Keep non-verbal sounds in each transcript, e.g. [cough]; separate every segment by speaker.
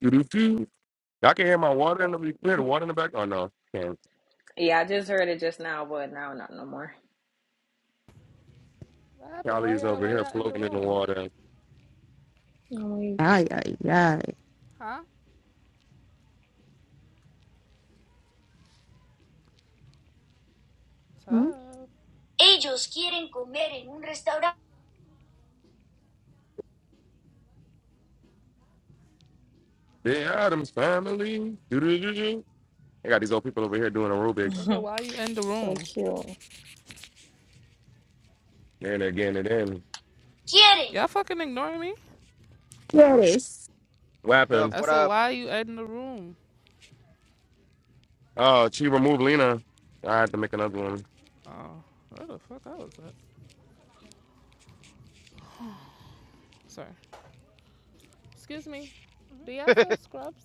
Speaker 1: Doo-doo-doo. Y'all can hear my water in the you can hear the water in the back. Oh no, can't.
Speaker 2: Yeah, I just heard it just now, but now not no more.
Speaker 3: What happened? Why
Speaker 1: Callie's
Speaker 3: y'all
Speaker 1: over
Speaker 3: why
Speaker 1: here
Speaker 3: y'all in the
Speaker 1: floating in the
Speaker 3: room?
Speaker 1: water.
Speaker 2: Oh,
Speaker 4: Ay, ay, ay.
Speaker 3: Huh?
Speaker 4: Hmm?
Speaker 3: Tough.
Speaker 2: Ellos quieren comer en un restaurante.
Speaker 1: The Adams family. Doo-doo-doo-doo. They got these old people over here doing
Speaker 2: [laughs]
Speaker 1: aerobics.
Speaker 3: Nigga,
Speaker 2: my-
Speaker 3: why you in the
Speaker 2: so
Speaker 3: room?
Speaker 2: cute.
Speaker 1: And again and then.
Speaker 2: Quieren.
Speaker 3: Y'all fucking ignoring me?
Speaker 4: Yes.
Speaker 1: What
Speaker 5: Tuck,
Speaker 1: happened?
Speaker 3: I
Speaker 5: what
Speaker 3: said,
Speaker 5: up?
Speaker 3: why you in the room?
Speaker 1: Oh, she removed Lena. I have to make another one.
Speaker 3: Oh, where the fuck I was at? Sorry. Excuse me. Do y'all sell scrubs?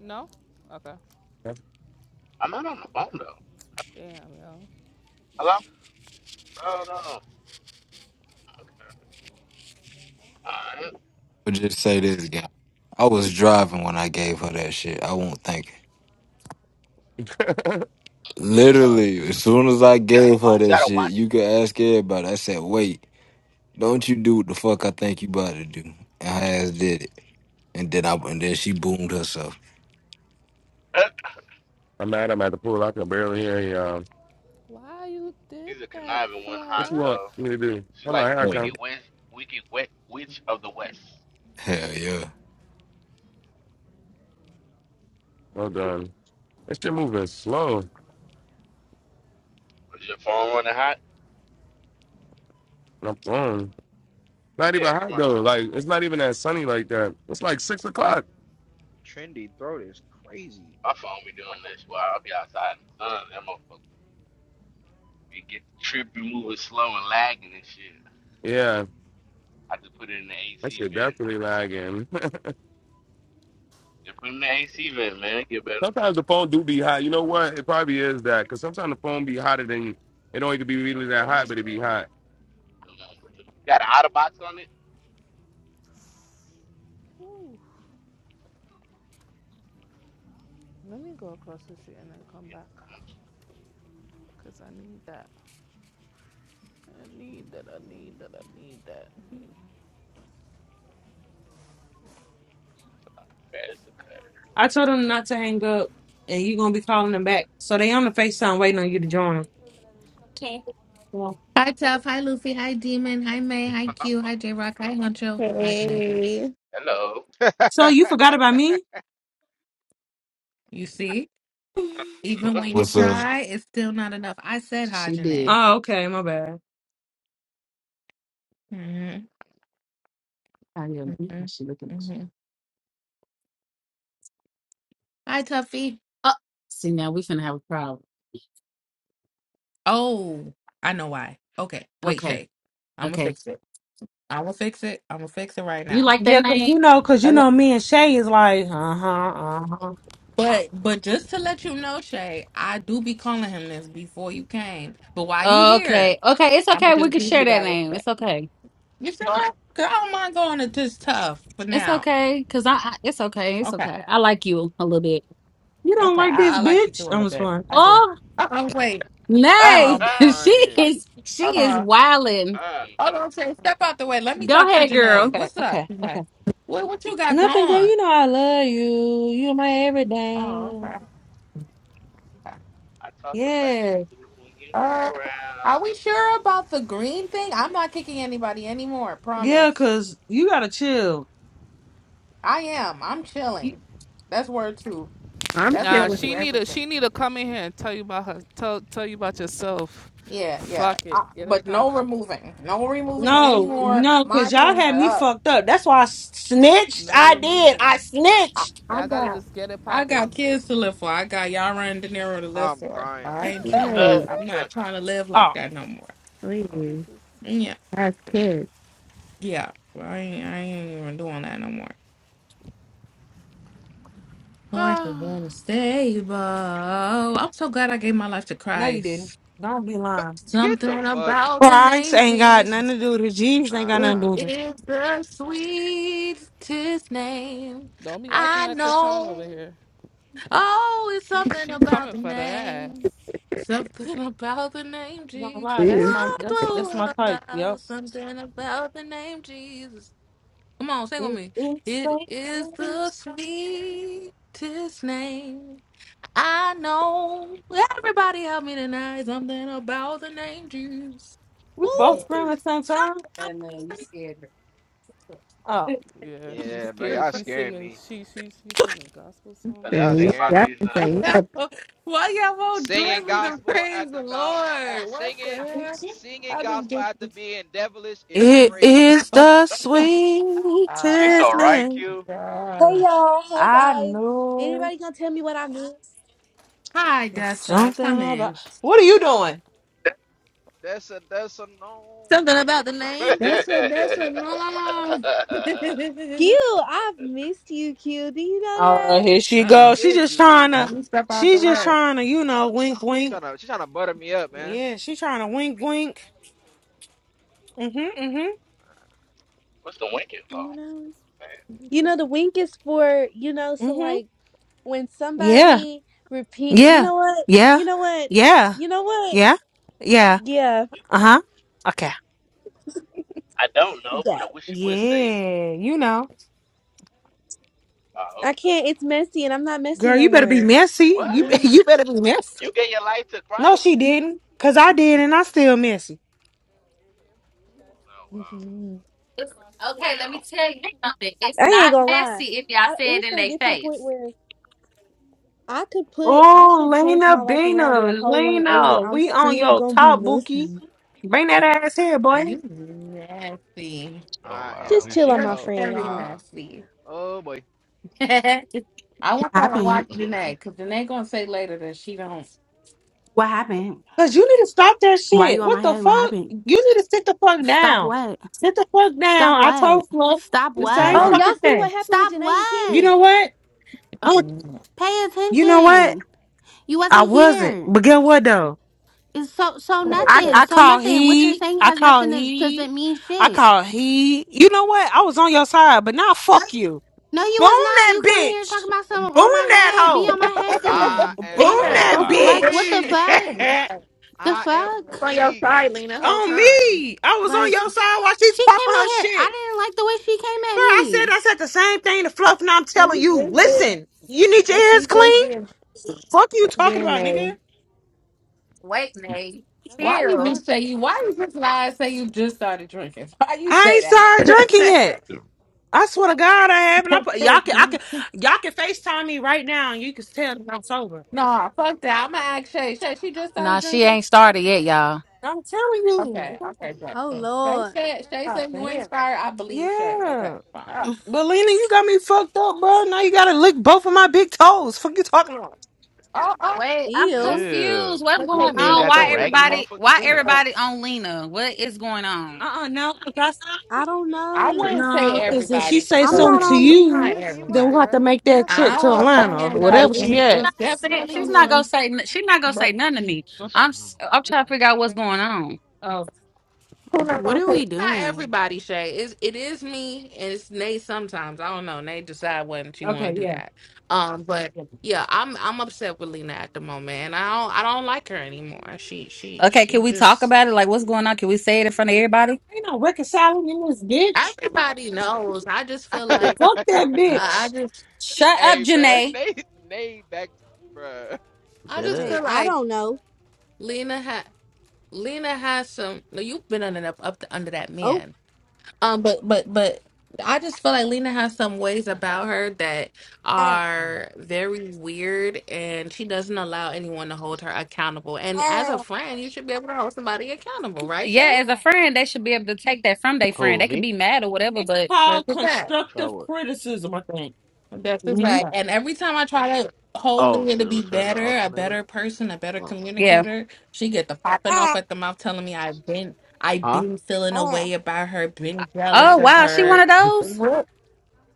Speaker 3: No? Okay.
Speaker 6: I'm not on the phone though.
Speaker 3: Damn, yo.
Speaker 6: Hello? No, no, no. Uh, it's
Speaker 7: I'll just say this, guy. I was driving when I gave her that shit. I won't thank her.
Speaker 1: [laughs]
Speaker 6: all
Speaker 7: Literally,
Speaker 6: good.
Speaker 7: as soon as I gave her
Speaker 6: You
Speaker 7: that
Speaker 6: gotta
Speaker 7: shit,
Speaker 6: watch.
Speaker 7: you could ask everybody. I said, "Wait, don't you do what the fuck I think you about to do?" And her ass did it. And then I and then she boomed herself.
Speaker 6: [clears throat]
Speaker 1: I'm mad. I'm at the pool. I can barely hear you. all
Speaker 3: Why you did
Speaker 6: She's a
Speaker 3: that,
Speaker 6: conniving one,
Speaker 1: What you
Speaker 3: Fluff?
Speaker 1: want
Speaker 6: Honcho.
Speaker 1: me to do?
Speaker 6: She
Speaker 1: Hold
Speaker 6: like
Speaker 1: on, here
Speaker 6: the
Speaker 1: I
Speaker 7: Hell
Speaker 6: wicked
Speaker 1: come.
Speaker 6: witch, wicked wet witch of the west.
Speaker 7: Hell yeah!
Speaker 1: Well done. This shit moving slow. And
Speaker 6: Is your phone running hot?
Speaker 1: I'm throwing. Not
Speaker 6: Yeah,
Speaker 1: even
Speaker 6: the
Speaker 1: hot
Speaker 6: one.
Speaker 1: though. Like it's not even that sunny like that. It's like six o'clock.
Speaker 5: Trendy throat is crazy.
Speaker 6: My phone be doing this. Well, I'll be outside in the sun. That motherfucker. It get trippy, moving slow and lagging and shit.
Speaker 1: Yeah.
Speaker 6: I just put it in the
Speaker 1: That
Speaker 6: AC
Speaker 1: shit
Speaker 6: vent.
Speaker 1: definitely lagging.
Speaker 6: Yeah, put it in the AC vent, man. It get
Speaker 1: [laughs]
Speaker 6: better.
Speaker 1: sometimes the phone do be hot. You know what? It probably is that because sometimes the phone be hotter than it don't even be really
Speaker 3: Alright,
Speaker 1: that
Speaker 3: let
Speaker 1: hot,
Speaker 3: me
Speaker 1: but it be
Speaker 3: go.
Speaker 1: hot.
Speaker 6: Got an out of box on it?
Speaker 3: Ooh, let me go across the street and then come back.
Speaker 6: Yeah.
Speaker 3: Cause I need that. I need that. I need that. I need that.
Speaker 6: That's
Speaker 8: I told them not to hang up, and you're gonna be calling them back. So they on the FaceTime waiting on you to join. Okay. Yeah.
Speaker 9: Hi, Tough. Hi, Luffy. Hi, Demon. Hi, May. Hi,
Speaker 6: okay.
Speaker 9: Q. Hi, J Rock. Hi, Huncho. Hi, Janae.
Speaker 4: Hey.
Speaker 6: [laughs] Hello.
Speaker 8: So you
Speaker 5: [laughs]
Speaker 8: forgot about me?
Speaker 9: You see, even when you
Speaker 7: What's up?
Speaker 9: try, it's still not enough. I said hi,
Speaker 8: She did.
Speaker 9: Janae.
Speaker 8: Oh, okay, my bad.
Speaker 9: Mm-hmm.
Speaker 8: I didn't think
Speaker 9: Mm-hmm.
Speaker 8: that she looking. at you.
Speaker 9: Mm-hmm. Hi, Tuffy.
Speaker 8: Oh, see now we finna have a problem.
Speaker 9: Oh, I know why. Okay, wait,
Speaker 8: Okay,
Speaker 9: Shay. I'm gonna
Speaker 8: okay.
Speaker 9: fix it. I'm gonna fix it. I'm gonna fix it right
Speaker 8: You
Speaker 9: now.
Speaker 8: like that Yeah, cause name? you know, cause you
Speaker 9: Hello.
Speaker 8: know, me and Shay is like, uh huh, uh huh.
Speaker 9: But but just to let you know, Shay, I do be calling him this before you came. But while you here,
Speaker 8: Okay, okay. It's
Speaker 9: I'm gonna
Speaker 8: okay. We
Speaker 9: just
Speaker 8: can
Speaker 9: give you
Speaker 8: share that
Speaker 9: that
Speaker 8: name.
Speaker 9: respect.
Speaker 8: It's okay.
Speaker 9: You sure? Girl, I don't mind going to this tough for
Speaker 8: It's
Speaker 9: now.
Speaker 8: okay. Cause I, I it's okay. It's
Speaker 9: Okay.
Speaker 8: okay. I like you a little bit. You don't
Speaker 9: Okay.
Speaker 8: like
Speaker 9: I,
Speaker 8: this,
Speaker 9: I like you too
Speaker 8: bitch.
Speaker 9: a
Speaker 8: I'm
Speaker 9: little
Speaker 8: just
Speaker 9: bit.
Speaker 8: playing.
Speaker 9: I do. Uh oh, wait.
Speaker 6: [laughs] I
Speaker 9: Hold
Speaker 8: Nay,
Speaker 5: I'm
Speaker 9: on.
Speaker 8: [laughs] she
Speaker 5: crying.
Speaker 9: Hold
Speaker 8: is
Speaker 9: hold
Speaker 8: she is
Speaker 9: on.
Speaker 8: wildin'.
Speaker 9: Hold on, Shay. Step out the way. Let me
Speaker 8: Go
Speaker 9: talk to
Speaker 8: ahead, girl.
Speaker 9: Janae.
Speaker 8: Okay,
Speaker 9: What's up,
Speaker 8: okay, okay.
Speaker 9: Janae? What what you got
Speaker 8: Nothing, girl.
Speaker 9: going?
Speaker 8: You know I love you. You're my
Speaker 9: Oh, okay.
Speaker 8: everything.
Speaker 9: okay.
Speaker 6: talk about you
Speaker 8: Yeah,
Speaker 6: hanging
Speaker 9: Uh, are
Speaker 6: around.
Speaker 9: we sure about the green thing? I'm not kicking anybody anymore,
Speaker 8: yeah.
Speaker 9: promise.
Speaker 8: Cause you gotta chill.
Speaker 9: I am. I'm
Speaker 8: You-
Speaker 9: chilling. That's word two.
Speaker 4: I'm
Speaker 9: That's
Speaker 3: Nah,
Speaker 9: word
Speaker 4: feeling
Speaker 9: two,
Speaker 3: she need to
Speaker 9: everything.
Speaker 3: she need to come in here and tell you about her tell tell you about yourself.
Speaker 9: Yeah, yeah.
Speaker 3: Fuck
Speaker 9: I,
Speaker 3: it, get it
Speaker 9: but no
Speaker 3: poppin'.
Speaker 9: removing. No removing
Speaker 3: No
Speaker 8: No,
Speaker 9: anymore.
Speaker 3: removing,
Speaker 8: no.
Speaker 9: My
Speaker 8: Cause y'all
Speaker 9: hands
Speaker 8: had
Speaker 9: are
Speaker 8: me
Speaker 9: up.
Speaker 8: fucked up. That's why I snitched.
Speaker 3: no
Speaker 8: I did.
Speaker 3: removing.
Speaker 8: I
Speaker 9: I,
Speaker 8: snitched.
Speaker 9: I
Speaker 3: Yeah, I gotta
Speaker 9: got
Speaker 3: just get it
Speaker 9: I got
Speaker 3: poppin'.
Speaker 9: kids to live for. I got y'all running De Niro to live
Speaker 5: I'm
Speaker 9: for.
Speaker 5: crying.
Speaker 3: [laughs]
Speaker 9: I
Speaker 3: What
Speaker 9: ain't trying to.
Speaker 6: The,
Speaker 4: nice.
Speaker 9: I'm
Speaker 6: [laughs]
Speaker 9: not trying to live like
Speaker 8: Oh,
Speaker 9: that no more.
Speaker 3: is
Speaker 4: Please.
Speaker 9: Yeah,
Speaker 4: That's kids.
Speaker 9: yeah. Well, I ain't. I ain't even doing that no more. Lord, is
Speaker 3: popping. [sighs]
Speaker 9: unstable. I'm so glad I gave my life to
Speaker 8: no, you didn't.
Speaker 9: Christ.
Speaker 8: Don't be lying.
Speaker 5: Get the
Speaker 9: Something
Speaker 5: fuck.
Speaker 9: about the
Speaker 8: Price
Speaker 9: name
Speaker 8: ain't got nothing
Speaker 9: Jesus.
Speaker 8: to do with it. Jeeves ain't got
Speaker 9: It
Speaker 8: nothing to
Speaker 5: Nah.
Speaker 8: do with it.
Speaker 9: is the sweetest name
Speaker 3: Don't be acting
Speaker 9: I
Speaker 3: like Krishan over
Speaker 9: know.
Speaker 3: here.
Speaker 9: Oh, it's
Speaker 3: She
Speaker 9: something
Speaker 3: she
Speaker 9: about
Speaker 3: coming
Speaker 9: the
Speaker 3: for that ass.
Speaker 9: name. Something about the name
Speaker 8: I'm
Speaker 9: Jesus.
Speaker 8: lie. That's
Speaker 4: This
Speaker 8: my.
Speaker 9: What,
Speaker 8: That's that's my
Speaker 9: what,
Speaker 8: type. Yep.
Speaker 9: what? Something about the name Jesus. Come on, sing with me.
Speaker 8: It's
Speaker 9: It is the sweetest name I know. Everybody help me tonight. Something about the name Jesus.
Speaker 8: We both
Speaker 9: Woo!
Speaker 8: scream at the same
Speaker 9: Something
Speaker 8: time.
Speaker 9: about
Speaker 8: And then you
Speaker 9: the
Speaker 8: scared her. Oh.
Speaker 3: Yeah, she's
Speaker 5: Yeah, bro.
Speaker 9: name.
Speaker 3: scared.
Speaker 5: Y'all
Speaker 3: She's
Speaker 5: scaring
Speaker 3: singing.
Speaker 5: me.
Speaker 3: She she she's singing gospel
Speaker 6: are
Speaker 3: songs
Speaker 6: they
Speaker 3: and
Speaker 5: Y'all
Speaker 6: sing
Speaker 4: thing.
Speaker 3: shit.
Speaker 6: about
Speaker 5: scaring
Speaker 4: That
Speaker 5: me.
Speaker 6: Jesus?
Speaker 4: thing.
Speaker 9: [laughs] Why y'all won't
Speaker 5: Singing
Speaker 9: join me to
Speaker 5: gospel at
Speaker 9: praise
Speaker 5: the
Speaker 9: the
Speaker 5: about at
Speaker 9: Lord? What the
Speaker 5: singing
Speaker 9: hell?
Speaker 5: singing
Speaker 9: I just
Speaker 5: gospel
Speaker 9: get.
Speaker 5: after being devilish is
Speaker 8: It is
Speaker 5: crazy.
Speaker 9: Oh,
Speaker 8: the
Speaker 6: You so
Speaker 8: sweetest
Speaker 9: God.
Speaker 6: right,
Speaker 8: name.
Speaker 6: Q.
Speaker 10: Hey y'all, hey
Speaker 8: I
Speaker 10: guys.
Speaker 8: know
Speaker 10: Anybody gonna tell me what I missed?
Speaker 9: Hi,
Speaker 8: it's
Speaker 9: Dessa. Come
Speaker 8: something about.
Speaker 9: in.
Speaker 8: What are you doing?
Speaker 5: That's a that's a no.
Speaker 4: Something about the
Speaker 6: [laughs] What's
Speaker 4: name.
Speaker 9: Dessa, Dessa, no.
Speaker 10: Q,
Speaker 9: [laughs]
Speaker 10: I've missed you, Q. Do you know
Speaker 8: Oh,
Speaker 10: that?
Speaker 8: here she
Speaker 9: Uh-oh.
Speaker 8: goes. She
Speaker 5: Did
Speaker 8: just trying
Speaker 5: you?
Speaker 9: Let
Speaker 8: to.
Speaker 5: She's
Speaker 9: me step out the
Speaker 8: She's just
Speaker 9: way.
Speaker 8: trying to, you know, wink, wink.
Speaker 5: Trying to, she's trying to butter me up, man.
Speaker 8: Yeah, she trying to wink, wink. Mhm, mhm,
Speaker 6: the winking for?
Speaker 10: You know?
Speaker 6: Man,
Speaker 10: You know the wink is for, you know, so
Speaker 8: mhm.
Speaker 10: like when
Speaker 8: Yeah,
Speaker 10: somebody repeat you
Speaker 8: yeah,
Speaker 10: know what?
Speaker 8: yeah,
Speaker 10: You know what?
Speaker 8: yeah,
Speaker 10: You know what?
Speaker 8: yeah, yeah.
Speaker 10: Yeah.
Speaker 8: Uh huh. Okay.
Speaker 6: I don't know, but I
Speaker 10: That.
Speaker 6: wish you would say it.
Speaker 8: Yeah, you know.
Speaker 6: Oh,
Speaker 10: I
Speaker 6: okay.
Speaker 10: can't it's messy and I'm not messy
Speaker 8: Girl,
Speaker 10: no
Speaker 8: you better be
Speaker 10: more.
Speaker 8: messy.
Speaker 6: What?
Speaker 8: You [laughs]
Speaker 9: Mhm.
Speaker 8: you better be
Speaker 6: You
Speaker 8: messy.
Speaker 6: gave your life to
Speaker 8: No, she
Speaker 6: Christ?
Speaker 8: didn't. Cause I did and I still messy.
Speaker 6: Oh,
Speaker 10: Mhm.
Speaker 8: It's okay. Let me tell you something. It's
Speaker 10: I ain't
Speaker 8: not
Speaker 10: gonna lie.
Speaker 8: messy if y'all
Speaker 10: I,
Speaker 8: say it
Speaker 10: it's
Speaker 8: in
Speaker 10: gonna
Speaker 8: their
Speaker 10: get to the point
Speaker 8: face.
Speaker 10: where I could put I
Speaker 8: Oh,
Speaker 10: could change my
Speaker 8: Lena
Speaker 10: life around
Speaker 8: Bina,
Speaker 10: do a whole 180.
Speaker 8: Lena,
Speaker 10: I'm
Speaker 8: we on
Speaker 10: still
Speaker 8: your
Speaker 10: gonna be
Speaker 8: top
Speaker 10: messy.
Speaker 8: bookie. Bring that ass here, boy.
Speaker 9: You nasty.
Speaker 6: wow. Well. Oh,
Speaker 5: I
Speaker 6: wow.
Speaker 10: Just
Speaker 6: Here
Speaker 5: am.
Speaker 10: chill
Speaker 6: she
Speaker 10: on
Speaker 9: You're
Speaker 10: my
Speaker 6: comes.
Speaker 5: Oh
Speaker 10: friend,
Speaker 9: very
Speaker 10: y'all.
Speaker 5: nah.
Speaker 9: nasty.
Speaker 5: Oh boy.
Speaker 8: [laughs] That's
Speaker 9: I want her to
Speaker 11: happened?
Speaker 9: watch Janae, because Janae going to say later that she don't.
Speaker 11: What happened?
Speaker 8: Cause you need to stop that
Speaker 11: Why you
Speaker 8: shit.
Speaker 11: on my
Speaker 8: What the
Speaker 11: head? What
Speaker 8: fuck?
Speaker 11: happened?
Speaker 8: You need to sit the fuck
Speaker 11: Stop
Speaker 8: down.
Speaker 11: what?
Speaker 8: Sit the fuck
Speaker 11: Stop
Speaker 8: down. I
Speaker 11: what?
Speaker 8: told Fluff
Speaker 11: Stop
Speaker 8: the
Speaker 9: [laughs]
Speaker 8: same
Speaker 11: what?
Speaker 10: Oh,
Speaker 9: drunk.
Speaker 10: y'all
Speaker 8: fucking
Speaker 10: see what
Speaker 8: thing.
Speaker 10: happened with
Speaker 11: Stop
Speaker 10: Janae and Kenny?
Speaker 8: You
Speaker 11: what?
Speaker 8: know what? Oh,
Speaker 11: Pay
Speaker 8: you know what?
Speaker 11: attention. You
Speaker 8: I
Speaker 11: wasn't
Speaker 8: wasn't.
Speaker 11: here.
Speaker 8: But get what though?
Speaker 11: It's so so
Speaker 4: [laughs]
Speaker 8: I
Speaker 11: nothing.
Speaker 8: I
Speaker 11: So
Speaker 8: called
Speaker 11: nothing. What you're
Speaker 8: he.
Speaker 11: saying
Speaker 8: I
Speaker 11: has
Speaker 8: called
Speaker 11: nothing to
Speaker 8: he.
Speaker 11: doesn't mean
Speaker 8: I
Speaker 11: shit.
Speaker 8: called he. You know what? I was on your side, but now fuck you.
Speaker 11: No, you
Speaker 8: Boom
Speaker 11: was not.
Speaker 8: that
Speaker 11: You came in here
Speaker 8: bitch.
Speaker 11: talking about
Speaker 8: Boom
Speaker 11: something on my
Speaker 8: that
Speaker 11: head. Be
Speaker 8: hoe.
Speaker 11: on my
Speaker 6: [laughs]
Speaker 11: head
Speaker 6: Yo.
Speaker 5: I
Speaker 11: then.
Speaker 8: Boom
Speaker 5: am
Speaker 4: Lena.
Speaker 6: Oh,
Speaker 8: that
Speaker 6: wow.
Speaker 11: Like
Speaker 8: bitch.
Speaker 11: what the
Speaker 8: [laughs]
Speaker 5: weak.
Speaker 11: fuck? The
Speaker 5: I am
Speaker 4: It's
Speaker 11: fuck?
Speaker 4: on your
Speaker 5: weak.
Speaker 4: side, Lena, the whole
Speaker 8: on
Speaker 4: time.
Speaker 8: me. I was on
Speaker 11: Like
Speaker 8: your side while she's
Speaker 11: she came
Speaker 8: popping
Speaker 11: in
Speaker 8: her
Speaker 11: here. I
Speaker 8: shit.
Speaker 11: didn't like the way she came at
Speaker 8: Bro, I said
Speaker 11: me.
Speaker 8: I said the same thing to Fluff, and I'm telling
Speaker 4: She's
Speaker 8: you,
Speaker 4: just been,
Speaker 8: listen, you need your ears
Speaker 4: she's just
Speaker 8: clean?
Speaker 4: being,
Speaker 8: Fuck you talking
Speaker 4: being
Speaker 8: about,
Speaker 4: a.
Speaker 8: nigga. Wait, Nate.
Speaker 10: Oh
Speaker 9: Why
Speaker 10: shit.
Speaker 9: you
Speaker 8: Chill.
Speaker 9: just
Speaker 11: Fuck.
Speaker 9: say you? Why you just lie and say you just started drinking? [laughs] Why you
Speaker 8: I ain't
Speaker 9: say
Speaker 8: started
Speaker 4: [laughs]
Speaker 8: drinking yet. I swear to God, I haven't. I put, y'all
Speaker 9: that?
Speaker 8: can, I
Speaker 9: [laughs]
Speaker 8: can, y'all can Facetime me right now, and you can tell that I'm sober.
Speaker 9: Nah, fuck that. I'ma ask Shay. Shay, she just started
Speaker 8: Nah, she
Speaker 9: drinking?
Speaker 8: ain't started yet, y'all. I'm telling you,
Speaker 9: Okay, okay, good.
Speaker 10: Oh
Speaker 9: Shay
Speaker 10: Lord.
Speaker 9: said Shay
Speaker 4: oh,
Speaker 9: said you
Speaker 4: damn.
Speaker 9: inspired. I believe Shay.
Speaker 8: yeah.
Speaker 9: Okay, fine.
Speaker 4: Oh,
Speaker 8: But Lena, you got me fucked up, bro. Now you gotta lick both of my big toes. Fuck you talking about?
Speaker 9: Oh, oh.
Speaker 8: Wait, I'm
Speaker 10: Ew.
Speaker 8: confused.
Speaker 6: Ew.
Speaker 4: I'm
Speaker 8: What's
Speaker 4: going to
Speaker 8: going
Speaker 4: take
Speaker 6: You ain't
Speaker 8: on?
Speaker 4: Lena
Speaker 6: got them
Speaker 8: Why
Speaker 4: Cruz, but
Speaker 6: raggedy
Speaker 4: I need
Speaker 8: everybody?
Speaker 6: motherfuckers
Speaker 8: Why
Speaker 4: to
Speaker 6: done.
Speaker 4: go.
Speaker 8: everybody on Lena? What is going on? Uh uh no.
Speaker 10: I don't
Speaker 9: I
Speaker 10: know.
Speaker 9: wouldn't say
Speaker 8: No,
Speaker 4: But I'm
Speaker 8: because if
Speaker 4: going
Speaker 3: Sorry.
Speaker 8: she
Speaker 9: everybody
Speaker 4: to
Speaker 8: say
Speaker 10: I'm
Speaker 9: or
Speaker 4: go.
Speaker 8: something
Speaker 10: not
Speaker 8: to
Speaker 9: Shay.
Speaker 10: on
Speaker 9: It's
Speaker 10: Lena.
Speaker 8: you,
Speaker 9: not
Speaker 3: Excuse me, you
Speaker 8: then
Speaker 3: work
Speaker 9: everybody.
Speaker 8: we'll
Speaker 3: here,
Speaker 8: have to
Speaker 3: right?
Speaker 8: make
Speaker 3: Do
Speaker 8: that
Speaker 3: y'all sell
Speaker 9: I
Speaker 8: trip to
Speaker 9: hold my
Speaker 3: scrubs?
Speaker 8: Atlanta or
Speaker 9: hand up.
Speaker 4: Everybody
Speaker 8: whatever
Speaker 4: in
Speaker 9: It's
Speaker 8: she
Speaker 4: here.
Speaker 8: at. not
Speaker 9: it's
Speaker 3: Scrubs? Do
Speaker 8: saying-
Speaker 3: y'all
Speaker 9: definitely
Speaker 3: sell
Speaker 8: She's not gonna
Speaker 9: me.
Speaker 3: scrubs?
Speaker 8: say. n- She's not gonna
Speaker 9: But
Speaker 8: say nothing to
Speaker 6: Shit,
Speaker 8: me.
Speaker 6: this
Speaker 8: I'm.
Speaker 6: one.
Speaker 8: s- I'm
Speaker 3: Never
Speaker 8: trying to
Speaker 3: mind.
Speaker 8: figure out what's
Speaker 3: Thank you.
Speaker 8: going on. Oh,
Speaker 4: Who not
Speaker 11: What
Speaker 4: going
Speaker 11: are
Speaker 4: to take
Speaker 11: we
Speaker 9: it's not
Speaker 11: doing?
Speaker 9: everybody, Shay. It's it is me and it's Nate sometimes. I don't know. Nate decide when she wanna
Speaker 8: okay,
Speaker 9: do
Speaker 8: yeah.
Speaker 9: that. Um, but
Speaker 8: yeah.
Speaker 9: yeah, I'm I'm upset with Lena at the moment, and I don't I don't like her anymore. She she
Speaker 8: Okay,
Speaker 9: she
Speaker 8: can we talk
Speaker 9: just
Speaker 8: about it? Like, what's going on? Can we say it in front of everybody? Ain't no reconciling in this bitch.
Speaker 9: everybody knows. I just feel
Speaker 5: [laughs]
Speaker 9: like
Speaker 8: Fuck
Speaker 4: Cruz?
Speaker 8: that
Speaker 9: I I
Speaker 8: bitch.
Speaker 9: just
Speaker 8: Shut up,
Speaker 5: hey, bro,
Speaker 8: Janae.
Speaker 5: they they [laughs] back, bro.
Speaker 9: I
Speaker 6: Did
Speaker 9: just
Speaker 6: it?
Speaker 10: Hey,
Speaker 9: feel
Speaker 10: I
Speaker 9: like
Speaker 10: don't know.
Speaker 9: Lena had Lena has some. No, you've been under up, up to, under that
Speaker 10: Oh,
Speaker 9: man. Um, but but but I just feel like Lena has some ways about her that are very weird, and she doesn't allow anyone to hold her accountable. And as a friend, you should be able to hold somebody accountable, right,
Speaker 8: Yeah,
Speaker 9: Shay?
Speaker 8: as a friend, they should be able to take that from their friend.
Speaker 6: Who,
Speaker 8: They could
Speaker 6: me?
Speaker 8: be mad or whatever, It's but called
Speaker 9: Let's
Speaker 6: Try
Speaker 8: constructive
Speaker 6: what?
Speaker 8: criticism, I think.
Speaker 9: That's just
Speaker 8: Mhm.
Speaker 9: right.
Speaker 8: Right.
Speaker 9: And every time I try to hold
Speaker 6: Oh,
Speaker 9: Leah to
Speaker 6: to
Speaker 9: be
Speaker 6: return the
Speaker 9: better, a
Speaker 6: alternator?
Speaker 9: better person, a better
Speaker 6: Oh,
Speaker 8: yeah.
Speaker 9: communicator, she get the popping off
Speaker 8: And
Speaker 9: at the mouth telling me I've been I've
Speaker 6: Huh?
Speaker 9: been feeling a way about her, been
Speaker 6: Yeah, I
Speaker 8: Oh
Speaker 9: jealous
Speaker 6: ain't got
Speaker 9: of
Speaker 8: wow,
Speaker 6: time for
Speaker 8: she
Speaker 6: that.
Speaker 8: one
Speaker 9: her.
Speaker 8: of
Speaker 6: [laughs]
Speaker 8: those.
Speaker 9: What?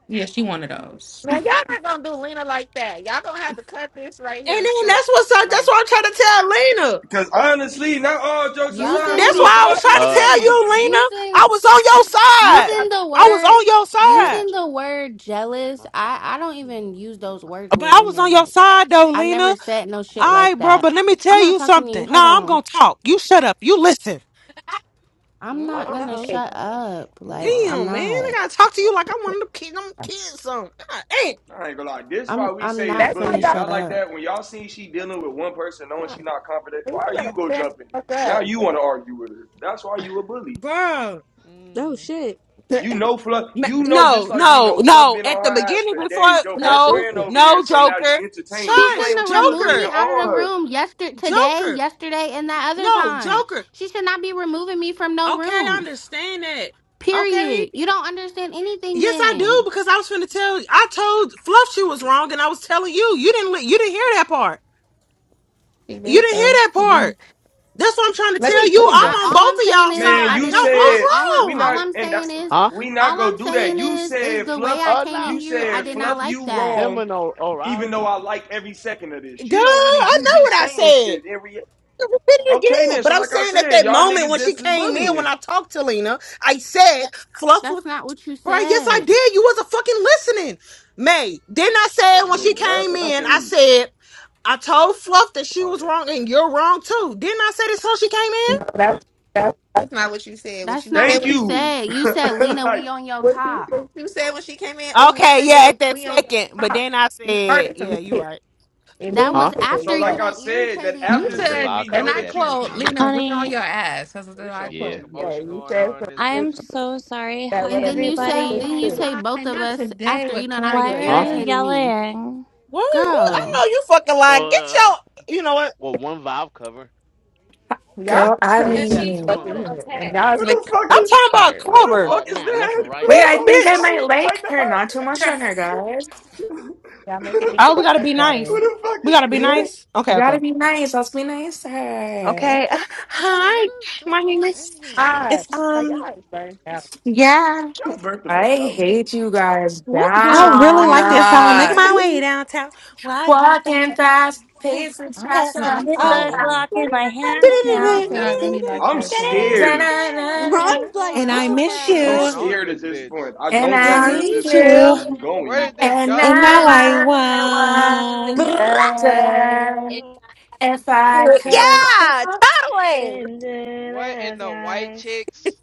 Speaker 9: Yeah, she one of those.
Speaker 4: Man, y'all not gonna do Lena like that. Y'all gonna have to cut this right
Speaker 8: then
Speaker 4: here
Speaker 8: that's
Speaker 4: short.
Speaker 8: what's That's
Speaker 4: Like
Speaker 8: what I'm trying to tell Lena.
Speaker 12: Because honestly, not all jokes
Speaker 4: y'all
Speaker 12: aside,
Speaker 4: not
Speaker 12: who
Speaker 8: That's
Speaker 4: gonna
Speaker 11: Using
Speaker 12: the
Speaker 4: do
Speaker 8: why I was
Speaker 4: that.
Speaker 12: fuck
Speaker 8: trying
Speaker 12: is
Speaker 8: to
Speaker 6: uh,
Speaker 8: tell
Speaker 6: probably
Speaker 12: she?
Speaker 6: the
Speaker 8: you,
Speaker 6: oil.
Speaker 8: Lena.
Speaker 11: using
Speaker 8: I was on your
Speaker 4: Not
Speaker 8: side.
Speaker 4: y'all-
Speaker 11: using the
Speaker 8: I was
Speaker 11: word
Speaker 8: on your
Speaker 4: like
Speaker 8: side.
Speaker 11: using the word jealous
Speaker 6: I
Speaker 11: i
Speaker 6: forgot.
Speaker 11: i don't even use those
Speaker 6: Oh,
Speaker 11: words
Speaker 8: But
Speaker 11: with
Speaker 8: I was on
Speaker 11: women
Speaker 8: your
Speaker 11: like
Speaker 8: side though,
Speaker 11: i never
Speaker 8: Lena.
Speaker 11: said no shit
Speaker 8: All
Speaker 11: like
Speaker 8: right, bro,
Speaker 11: that
Speaker 8: but let me
Speaker 11: i'm
Speaker 8: tell
Speaker 11: not
Speaker 8: you
Speaker 11: talking to you
Speaker 8: something.
Speaker 11: hold
Speaker 8: Nah, I'm
Speaker 11: on
Speaker 8: gonna talk. You shut up. You listen.
Speaker 11: i'm
Speaker 3: Mm?
Speaker 4: hold
Speaker 11: not
Speaker 4: on,
Speaker 12: Oh
Speaker 10: uh
Speaker 11: gonna
Speaker 12: my
Speaker 10: oh.
Speaker 4: wait.
Speaker 11: shut
Speaker 12: gosh.
Speaker 11: up like
Speaker 6: wow.
Speaker 11: i'm
Speaker 8: Damn, man.
Speaker 3: Huh?
Speaker 8: I
Speaker 11: not
Speaker 12: Yeah.
Speaker 8: gotta talk to
Speaker 12: What?
Speaker 8: you like I'm one of the kids. I'm kids some. God, hey,
Speaker 12: I ain't gonna lie. This
Speaker 11: i'm
Speaker 12: why we
Speaker 11: i'm
Speaker 12: say it's
Speaker 11: not
Speaker 4: That's why
Speaker 11: finna
Speaker 12: bullying.
Speaker 4: y'all.
Speaker 11: shut
Speaker 12: Not like
Speaker 11: up
Speaker 12: that. When y'all see she dealing with one person, knowing she
Speaker 4: talking.
Speaker 12: not confident,
Speaker 4: You
Speaker 12: why are
Speaker 4: better
Speaker 12: you go
Speaker 4: stand
Speaker 12: jumping it?
Speaker 4: the fuck
Speaker 12: Now
Speaker 4: up.
Speaker 12: you want to argue with her. That's why you a bully.
Speaker 8: bro.
Speaker 10: Oh
Speaker 3: Mm.
Speaker 10: shit.
Speaker 4: [laughs]
Speaker 12: You know
Speaker 4: That's
Speaker 12: Fluff.
Speaker 8: Ma-
Speaker 12: You know just
Speaker 8: No,
Speaker 12: like we
Speaker 8: no,
Speaker 12: know Fluff
Speaker 8: no.
Speaker 12: been on
Speaker 8: At the
Speaker 12: her ass
Speaker 8: beginning
Speaker 12: for
Speaker 8: before
Speaker 12: days. Your
Speaker 4: what I
Speaker 12: best
Speaker 8: no,
Speaker 12: friend
Speaker 4: did.
Speaker 12: over there.
Speaker 8: no,
Speaker 12: So now
Speaker 8: Joker.
Speaker 12: you entertaining.
Speaker 11: she
Speaker 12: You
Speaker 8: Shush,
Speaker 11: shouldn't
Speaker 12: ain't. You
Speaker 11: have
Speaker 12: wasn't
Speaker 11: removed
Speaker 12: even
Speaker 11: me
Speaker 8: Joker.
Speaker 11: out of
Speaker 12: on
Speaker 11: the
Speaker 12: her.
Speaker 11: room yesterday today
Speaker 8: Joker.
Speaker 11: yesterday and that other
Speaker 8: No,
Speaker 11: time
Speaker 8: Joker.
Speaker 11: she should not be removing me from no
Speaker 8: Okay, I
Speaker 11: rooms
Speaker 8: understand that. Okay.
Speaker 11: period you don't understand anything
Speaker 8: Yes, I do
Speaker 11: then
Speaker 8: because I was finna tell you. I told Fluff she was wrong, and I was telling you. You didn't. li- You didn't hear that part.
Speaker 4: She
Speaker 8: You
Speaker 4: did
Speaker 8: didn't hear
Speaker 4: though.
Speaker 8: that
Speaker 4: She
Speaker 8: part.
Speaker 4: did.
Speaker 8: That's what I'm trying to
Speaker 4: Let
Speaker 8: tell
Speaker 4: me let
Speaker 8: you.
Speaker 4: me go.
Speaker 11: I
Speaker 8: I'm on
Speaker 11: all I'm
Speaker 8: both of
Speaker 11: saying
Speaker 8: y'all
Speaker 11: is
Speaker 12: Man,
Speaker 11: I
Speaker 8: side.
Speaker 12: you
Speaker 8: Y'all
Speaker 11: didn't all
Speaker 8: both
Speaker 12: said
Speaker 11: all I'm
Speaker 12: we
Speaker 8: wrong.
Speaker 11: all
Speaker 12: not
Speaker 11: I'm
Speaker 12: and that,
Speaker 11: saying is
Speaker 6: Huh?
Speaker 12: we not
Speaker 11: all I'm
Speaker 12: gonna do that.
Speaker 11: saying
Speaker 12: You
Speaker 11: is is
Speaker 12: said
Speaker 11: the way
Speaker 12: fluff.
Speaker 11: I
Speaker 6: Uh,
Speaker 11: came in
Speaker 6: no.
Speaker 12: You
Speaker 11: here
Speaker 6: I
Speaker 11: I
Speaker 12: said
Speaker 11: did
Speaker 6: mean,
Speaker 11: not
Speaker 12: fluff.
Speaker 6: just
Speaker 11: like
Speaker 12: You
Speaker 11: that.
Speaker 6: them
Speaker 12: wrong.
Speaker 6: and O-
Speaker 12: Even
Speaker 6: O'Reilly.
Speaker 12: though I like every second of this,
Speaker 8: Duh.
Speaker 12: you don't really.
Speaker 8: I
Speaker 12: You
Speaker 8: know what
Speaker 12: just
Speaker 8: I
Speaker 12: saying
Speaker 8: said.
Speaker 12: shit every.
Speaker 8: I Repeat it
Speaker 12: Okay
Speaker 8: again.
Speaker 12: then.
Speaker 8: But
Speaker 12: So
Speaker 8: I'm
Speaker 12: like I
Speaker 8: saying at
Speaker 12: said,
Speaker 8: that
Speaker 12: y'all
Speaker 6: Let's
Speaker 8: moment
Speaker 12: niggas,
Speaker 8: when
Speaker 6: leave
Speaker 8: she
Speaker 12: this
Speaker 6: that.
Speaker 12: is
Speaker 6: Look.
Speaker 8: came in, when
Speaker 12: bullying.
Speaker 8: I talked to Lena, I said Fluff.
Speaker 11: That's not what you
Speaker 8: Right, yes, I
Speaker 11: said.
Speaker 8: did. You wasn't fucking listening. May, didn't I say
Speaker 12: That's
Speaker 8: when
Speaker 3: Mm?
Speaker 8: she
Speaker 12: bullying. Like I
Speaker 8: came
Speaker 12: said, that
Speaker 8: in,
Speaker 12: shit
Speaker 8: I
Speaker 12: we.
Speaker 8: said, I told Fluff that she
Speaker 6: Oh,
Speaker 8: was
Speaker 6: yeah.
Speaker 8: wrong and you're wrong too. Didn't I say this when she came in?
Speaker 4: No, that's that's that's not what you said. What
Speaker 11: That's
Speaker 4: you
Speaker 11: not
Speaker 12: Thank
Speaker 11: what
Speaker 4: said.
Speaker 11: you
Speaker 12: you.
Speaker 11: said. You
Speaker 12: [laughs]
Speaker 11: said Lena
Speaker 12: like
Speaker 11: we on your
Speaker 4: What you
Speaker 11: top.
Speaker 4: what you said when she came in. Oh,
Speaker 8: Okay,
Speaker 4: Lena,
Speaker 8: yeah,
Speaker 4: yeah,
Speaker 8: at that
Speaker 4: we on your
Speaker 8: second. But
Speaker 4: top.
Speaker 8: then I
Speaker 4: You
Speaker 8: said,
Speaker 4: started some
Speaker 8: yeah, you
Speaker 4: shit,
Speaker 8: right.
Speaker 4: and
Speaker 11: That
Speaker 4: then you
Speaker 11: was
Speaker 6: Huh?
Speaker 4: said,
Speaker 12: so,
Speaker 11: after you
Speaker 4: yeah,
Speaker 12: like I
Speaker 11: done
Speaker 12: said, that
Speaker 11: irritated
Speaker 9: You
Speaker 12: after
Speaker 11: me.
Speaker 6: Just the
Speaker 12: shit,
Speaker 9: said,
Speaker 6: valve
Speaker 12: we
Speaker 9: and
Speaker 6: cover
Speaker 12: know
Speaker 9: I
Speaker 12: that you. [laughs]
Speaker 6: gaskets
Speaker 9: quote,
Speaker 6: on
Speaker 12: who
Speaker 6: there.
Speaker 9: Lena, we on
Speaker 13: Honey,
Speaker 9: your ass. That's what
Speaker 5: There's
Speaker 9: I
Speaker 5: so much
Speaker 6: Yeah.
Speaker 9: quote.
Speaker 8: Yeah.
Speaker 4: yeah,
Speaker 5: commotion
Speaker 4: you
Speaker 5: going
Speaker 4: said
Speaker 5: on in
Speaker 4: some
Speaker 5: this
Speaker 13: I
Speaker 4: shit
Speaker 13: am
Speaker 5: bitch.
Speaker 13: so sorry.
Speaker 4: that
Speaker 13: Hi,
Speaker 4: would
Speaker 11: And
Speaker 4: have
Speaker 11: then you
Speaker 4: made
Speaker 11: say
Speaker 9: No,
Speaker 13: everybody.
Speaker 4: it
Speaker 11: then you
Speaker 4: too.
Speaker 11: say
Speaker 9: why?
Speaker 11: both of
Speaker 9: Not
Speaker 11: us
Speaker 9: today
Speaker 11: after you
Speaker 9: with
Speaker 11: done already
Speaker 13: Why
Speaker 9: Clever,
Speaker 13: are
Speaker 6: Huh?
Speaker 13: you
Speaker 9: bruh.
Speaker 11: irritated me.
Speaker 13: yelling?
Speaker 8: What, what? I
Speaker 11: Girl.
Speaker 8: know you fucking lying. Get
Speaker 6: Uh,
Speaker 8: your, you know what?
Speaker 6: well, one valve cover.
Speaker 4: Y'all
Speaker 14: Girl, I
Speaker 6: Yeah, you
Speaker 4: crazy
Speaker 6: got two
Speaker 14: mean,
Speaker 4: stuff
Speaker 6: on
Speaker 4: in
Speaker 6: there.
Speaker 4: here, and y'all is making
Speaker 12: the
Speaker 4: me
Speaker 12: fuck
Speaker 8: I'm
Speaker 12: is?
Speaker 4: drink that
Speaker 8: talking about
Speaker 4: water.
Speaker 12: Who
Speaker 4: Like
Speaker 12: the
Speaker 8: Clover.
Speaker 6: Uh,
Speaker 12: fuck is
Speaker 6: nah, left
Speaker 12: that,
Speaker 6: and
Speaker 12: bro?
Speaker 6: right.
Speaker 14: wait,
Speaker 8: This
Speaker 14: I
Speaker 12: I'm
Speaker 14: think I
Speaker 8: bitch.
Speaker 14: might
Speaker 12: sorry, [laughs]
Speaker 14: like
Speaker 12: Ty.
Speaker 14: her. Not too much on her, guys.
Speaker 4: y'all
Speaker 12: Who
Speaker 4: making me
Speaker 12: the
Speaker 8: Oh, we
Speaker 4: drink
Speaker 12: fuck?
Speaker 8: gotta
Speaker 4: that
Speaker 8: be nice.
Speaker 4: water.
Speaker 12: Who the fuck
Speaker 8: We
Speaker 12: is? [laughs]
Speaker 8: gotta be
Speaker 14: You,
Speaker 12: scared?
Speaker 8: nice.
Speaker 14: you
Speaker 8: Okay, okay.
Speaker 14: gotta be nice. Let's be nice to her.
Speaker 8: Okay. [laughs] uh,
Speaker 3: Yeah, what
Speaker 8: Hi,
Speaker 3: is
Speaker 8: my
Speaker 3: going
Speaker 8: name
Speaker 3: on
Speaker 8: is
Speaker 3: in here?
Speaker 4: Hi,
Speaker 8: it's
Speaker 4: Hi,
Speaker 8: um
Speaker 4: y'all is burned out.
Speaker 8: yeah.
Speaker 12: Y'all burnt the
Speaker 14: I
Speaker 12: fuck out, bro.
Speaker 14: hate you guys
Speaker 10: What's
Speaker 8: I
Speaker 10: going
Speaker 8: really
Speaker 14: down.
Speaker 8: like
Speaker 10: on in
Speaker 8: this song.
Speaker 10: here,
Speaker 8: Making
Speaker 14: Uh,
Speaker 8: my way
Speaker 10: man?
Speaker 8: downtown. Why can't they
Speaker 14: walking
Speaker 8: pass
Speaker 14: fast, pacing
Speaker 9: I'm
Speaker 14: faster,
Speaker 8: them?
Speaker 9: I'm
Speaker 14: I'm
Speaker 13: with
Speaker 9: so
Speaker 13: the
Speaker 8: Oh,
Speaker 14: combat.
Speaker 9: weak.
Speaker 13: Glock in my hands
Speaker 3: Y'all doing a
Speaker 13: now.
Speaker 9: Nigga said I
Speaker 3: lot.
Speaker 9: really
Speaker 8: yeah.
Speaker 9: like
Speaker 12: I'm
Speaker 9: that song.
Speaker 12: scared.
Speaker 10: [laughs] I'm
Speaker 14: Da-na-na-na.
Speaker 10: like,
Speaker 8: and
Speaker 10: what
Speaker 8: I
Speaker 10: the
Speaker 2: Oh,
Speaker 10: fuck
Speaker 8: miss
Speaker 5: What's
Speaker 10: just
Speaker 2: now,
Speaker 12: I'm
Speaker 5: going
Speaker 8: you.
Speaker 5: on in
Speaker 10: happened?
Speaker 12: scared at
Speaker 5: this
Speaker 12: this
Speaker 5: bitch?
Speaker 12: point. I
Speaker 14: And
Speaker 12: don't
Speaker 8: And
Speaker 12: know
Speaker 14: I
Speaker 8: I
Speaker 12: where
Speaker 14: need
Speaker 8: need
Speaker 12: this room
Speaker 8: you.
Speaker 12: will be
Speaker 14: you,
Speaker 5: Where
Speaker 12: going.
Speaker 5: did this
Speaker 14: and
Speaker 5: go?
Speaker 8: And
Speaker 14: now
Speaker 8: now
Speaker 5: Where
Speaker 8: I
Speaker 5: where? What are we
Speaker 2: another
Speaker 5: doing?
Speaker 14: I
Speaker 13: Brrrah.
Speaker 8: wonder.
Speaker 14: wonder
Speaker 2: wonder
Speaker 14: if
Speaker 4: I'm
Speaker 14: I
Speaker 4: scared. Of,
Speaker 14: could.
Speaker 4: this.
Speaker 8: Yeah, totally.
Speaker 2: into
Speaker 5: What
Speaker 2: the
Speaker 5: in the white
Speaker 2: skies.
Speaker 5: chicks?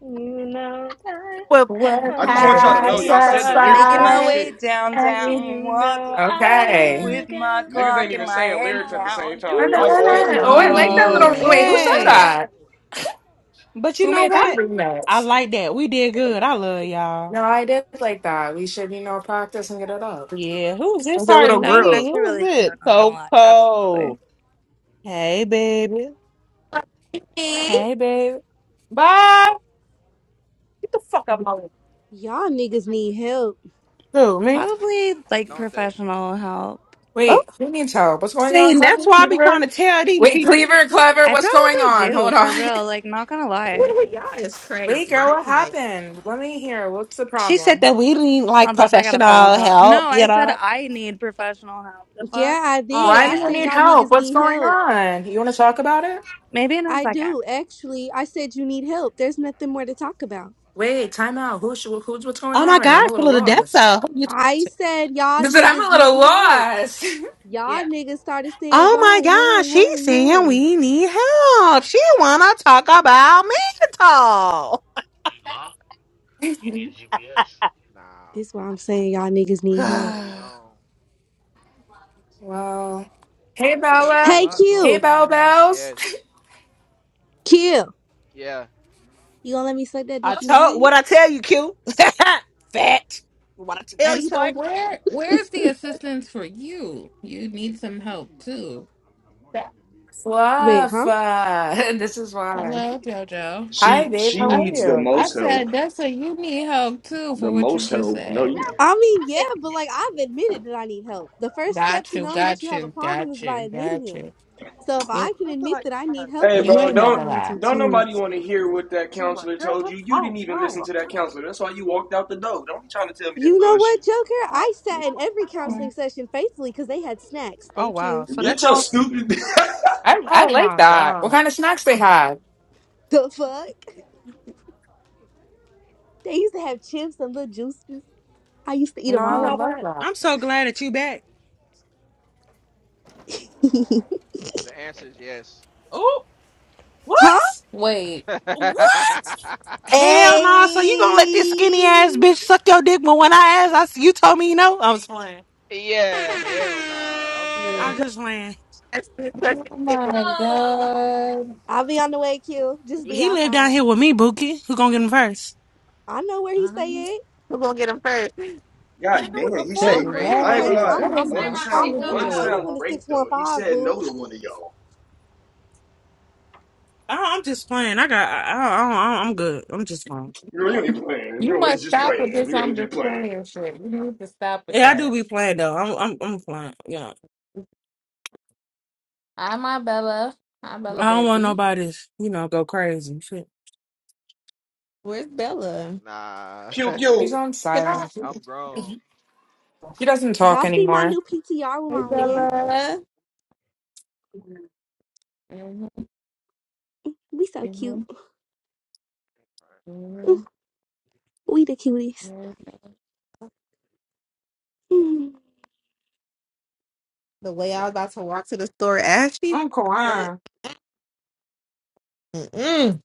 Speaker 2: You know time
Speaker 8: Well,
Speaker 14: What
Speaker 4: I'm
Speaker 12: I
Speaker 2: will
Speaker 12: just
Speaker 4: scared
Speaker 12: want
Speaker 4: of
Speaker 2: pass
Speaker 12: y'all
Speaker 4: this.
Speaker 12: to know,
Speaker 14: has
Speaker 12: y'all
Speaker 2: me
Speaker 12: said the
Speaker 2: by.
Speaker 12: lyrics
Speaker 13: Making
Speaker 12: wrong
Speaker 13: my
Speaker 12: as
Speaker 14: satisfied
Speaker 13: way
Speaker 12: shit.
Speaker 14: any?
Speaker 13: downtown,
Speaker 2: You
Speaker 13: walking
Speaker 2: know I
Speaker 13: fast
Speaker 14: Okay.
Speaker 13: with
Speaker 2: walk
Speaker 13: my
Speaker 2: a
Speaker 12: Niggas
Speaker 13: clock
Speaker 12: ain't
Speaker 13: in
Speaker 12: even
Speaker 13: my
Speaker 2: thousand
Speaker 12: saying
Speaker 13: hands
Speaker 12: lyrics at the
Speaker 2: miles
Speaker 13: now.
Speaker 12: same
Speaker 14: Oh,
Speaker 12: time.
Speaker 14: no,
Speaker 12: Y'all
Speaker 9: What's
Speaker 14: no, no,
Speaker 2: just
Speaker 12: all
Speaker 9: going
Speaker 14: no. Oh,
Speaker 2: to
Speaker 14: I
Speaker 9: on
Speaker 12: wrong.
Speaker 14: like
Speaker 13: Do-do-do-do-do-do.
Speaker 9: in
Speaker 14: that
Speaker 8: [laughs]
Speaker 14: little.
Speaker 2: see
Speaker 9: here?
Speaker 14: Wait, who said
Speaker 8: okay.
Speaker 2: you.
Speaker 14: that?
Speaker 8: But you
Speaker 14: Who
Speaker 8: know
Speaker 14: made that
Speaker 8: what? I
Speaker 14: remix?
Speaker 8: like that. We did good. I love y'all.
Speaker 14: No, I did like that. We should, you know, practice and get it up.
Speaker 8: Yeah. Who's this
Speaker 14: Like a little
Speaker 8: starting
Speaker 13: That was
Speaker 8: me?
Speaker 14: group.
Speaker 13: actually
Speaker 8: Who is
Speaker 13: really cute,
Speaker 8: it?
Speaker 13: not gonna lie. Absolutely.
Speaker 8: Coco. Hey, baby.
Speaker 4: Like, me?
Speaker 8: Hey, baby. Bye. Get the fuck up, my
Speaker 10: Y'all niggas need help.
Speaker 8: Who me.
Speaker 13: Probably like
Speaker 5: Don't they?
Speaker 13: professional help.
Speaker 8: Oh,
Speaker 14: Wait, who needs help? What's going on,
Speaker 8: see, that's
Speaker 14: Clever?
Speaker 8: why I be
Speaker 14: Cleaver?
Speaker 8: trying to tell these
Speaker 14: Wait,
Speaker 8: people.
Speaker 14: Cleaver, Clever,
Speaker 13: I
Speaker 14: what's going
Speaker 13: probably
Speaker 14: on?
Speaker 13: do,
Speaker 14: Hold
Speaker 13: for
Speaker 14: on.
Speaker 13: real, like not gonna lie.
Speaker 4: What- are Y'all is
Speaker 14: [laughs] Wait,
Speaker 4: crazy.
Speaker 14: girl,
Speaker 4: I'm
Speaker 14: what
Speaker 4: like
Speaker 14: happened? Let me hear. What's the
Speaker 8: She said
Speaker 14: problem?
Speaker 8: that we need like
Speaker 13: Hold up, I got a phone
Speaker 8: professional
Speaker 13: call.
Speaker 8: help,
Speaker 13: No, I
Speaker 8: you
Speaker 13: said
Speaker 8: know?
Speaker 13: I need professional help. The fuck?
Speaker 10: Yeah, I
Speaker 8: Oh,
Speaker 10: did.
Speaker 14: Why do
Speaker 10: I
Speaker 14: you
Speaker 8: okay.
Speaker 10: said
Speaker 14: need
Speaker 10: y'all
Speaker 14: help?
Speaker 10: niggas
Speaker 14: What's
Speaker 10: need
Speaker 14: going
Speaker 10: help.
Speaker 14: on? You want to talk about it?
Speaker 13: Maybe in a
Speaker 10: I
Speaker 13: second.
Speaker 10: do, actually. I said you need help. There's nothing more to talk about.
Speaker 14: Wait, time out. Who's who's what's going on right now? I'm a little lost.
Speaker 10: I said
Speaker 14: [laughs]
Speaker 10: y'all
Speaker 14: I said I'm a
Speaker 10: niggas
Speaker 14: little
Speaker 10: need help.
Speaker 14: lost. [laughs]
Speaker 10: Y'all
Speaker 8: Yeah.
Speaker 10: niggas started saying
Speaker 8: Oh,
Speaker 10: why, why,
Speaker 8: God, she's
Speaker 10: why,
Speaker 8: saying
Speaker 10: why.
Speaker 8: we need help. She wanna talk about
Speaker 6: You locked? You need a GPS.
Speaker 5: Nah.
Speaker 10: This why I'm saying y'all niggas need
Speaker 5: What y'all
Speaker 10: help.
Speaker 8: mental.
Speaker 5: niggas
Speaker 8: [sighs]
Speaker 5: on?
Speaker 14: Well, hey
Speaker 3: It's a, there's a
Speaker 14: Bella,
Speaker 10: Hey
Speaker 3: lot
Speaker 14: hey
Speaker 10: Q,
Speaker 3: going
Speaker 14: Bell
Speaker 3: on.
Speaker 14: Bells,
Speaker 5: Yes.
Speaker 10: Q,
Speaker 5: Yeah.
Speaker 10: you gonna let me suck that
Speaker 8: I
Speaker 10: dick from the bag?
Speaker 8: told what I tell you, Q. [laughs] Fat. What I tell
Speaker 9: And
Speaker 8: you,
Speaker 9: so
Speaker 8: boy.
Speaker 9: where where's the assistance for you? You need some help too.
Speaker 4: that.
Speaker 10: Wait,
Speaker 14: Fluff.
Speaker 10: huh?
Speaker 14: uh, [laughs] this is why.
Speaker 9: Hello, Jojo.
Speaker 14: Hi,
Speaker 12: She
Speaker 14: babe.
Speaker 12: she
Speaker 14: How
Speaker 9: I
Speaker 14: are
Speaker 12: needs the
Speaker 14: you?
Speaker 9: I
Speaker 12: most
Speaker 9: said
Speaker 12: help.
Speaker 9: Dessa, you need help too
Speaker 12: The
Speaker 9: for what you
Speaker 12: most
Speaker 9: just
Speaker 12: help. No,
Speaker 9: said.
Speaker 12: you.
Speaker 10: I mean, yeah, but like I've admitted that I need help. The first step
Speaker 9: Got
Speaker 10: to
Speaker 9: you,
Speaker 10: knowing that you
Speaker 9: got
Speaker 10: have a
Speaker 9: you,
Speaker 10: problem
Speaker 9: got
Speaker 10: is by
Speaker 9: you,
Speaker 10: admitting
Speaker 9: got
Speaker 10: it.
Speaker 9: you.
Speaker 10: So if
Speaker 9: You
Speaker 10: I can
Speaker 8: I'm
Speaker 10: admit
Speaker 8: like,
Speaker 10: that I
Speaker 8: oh,
Speaker 10: need help,
Speaker 12: Hey,
Speaker 8: that
Speaker 10: then I
Speaker 9: you
Speaker 8: was-
Speaker 12: bro,
Speaker 9: ain't
Speaker 10: think y'all
Speaker 9: never
Speaker 12: don't
Speaker 10: need
Speaker 9: lie.
Speaker 10: to
Speaker 12: don't
Speaker 10: too.
Speaker 12: nobody
Speaker 8: it's-
Speaker 12: want to
Speaker 8: it-
Speaker 12: hear what that
Speaker 8: She was, like,
Speaker 12: counselor
Speaker 8: girl,
Speaker 12: told you.
Speaker 8: just
Speaker 12: You
Speaker 8: hold.
Speaker 12: didn't even listen
Speaker 8: No, oh,
Speaker 12: to that counselor. That's why you walked out the door. Don't be trying to tell me that
Speaker 10: You know what,
Speaker 12: bullshit.
Speaker 10: Joker? I sat in every counseling session faithfully because they had snacks.
Speaker 8: oh,
Speaker 10: Thank you.
Speaker 12: Get your
Speaker 8: so-
Speaker 12: stupid. [laughs]
Speaker 14: I I
Speaker 8: oh
Speaker 14: like
Speaker 8: my
Speaker 14: that. What
Speaker 8: God.
Speaker 14: kind of snacks they have?
Speaker 10: The fuck? [laughs] They used to have chips and little juices. I used to eat
Speaker 14: No,
Speaker 10: them
Speaker 14: I
Speaker 8: You
Speaker 14: would
Speaker 8: know
Speaker 10: all.
Speaker 14: love
Speaker 8: what?
Speaker 14: that.
Speaker 8: I'm so glad that you back.
Speaker 10: [laughs]
Speaker 5: The answer is yes.
Speaker 8: Oh,
Speaker 10: Huh?
Speaker 8: what?
Speaker 9: Wait.
Speaker 5: [laughs]
Speaker 8: What? Hell no. So you gonna let this skinny ass
Speaker 10: Hey.
Speaker 8: bitch suck your dick? But when I asked, I s- you told me you know. I was playing.
Speaker 5: yeah. Hell nah. I'm stuck.
Speaker 8: I
Speaker 9: Mm.
Speaker 8: was
Speaker 5: [laughs]
Speaker 8: just playing.
Speaker 4: That's the question.
Speaker 9: Oh my
Speaker 8: Uh,
Speaker 9: god.
Speaker 10: I'll be on the way, Q. Just be
Speaker 8: He lived down
Speaker 10: outside.
Speaker 8: here with me, Bookie. Who gonna get him first?
Speaker 10: I know where he say
Speaker 8: Um,
Speaker 10: it.
Speaker 4: Who gonna get him first?
Speaker 12: God damn, he
Speaker 5: It's
Speaker 12: say
Speaker 10: I'm real
Speaker 12: I
Speaker 5: crazy.
Speaker 12: ain't gonna
Speaker 10: acquainted.
Speaker 9: Janae,
Speaker 12: lie.
Speaker 10: I'm
Speaker 9: what is
Speaker 10: I'm
Speaker 12: One
Speaker 9: wrong
Speaker 12: sound,
Speaker 10: I'm
Speaker 9: with
Speaker 10: real
Speaker 12: one
Speaker 10: acquainted
Speaker 9: you?
Speaker 10: with
Speaker 12: sound
Speaker 10: the six
Speaker 12: great
Speaker 10: one
Speaker 12: though. He
Speaker 10: five
Speaker 12: said
Speaker 10: boo.
Speaker 12: no to one of y'all.
Speaker 8: Oh, I'm just playing. I got. I, I, I, I'm good. I'm just playing.
Speaker 12: You you
Speaker 9: [laughs]
Speaker 12: ain't playing. You
Speaker 9: You
Speaker 12: know, it's
Speaker 9: must
Speaker 12: just
Speaker 9: stop with
Speaker 12: playing.
Speaker 9: this
Speaker 12: You
Speaker 9: on
Speaker 12: ain't just playing.
Speaker 9: display and shit. You need to stop with
Speaker 8: Yeah, I do
Speaker 9: that.
Speaker 8: be playing though. I'm. I'm. I'm playing. Yeah.
Speaker 9: Hi, my Bella. Hi, Bella,
Speaker 8: I don't want
Speaker 9: baby.
Speaker 8: nobody's. You know, go crazy. and Shit.
Speaker 4: Where's Bella?
Speaker 5: Nah.
Speaker 12: Pew
Speaker 14: She's
Speaker 12: pew.
Speaker 14: on
Speaker 9: Can I?
Speaker 14: silent.
Speaker 5: [laughs] I'm grown.
Speaker 14: She doesn't talk
Speaker 10: Y'all see my
Speaker 14: anymore.
Speaker 10: new PTR with
Speaker 4: Hey
Speaker 10: my man?
Speaker 4: Bella.
Speaker 9: Mhm,
Speaker 10: We so cute.
Speaker 9: mhm,
Speaker 10: Mm,
Speaker 9: mhm,
Speaker 10: We the cutest.
Speaker 9: mhm.
Speaker 10: Mm.
Speaker 4: The way I was about to walk to the store, Ashley.
Speaker 8: I'm quiet.
Speaker 4: Mm-mm.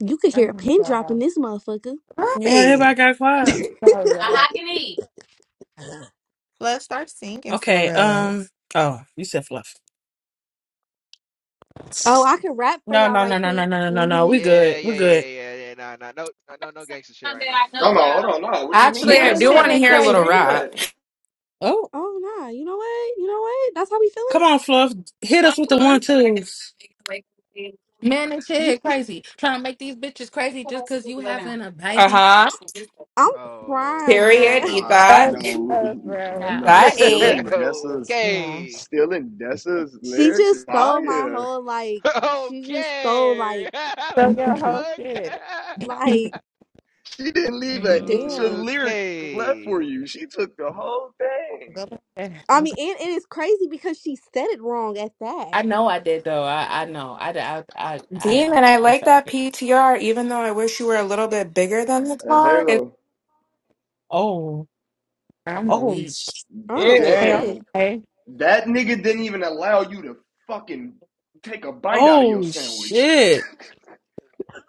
Speaker 10: You could
Speaker 9: I'm
Speaker 10: hear a pin drop in this motherfucker.
Speaker 8: Yeah, everybody
Speaker 4: Right.
Speaker 8: got
Speaker 10: [laughs]
Speaker 8: quiet.
Speaker 9: Sorry,
Speaker 8: I
Speaker 9: y'all.
Speaker 8: can eat.
Speaker 4: Let's start singing for
Speaker 8: Okay. Um.
Speaker 4: us.
Speaker 8: Oh, you said fluff.
Speaker 10: oh, I can rap for
Speaker 8: No,
Speaker 10: y'all
Speaker 8: no,
Speaker 10: right
Speaker 8: no, no, no,
Speaker 10: quick.
Speaker 8: no, no, no. no.
Speaker 10: Mm-hmm.
Speaker 8: We
Speaker 5: Yeah,
Speaker 8: good. We
Speaker 5: yeah, yeah,
Speaker 8: good.
Speaker 5: yeah, yeah, yeah. Nah, nah, no, no, no, no gangster shit right
Speaker 8: Something
Speaker 5: now.
Speaker 8: that I know
Speaker 12: I'm like,
Speaker 8: now.
Speaker 12: hold on, nah. What you
Speaker 14: Actually,
Speaker 12: mean?
Speaker 9: Man,
Speaker 14: I
Speaker 10: Oh
Speaker 12: That's
Speaker 9: this
Speaker 12: a
Speaker 14: do want
Speaker 9: shit
Speaker 12: rap.
Speaker 14: to
Speaker 10: nah.
Speaker 9: hit
Speaker 14: hear a
Speaker 12: That's let
Speaker 14: little
Speaker 12: me
Speaker 9: crazy.
Speaker 12: hear
Speaker 14: rap.
Speaker 12: that.
Speaker 8: Oh,
Speaker 10: Oh nah. You know what? You know what? That's how we
Speaker 8: come
Speaker 10: feeling?
Speaker 8: on, fluff. Hit us with the one twos.
Speaker 9: Man, this shit
Speaker 10: Okay.
Speaker 9: hit crazy. Trying to make these bitches crazy just because you having a
Speaker 14: Uh
Speaker 9: baby?
Speaker 14: huh.
Speaker 10: I'm crying,
Speaker 14: Period.
Speaker 10: bruh. [laughs]
Speaker 14: Eat
Speaker 5: Okay.
Speaker 12: Nah,
Speaker 14: that.
Speaker 4: Oh,
Speaker 12: no,
Speaker 4: oh,
Speaker 12: [laughs]
Speaker 4: bro.
Speaker 9: Nah.
Speaker 12: no.
Speaker 14: That
Speaker 12: Still
Speaker 14: ate.
Speaker 5: [laughs]
Speaker 12: in Dessa's,
Speaker 9: Yeah.
Speaker 5: Okay.
Speaker 12: still in Dessa's
Speaker 10: She
Speaker 12: lyrics
Speaker 10: just
Speaker 12: is
Speaker 10: stole my
Speaker 12: fire.
Speaker 10: whole like.
Speaker 5: [laughs]
Speaker 10: She just stole
Speaker 5: Okay.
Speaker 10: like
Speaker 5: [laughs] What
Speaker 4: So
Speaker 5: the
Speaker 4: your
Speaker 9: [laughs]
Speaker 4: whole
Speaker 5: fuck?
Speaker 4: shit.
Speaker 10: like
Speaker 12: She didn't
Speaker 5: [laughs]
Speaker 12: leave an
Speaker 9: hmm
Speaker 12: inch of
Speaker 10: damn.
Speaker 12: lyric left for
Speaker 5: Okay.
Speaker 12: you. She took the whole thing.
Speaker 4: Go back.
Speaker 10: I
Speaker 4: I'm
Speaker 10: mean, and, and it's crazy because she said it wrong at that.
Speaker 9: I know I did, though. I, I know. I, I, I, I know.
Speaker 14: Demon, I
Speaker 9: I'm
Speaker 14: like
Speaker 9: sorry.
Speaker 14: that PTR, even though I wish you were a little bit bigger than the
Speaker 12: And
Speaker 14: car. It's
Speaker 12: Halo,
Speaker 8: Oh.
Speaker 9: I'm a
Speaker 8: Oh.
Speaker 9: weak.
Speaker 4: go-
Speaker 10: Oh
Speaker 8: Shit.
Speaker 5: Huh?
Speaker 4: okay,
Speaker 10: shit,
Speaker 12: damn.
Speaker 4: okay.
Speaker 12: That nigga didn't even allow you to fucking take a bite out of your
Speaker 8: Oh
Speaker 12: sandwich.
Speaker 8: shit.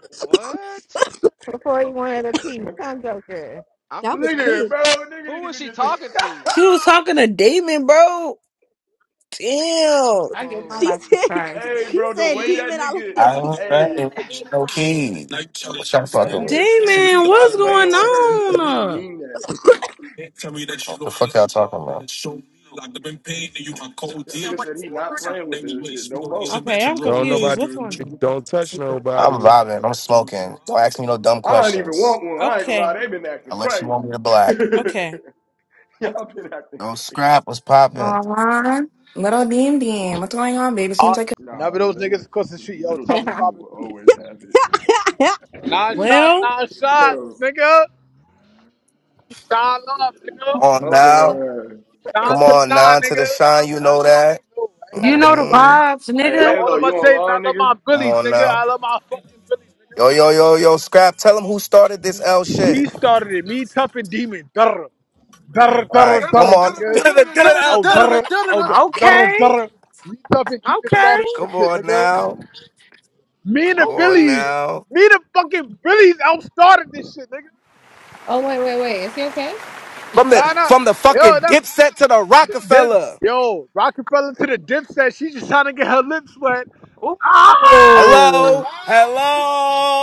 Speaker 5: What?
Speaker 4: Before you wanted a piece, I'm joker.
Speaker 5: I'm
Speaker 10: that was
Speaker 12: Nigga,
Speaker 10: quick.
Speaker 5: confused.
Speaker 12: bro, nigga
Speaker 5: Who
Speaker 12: didn't
Speaker 5: was
Speaker 12: even
Speaker 5: she
Speaker 12: get the [laughs]
Speaker 5: talking to?
Speaker 8: She was talking to Damon, bro. Damn.
Speaker 9: I get my
Speaker 10: She
Speaker 9: life
Speaker 10: [laughs]
Speaker 5: Oh,
Speaker 10: said
Speaker 9: surprised.
Speaker 12: Hey
Speaker 10: she
Speaker 12: bro, the
Speaker 10: said
Speaker 12: way
Speaker 5: did. [laughs]
Speaker 12: that
Speaker 10: demon. I
Speaker 12: nigga
Speaker 10: looked at
Speaker 15: All
Speaker 10: piece.
Speaker 12: hey,
Speaker 15: right,
Speaker 5: [sighs]
Speaker 15: no king. What y'all
Speaker 12: that
Speaker 15: fucking
Speaker 12: nigga said
Speaker 15: with?
Speaker 12: he
Speaker 8: Damon,
Speaker 12: not
Speaker 8: what's going
Speaker 12: playing with her and he
Speaker 8: on?
Speaker 12: mean that.
Speaker 15: What the fuck y'all talking about?
Speaker 12: That nigga said he not playing with this shit no more.
Speaker 8: Okay, I'm
Speaker 1: Don't
Speaker 8: confused.
Speaker 1: nobody,
Speaker 8: What's going on?
Speaker 12: [laughs]
Speaker 1: don't touch
Speaker 15: I'm
Speaker 1: nobody.
Speaker 15: vibing. I'm smoking. Don't ask me no dumb
Speaker 12: I don't even
Speaker 15: questions
Speaker 12: want one. I ain't gonna
Speaker 8: Okay.
Speaker 12: lie, they been acting
Speaker 15: unless you
Speaker 12: crazy. [laughs]
Speaker 15: want me to black.
Speaker 8: Okay. okay.
Speaker 12: Y'all been acting
Speaker 15: No
Speaker 12: crazy.
Speaker 15: scrap was popping.
Speaker 14: on. Little Beam Beam. What's going on, baby? Seems like
Speaker 16: None of
Speaker 12: Nah,
Speaker 16: those
Speaker 12: little
Speaker 16: niggas across the street, yo,
Speaker 12: little
Speaker 9: [laughs]
Speaker 16: tough as
Speaker 12: DD
Speaker 9: oh,
Speaker 16: poppin',
Speaker 12: will
Speaker 16: dude.
Speaker 12: always have it.
Speaker 10: [laughs] oh
Speaker 16: Nine
Speaker 5: Hey, what's
Speaker 16: shots,
Speaker 5: the
Speaker 8: Well,
Speaker 16: nine
Speaker 5: fuck is going
Speaker 16: shots,
Speaker 12: Bro,
Speaker 5: on?
Speaker 16: nigga. Shine love,
Speaker 12: it's
Speaker 16: nigga.
Speaker 15: Come on
Speaker 12: dumping
Speaker 15: now.
Speaker 12: her ass.
Speaker 4: What
Speaker 15: Come
Speaker 16: Shine
Speaker 4: is
Speaker 16: to
Speaker 4: all
Speaker 16: the
Speaker 15: on
Speaker 16: nine,
Speaker 15: now to the
Speaker 16: nigga.
Speaker 15: shine. You
Speaker 16: Nah, you
Speaker 15: know that.
Speaker 16: niggas I ain't gotta
Speaker 8: you
Speaker 16: stick
Speaker 8: know
Speaker 16: to
Speaker 8: the
Speaker 16: my.
Speaker 15: Mm-hmm.
Speaker 8: vibes,
Speaker 12: Hey,
Speaker 16: Yo,
Speaker 8: nigga.
Speaker 16: all
Speaker 12: Halo,
Speaker 16: I'm
Speaker 12: you
Speaker 16: gonna say is I
Speaker 12: online,
Speaker 16: love
Speaker 12: nigga?
Speaker 16: my
Speaker 15: Come
Speaker 16: Billies,
Speaker 15: on
Speaker 16: nigga.
Speaker 15: now.
Speaker 16: I love my fucking Billies,
Speaker 15: Yo,
Speaker 16: nigga.
Speaker 15: yo, yo, yo, scrap. Tell them who started this L shit.
Speaker 16: We started it. Me, tough and demon. Durr. Durr,
Speaker 15: All right,
Speaker 16: durr,
Speaker 15: come
Speaker 16: durr,
Speaker 15: on. [laughs]
Speaker 16: nigga. Oh, durr. Oh, durr, durr.
Speaker 8: Okay.
Speaker 16: durr. Me, tough and demon
Speaker 8: Okay.
Speaker 16: started
Speaker 15: Come
Speaker 16: this shit,
Speaker 15: on
Speaker 16: nigga.
Speaker 15: now.
Speaker 16: Me and
Speaker 15: Come
Speaker 16: the
Speaker 15: on
Speaker 16: Billies.
Speaker 8: Okay.
Speaker 15: now.
Speaker 16: Me, and the fucking Billies outstarted this shit, nigga.
Speaker 9: wait, wait, wait. Is he okay?
Speaker 15: From
Speaker 16: Nah,
Speaker 15: the
Speaker 16: nah.
Speaker 15: from the
Speaker 16: Yo,
Speaker 15: fucking
Speaker 16: nah.
Speaker 15: dipset to the
Speaker 16: Dip,
Speaker 15: Rockefeller.
Speaker 16: yo, Rocket fell into the dip set. She just trying to get her lips wet. Ah!
Speaker 15: Hello?
Speaker 8: Ooh.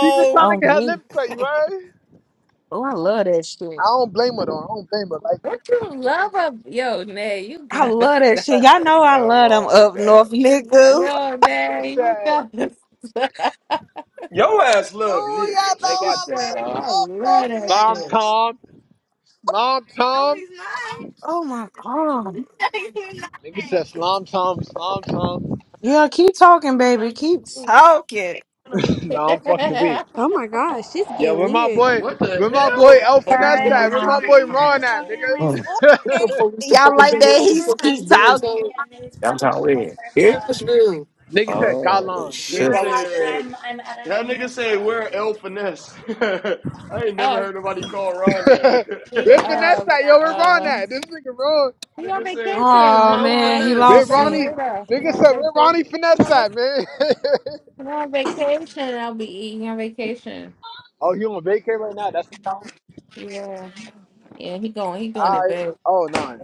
Speaker 16: She just trying to
Speaker 8: Oh
Speaker 16: get her
Speaker 8: me.
Speaker 16: lips wet, you right?
Speaker 8: Oh, I love that
Speaker 16: I
Speaker 8: shit.
Speaker 16: don't blame her, though. I don't blame her. Like,
Speaker 9: What you love of? Yo, Nay, you
Speaker 8: I
Speaker 9: gotta
Speaker 8: love
Speaker 9: [laughs]
Speaker 8: that
Speaker 9: stop.
Speaker 8: shit.
Speaker 16: that.
Speaker 8: Y'all
Speaker 15: Hey,
Speaker 8: know I
Speaker 15: nothing
Speaker 8: love them
Speaker 15: wrong with
Speaker 8: up
Speaker 15: that.
Speaker 8: north niggas.
Speaker 9: Yo, man,
Speaker 16: nigga
Speaker 9: you
Speaker 16: said,
Speaker 9: guys. [laughs]
Speaker 12: Your ass love
Speaker 8: Oh, y'all know
Speaker 12: niggas.
Speaker 9: like I
Speaker 16: nobody think
Speaker 8: I
Speaker 9: said,
Speaker 8: love
Speaker 9: [laughs] oh,
Speaker 16: like
Speaker 9: I
Speaker 8: oh, oh,
Speaker 9: love that
Speaker 16: Slom
Speaker 9: shit.
Speaker 8: nigga.
Speaker 16: Tom. Slom Tom.
Speaker 8: Oh my god.
Speaker 16: Nigga said Slom Tom, Slom Tom.
Speaker 8: Yeah, keep talking, baby. Keep talking.
Speaker 16: [laughs]
Speaker 9: [laughs]
Speaker 16: no, I'm fucking weak.
Speaker 10: my gosh, shit's
Speaker 16: Yeah,
Speaker 10: getting
Speaker 16: where my
Speaker 10: weird.
Speaker 16: boy,
Speaker 12: What the
Speaker 16: where my
Speaker 12: hell?
Speaker 16: boy El Finesse
Speaker 13: Sorry, I
Speaker 16: at?
Speaker 13: was
Speaker 16: Where my boy
Speaker 13: talking. I
Speaker 16: Ron
Speaker 13: was
Speaker 16: at,
Speaker 13: talking to my
Speaker 15: Mm,
Speaker 8: Oh,
Speaker 16: nigga? [laughs]
Speaker 13: my friend's a professional comedian who's
Speaker 15: that's how
Speaker 13: publishing his
Speaker 15: we
Speaker 13: first
Speaker 15: here.
Speaker 13: book.
Speaker 16: nigga said, God
Speaker 15: Oh
Speaker 16: lines. We
Speaker 13: So
Speaker 16: ain't
Speaker 12: Nigga
Speaker 15: shit.
Speaker 13: I
Speaker 16: following
Speaker 13: have
Speaker 16: shit.
Speaker 13: to.
Speaker 12: said,
Speaker 13: I'm I'm
Speaker 12: that
Speaker 13: editing
Speaker 12: nigga
Speaker 13: his
Speaker 12: said,
Speaker 13: book.
Speaker 12: where El Finesse? [laughs] I ain't never
Speaker 9: um,
Speaker 12: heard nobody call Ron
Speaker 16: [laughs]
Speaker 12: that. [laughs]
Speaker 13: We do
Speaker 16: We're
Speaker 13: real
Speaker 16: finesse
Speaker 9: um,
Speaker 13: shit
Speaker 16: that, yo.
Speaker 13: out
Speaker 16: We're
Speaker 13: here.
Speaker 16: Ron
Speaker 9: uh,
Speaker 16: that. This nigga wrong.
Speaker 9: he on
Speaker 12: nigga said, where's
Speaker 9: vacation,
Speaker 8: Oh
Speaker 12: El
Speaker 9: my.
Speaker 8: man,
Speaker 9: He
Speaker 8: he
Speaker 9: gonna
Speaker 12: Finesse?
Speaker 16: We're
Speaker 9: be
Speaker 8: lost
Speaker 9: back
Speaker 8: me.
Speaker 16: Ronnie.
Speaker 9: later. He
Speaker 16: Nigga
Speaker 9: on
Speaker 16: said, are
Speaker 9: vacation.
Speaker 16: Ronnie
Speaker 9: He
Speaker 16: finesse
Speaker 9: on, vac-
Speaker 16: that, man?
Speaker 9: he on vacation. I'll be eating on vacation.
Speaker 16: [laughs] oh, you on vacay right now? That's the problem?
Speaker 9: Yeah, yeah. He going. He doing
Speaker 16: All
Speaker 9: it
Speaker 16: right.
Speaker 9: big.
Speaker 16: Oh, nah.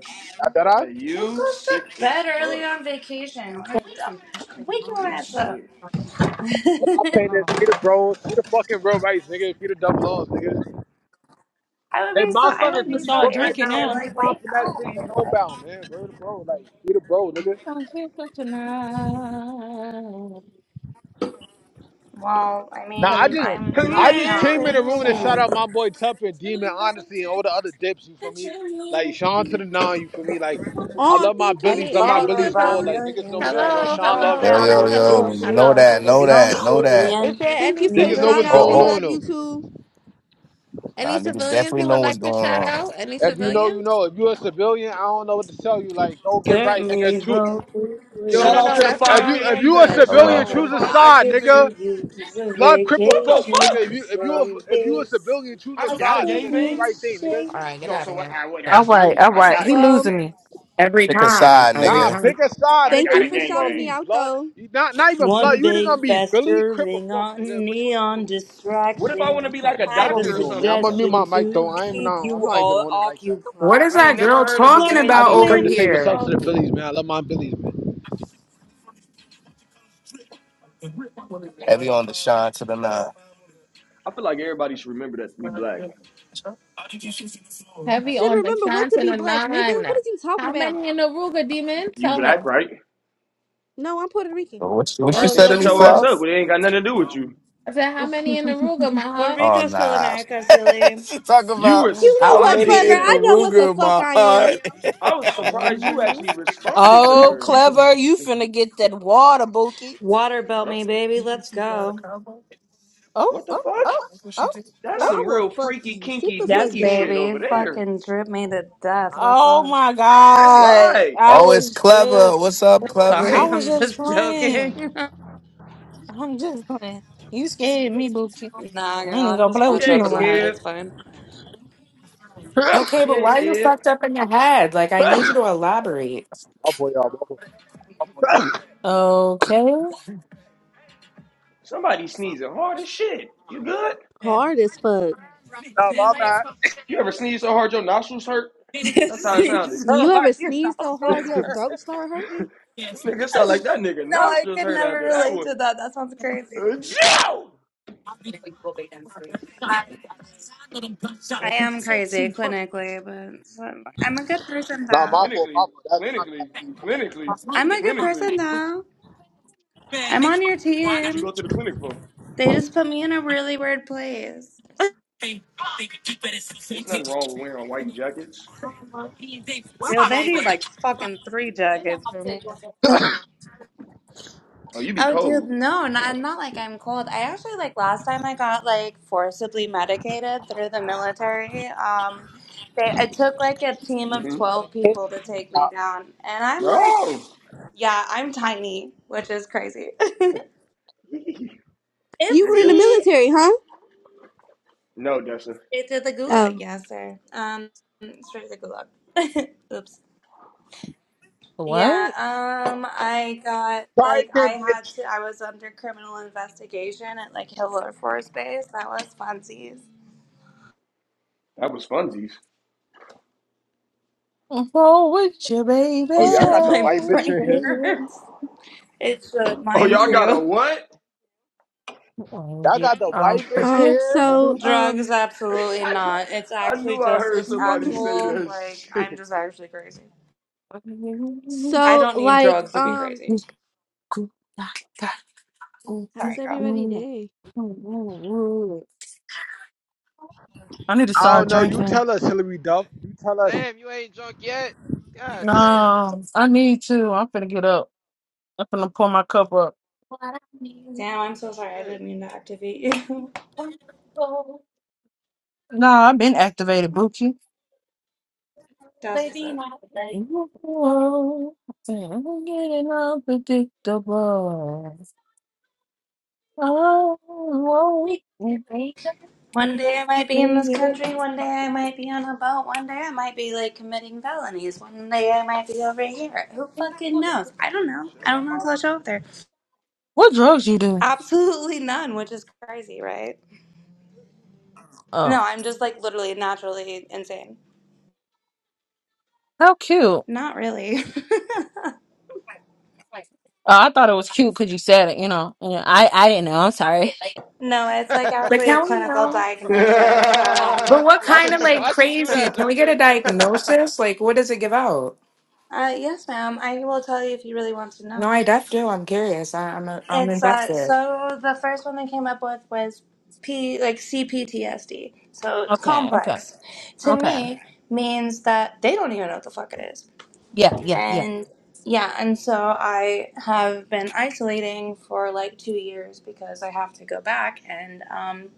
Speaker 16: I bet I.
Speaker 12: Hey,
Speaker 13: Who
Speaker 12: you
Speaker 13: goes to
Speaker 12: sick as
Speaker 13: bed early
Speaker 12: fuck.
Speaker 13: on vacation? What the- Wake your
Speaker 12: You
Speaker 13: ass up.
Speaker 12: sick.
Speaker 16: All I'm
Speaker 13: [laughs]
Speaker 16: saying is,
Speaker 8: Oh.
Speaker 16: be the bros. Be the fucking real rights, nigga. Be the dumb laws, nigga.
Speaker 13: I would
Speaker 16: Hey,
Speaker 13: be so.
Speaker 16: my
Speaker 13: I
Speaker 16: son is
Speaker 13: would be
Speaker 16: pretty
Speaker 13: so
Speaker 16: broke right
Speaker 13: irritated.
Speaker 16: now.
Speaker 13: I'm
Speaker 16: Be
Speaker 13: like,
Speaker 16: Ron
Speaker 13: wake up.
Speaker 16: finesse, be
Speaker 13: dude."
Speaker 16: homebound, man. Where the bro? Like, be the bro, nigga.
Speaker 8: Don't feel good tonight.
Speaker 13: Well, I
Speaker 16: Now I
Speaker 13: mean,
Speaker 16: just
Speaker 13: I'm
Speaker 16: I
Speaker 13: not
Speaker 16: just came in
Speaker 13: young,
Speaker 16: the room and shout
Speaker 13: so.
Speaker 16: out
Speaker 12: [laughs]
Speaker 16: my boy Tupper, Demon, honestly, and all the other dips, you feel me? Like Sean to the nine, you feel me? Like I
Speaker 10: Oh,
Speaker 16: love my
Speaker 10: thank you,
Speaker 16: Billies,
Speaker 9: Any
Speaker 16: love
Speaker 10: thank
Speaker 16: my
Speaker 9: any
Speaker 10: you,
Speaker 13: followed
Speaker 16: Billies
Speaker 10: thank
Speaker 9: civil?
Speaker 13: by
Speaker 16: more.
Speaker 10: you,
Speaker 16: Like niggas know
Speaker 13: millions
Speaker 16: what's going on.
Speaker 9: Hello,
Speaker 13: of
Speaker 16: Sean love
Speaker 9: hello,
Speaker 15: Yo,
Speaker 16: Sean Low
Speaker 9: hello,
Speaker 15: yo,
Speaker 16: ET
Speaker 13: dumbfounded
Speaker 15: yo.
Speaker 9: hello,
Speaker 16: nigga.
Speaker 15: Know
Speaker 13: dipshits.
Speaker 9: hello.
Speaker 16: You
Speaker 15: that,
Speaker 13: See,
Speaker 16: feel
Speaker 15: know
Speaker 16: me?
Speaker 13: Some
Speaker 15: that, know
Speaker 13: say the
Speaker 15: that.
Speaker 9: Is
Speaker 13: end
Speaker 9: there
Speaker 13: is
Speaker 10: thank
Speaker 9: any
Speaker 10: you for the
Speaker 16: Niggas know
Speaker 10: shout
Speaker 16: what's
Speaker 13: near.
Speaker 9: civilians
Speaker 10: out.
Speaker 15: Oh,
Speaker 9: you
Speaker 16: going
Speaker 10: We
Speaker 15: oh.
Speaker 9: would?
Speaker 16: on
Speaker 10: love you
Speaker 16: though.
Speaker 10: too.
Speaker 15: Nah,
Speaker 9: Any
Speaker 15: niggas
Speaker 9: civilians
Speaker 15: definitely
Speaker 9: you
Speaker 15: know
Speaker 9: would
Speaker 15: what's
Speaker 9: like to
Speaker 15: going
Speaker 9: shout
Speaker 15: on.
Speaker 9: out? Any
Speaker 16: If you know, you
Speaker 9: civilians?
Speaker 16: know. If you a civilian, I don't know what to tell you. Like, go get right, nigga.
Speaker 13: Certainly
Speaker 16: True.
Speaker 13: hope it
Speaker 9: No,
Speaker 12: Shout
Speaker 16: Yo,
Speaker 13: will.
Speaker 9: no,
Speaker 12: out
Speaker 9: no,
Speaker 12: to the
Speaker 9: that's the
Speaker 16: if you
Speaker 9: wrong
Speaker 16: if
Speaker 12: 550s,
Speaker 16: you a
Speaker 12: nigga.
Speaker 9: answer.
Speaker 12: Shout
Speaker 16: civilian,
Speaker 12: out
Speaker 15: Hello.
Speaker 12: to the
Speaker 16: choose
Speaker 9: No.
Speaker 16: a
Speaker 13: I
Speaker 16: side,
Speaker 12: 550s,
Speaker 13: could sure
Speaker 12: nigga.
Speaker 16: nigga.
Speaker 13: use a
Speaker 16: Blood cripple
Speaker 12: What the
Speaker 16: folk,
Speaker 13: vacation
Speaker 16: nigga. If
Speaker 12: fuck?
Speaker 16: you if you
Speaker 13: from
Speaker 16: a, if you a
Speaker 13: this.
Speaker 16: civilian, choose
Speaker 12: I
Speaker 16: a
Speaker 13: A
Speaker 12: got a
Speaker 16: side, nigga. Do the
Speaker 13: stupid
Speaker 12: gangbang?
Speaker 16: right thing, nigga.
Speaker 9: All
Speaker 13: shape.
Speaker 9: right, get
Speaker 12: No,
Speaker 9: out of
Speaker 12: so
Speaker 9: here.
Speaker 12: I, wait,
Speaker 8: All
Speaker 9: So,
Speaker 12: that's a new
Speaker 8: right,
Speaker 12: one.
Speaker 8: all
Speaker 12: I
Speaker 8: right.
Speaker 12: got a
Speaker 8: He
Speaker 10: Well,
Speaker 8: losing
Speaker 12: gangbang.
Speaker 8: me.
Speaker 14: every
Speaker 15: Pick a
Speaker 14: time.
Speaker 15: side,
Speaker 14: Every
Speaker 16: Nah,
Speaker 15: nigga.
Speaker 14: time.
Speaker 16: pick a side,
Speaker 12: I
Speaker 10: thank
Speaker 16: nigga.
Speaker 12: got
Speaker 10: you
Speaker 12: a
Speaker 16: You
Speaker 10: for
Speaker 16: either gonna
Speaker 10: shouting me
Speaker 16: be
Speaker 12: gangbang.
Speaker 10: out
Speaker 16: blood,
Speaker 10: though.
Speaker 16: you- not not even blood.
Speaker 13: One
Speaker 16: You either
Speaker 13: big
Speaker 16: gonna be Billy Crip or
Speaker 13: festering
Speaker 16: Folk,
Speaker 13: on
Speaker 16: nigga. Which one you doing,
Speaker 13: neon
Speaker 16: man?
Speaker 12: What if I want
Speaker 13: distraction.
Speaker 12: to be like a
Speaker 16: Which
Speaker 13: I've
Speaker 16: one
Speaker 13: a
Speaker 16: we
Speaker 12: doctor or
Speaker 16: doing, man? I'm
Speaker 12: something?
Speaker 16: gonna mute
Speaker 13: suggestion
Speaker 16: my mic though.
Speaker 13: to
Speaker 16: I ain't even
Speaker 13: keep
Speaker 16: on, I'm
Speaker 13: you
Speaker 16: not even
Speaker 13: all
Speaker 16: on it like that.
Speaker 14: What is
Speaker 12: I ain't
Speaker 14: that
Speaker 12: never
Speaker 14: girl
Speaker 13: occupied.
Speaker 12: heard of a
Speaker 14: talking
Speaker 13: Learn to
Speaker 16: I
Speaker 14: about
Speaker 16: just
Speaker 12: gangbang
Speaker 14: over
Speaker 16: come to
Speaker 13: swim.
Speaker 16: say what's up
Speaker 14: here?
Speaker 16: to the
Speaker 12: doctor.
Speaker 16: Billies, man. I love my Billies, man.
Speaker 15: Heavy on the shine to the nine.
Speaker 12: I feel like everybody should remember that we black.
Speaker 9: Heavy
Speaker 10: Should
Speaker 9: on the
Speaker 10: remember what
Speaker 9: shots
Speaker 10: to
Speaker 9: and
Speaker 10: be
Speaker 9: a
Speaker 10: black, nigga. What
Speaker 9: nine.
Speaker 10: is you talking
Speaker 9: How
Speaker 10: about?
Speaker 9: many in Aruga, demon?
Speaker 12: You
Speaker 9: Tell
Speaker 12: black,
Speaker 9: them.
Speaker 12: right?
Speaker 10: No, I'm Puerto Rican.
Speaker 15: What,
Speaker 12: All
Speaker 15: what you
Speaker 12: right,
Speaker 9: Yo,
Speaker 12: then
Speaker 15: said
Speaker 9: yo,
Speaker 15: to
Speaker 12: shut
Speaker 15: me,
Speaker 12: your ass
Speaker 9: demon.
Speaker 15: Fluff?
Speaker 12: up. It ain't got nothing to do with you.
Speaker 9: I said, how many in Aruga, my
Speaker 10: [laughs]
Speaker 13: Puerto
Speaker 9: heart? [laughs]
Speaker 15: Oh
Speaker 13: Rico's still
Speaker 15: nah.
Speaker 13: America,
Speaker 15: [laughs]
Speaker 13: silly.
Speaker 15: she talk
Speaker 12: You
Speaker 15: about
Speaker 10: You know
Speaker 15: how
Speaker 10: what,
Speaker 15: many
Speaker 12: responded to
Speaker 10: clever?
Speaker 15: in the
Speaker 10: I
Speaker 12: that.
Speaker 10: know what the
Speaker 15: Ruger
Speaker 10: fuck
Speaker 15: my
Speaker 10: I am.
Speaker 15: heart.
Speaker 12: I was surprised you
Speaker 9: Mhm.
Speaker 12: actually responded to
Speaker 8: Oh,
Speaker 12: her.
Speaker 8: clever. You finna get that water, Bookie.
Speaker 13: Water belt me,
Speaker 12: [laughs]
Speaker 13: baby. Let's go.
Speaker 8: Oh,
Speaker 12: What the
Speaker 8: oh,
Speaker 12: fuck?
Speaker 8: oh, oh,
Speaker 10: Girl,
Speaker 12: That's
Speaker 8: oh.
Speaker 10: I
Speaker 12: some
Speaker 10: will
Speaker 12: real
Speaker 10: fuck
Speaker 12: freaky,
Speaker 10: you. Sit the
Speaker 12: kinky,
Speaker 10: fuck
Speaker 13: Yes,
Speaker 12: dinky
Speaker 10: down.
Speaker 12: shit over
Speaker 13: baby.
Speaker 12: there.
Speaker 13: Fucking drip me to death. What's
Speaker 8: Oh
Speaker 13: up?
Speaker 8: my
Speaker 12: All
Speaker 8: God.
Speaker 12: right.
Speaker 15: [laughs]
Speaker 8: I
Speaker 15: oh, it's
Speaker 8: was
Speaker 15: clever.
Speaker 8: just,
Speaker 15: What's up,
Speaker 8: I
Speaker 13: Sorry, [laughs]
Speaker 15: clever?
Speaker 8: was
Speaker 13: I'm
Speaker 8: just
Speaker 13: just
Speaker 8: playing.
Speaker 13: joking. [laughs]
Speaker 8: I'm just playing. You scared me, Boochie.
Speaker 13: nah,
Speaker 8: I
Speaker 13: girl,
Speaker 8: ain't
Speaker 13: I'm
Speaker 8: gonna
Speaker 13: just
Speaker 8: play
Speaker 12: She
Speaker 8: with
Speaker 13: fucked
Speaker 8: you
Speaker 13: up
Speaker 12: ain't
Speaker 8: no
Speaker 13: in the
Speaker 8: more.
Speaker 13: head.
Speaker 12: scared.
Speaker 13: It's fine.
Speaker 16: [coughs] [laughs] my
Speaker 14: Okay,
Speaker 12: She
Speaker 14: but
Speaker 12: ain't
Speaker 14: why are you
Speaker 12: scared.
Speaker 14: fucked up in your head? Like, I need you to elaborate.
Speaker 16: fault, y'all. My fault. [coughs] [laughs]
Speaker 8: Okay.
Speaker 12: Somebody sneezing hard as shit. You good?
Speaker 10: Hard as fuck.
Speaker 16: nah, my bad.
Speaker 12: You ever sneeze so hard your nostrils hurt?
Speaker 13: [laughs]
Speaker 12: That's how it sounded.
Speaker 13: It's so
Speaker 10: You ever
Speaker 13: hard your
Speaker 10: sneeze so hard
Speaker 13: nostrils
Speaker 10: your throat
Speaker 13: hurt.
Speaker 10: start hurting?
Speaker 12: Nigga, it sound
Speaker 13: [laughs]
Speaker 12: like that nigga
Speaker 13: No, I
Speaker 12: nostrils
Speaker 13: could
Speaker 12: hurt
Speaker 13: never
Speaker 12: after that
Speaker 13: relate
Speaker 12: one.
Speaker 13: to that. That sounds crazy.
Speaker 12: Uh, Joe!
Speaker 13: I am crazy clinically, but so, I'm a good person
Speaker 16: Nah, my
Speaker 13: though.
Speaker 16: fault. My
Speaker 12: Clinically,
Speaker 16: fault. That's my bad.
Speaker 12: clinically,
Speaker 16: That's
Speaker 12: clinically,
Speaker 13: I'm a good
Speaker 12: clinically.
Speaker 13: person though. I'm on your
Speaker 12: What you
Speaker 13: team.
Speaker 12: go to the clinic for?
Speaker 13: They just put me in a really weird place.
Speaker 12: There's nothing wrong with wearing white jackets.
Speaker 13: Dude, they need like fucking three jackets for me.
Speaker 12: Oh, you be
Speaker 13: Oh, dude,
Speaker 12: cold.
Speaker 13: no, not, not like I'm cold. I actually like last time I got like forcibly medicated through the military. Um, they it took like a team of
Speaker 12: Mm-hmm.
Speaker 13: twelve
Speaker 16: my fault.
Speaker 13: people to take me down, and I'm like
Speaker 12: No.
Speaker 13: Yeah, I'm tiny, which is crazy.
Speaker 12: [laughs]
Speaker 13: [laughs]
Speaker 10: You
Speaker 12: You're
Speaker 10: were in the
Speaker 12: good?
Speaker 13: Oopsie.
Speaker 10: military, huh?
Speaker 12: No, Dessa.
Speaker 13: Straight to the gulag.
Speaker 10: Oh.
Speaker 13: Yes, sir. Um, straight to the gulag. [laughs] Oops. Yeah,
Speaker 8: What?
Speaker 13: um, I got,
Speaker 16: Try
Speaker 13: like, I
Speaker 16: again,
Speaker 13: had
Speaker 16: bitch.
Speaker 13: to, I was under criminal investigation at, like, Hill Air Force Base. That was funsies.
Speaker 12: That was funsies.
Speaker 8: Oh, with you, baby.
Speaker 16: Oh
Speaker 13: He [laughs]
Speaker 16: yeah, I got
Speaker 13: says
Speaker 16: the
Speaker 13: my
Speaker 16: white bitch in
Speaker 13: brain
Speaker 16: here.
Speaker 13: hurts. It should,
Speaker 12: Oh,
Speaker 13: mine
Speaker 12: y'all got a
Speaker 13: too.
Speaker 12: what?
Speaker 8: Oh,
Speaker 16: Y'all
Speaker 8: yeah,
Speaker 16: got the white
Speaker 12: [laughs] I,
Speaker 16: bitch in
Speaker 10: Um,
Speaker 16: here.
Speaker 10: so,
Speaker 8: Unpredictable.
Speaker 13: Drugs,
Speaker 10: um,
Speaker 13: absolutely
Speaker 12: knew,
Speaker 13: not. It's
Speaker 12: I
Speaker 13: actually
Speaker 12: knew I
Speaker 13: just,
Speaker 12: heard
Speaker 13: it's
Speaker 12: somebody say
Speaker 13: actual,
Speaker 12: that
Speaker 13: like, I'm
Speaker 12: shit.
Speaker 13: just actually crazy. I
Speaker 10: so
Speaker 13: don't need
Speaker 10: like,
Speaker 13: drugs to be
Speaker 10: um,
Speaker 13: crazy.
Speaker 10: how's
Speaker 13: Sorry, girl.
Speaker 10: everybody
Speaker 8: You
Speaker 10: day?
Speaker 8: Ooh. I need to
Speaker 16: I don't
Speaker 8: start
Speaker 16: know. You
Speaker 8: drinking.
Speaker 16: tell us, Hillary Duff. You tell us.
Speaker 5: Damn, you ain't drunk yet? God damn.
Speaker 8: No, I need to. I'm finna get up. I'm finna pour my cup up.
Speaker 13: Damn, I'm so sorry. I
Speaker 5: Shit.
Speaker 13: didn't mean to activate you.
Speaker 8: Nah, I've been activated, Buki.
Speaker 13: [laughs] That's what's up.
Speaker 8: Ooh, I'm getting addictable. Oh,
Speaker 13: One day I might be in this country. One day I might be on a boat. One day I might be like committing felonies. One day I might be over here. Who fucking knows? I don't
Speaker 5: Oh,
Speaker 13: know. I
Speaker 5: shit.
Speaker 13: don't know until I show up there.
Speaker 8: What drugs you
Speaker 13: [laughs]
Speaker 8: do?
Speaker 13: Absolutely none, which is crazy, right?
Speaker 8: Oh,
Speaker 13: No, I'm just like literally naturally insane.
Speaker 8: how cute. Oh,
Speaker 13: Not really.
Speaker 8: I thought it was cute because you said it, you know. Yeah, I, I didn't know. I'm sorry.
Speaker 13: [laughs] no, it's
Speaker 5: [laughs]
Speaker 13: like
Speaker 14: But
Speaker 13: actually a
Speaker 14: can we
Speaker 13: clinical
Speaker 14: know?
Speaker 5: I'm crying.
Speaker 13: diagnosis. Um,
Speaker 14: But what
Speaker 5: Why
Speaker 14: kind
Speaker 5: she
Speaker 14: of like
Speaker 5: why she do
Speaker 14: crazy?
Speaker 5: that,
Speaker 14: Can we
Speaker 5: Joker?
Speaker 14: get a
Speaker 5: You
Speaker 12: [laughs] [laughs]
Speaker 14: diagnosis? Like, what does it give out?
Speaker 13: uh, yes, ma'am. I will tell you if you really want to
Speaker 14: No, I
Speaker 13: know.
Speaker 14: def do. I'm curious. I, I'm, I'm
Speaker 13: It's uh
Speaker 14: invested.
Speaker 13: so the first one they came up with was P like CPTSD. So it's
Speaker 8: Okay, okay,
Speaker 13: complex. To
Speaker 8: okay.
Speaker 13: me means that they don't even know what the fuck it is.
Speaker 8: Yeah, yeah, yeah.
Speaker 13: And yeah, and so I have been isolating for like two years because I have to go back and um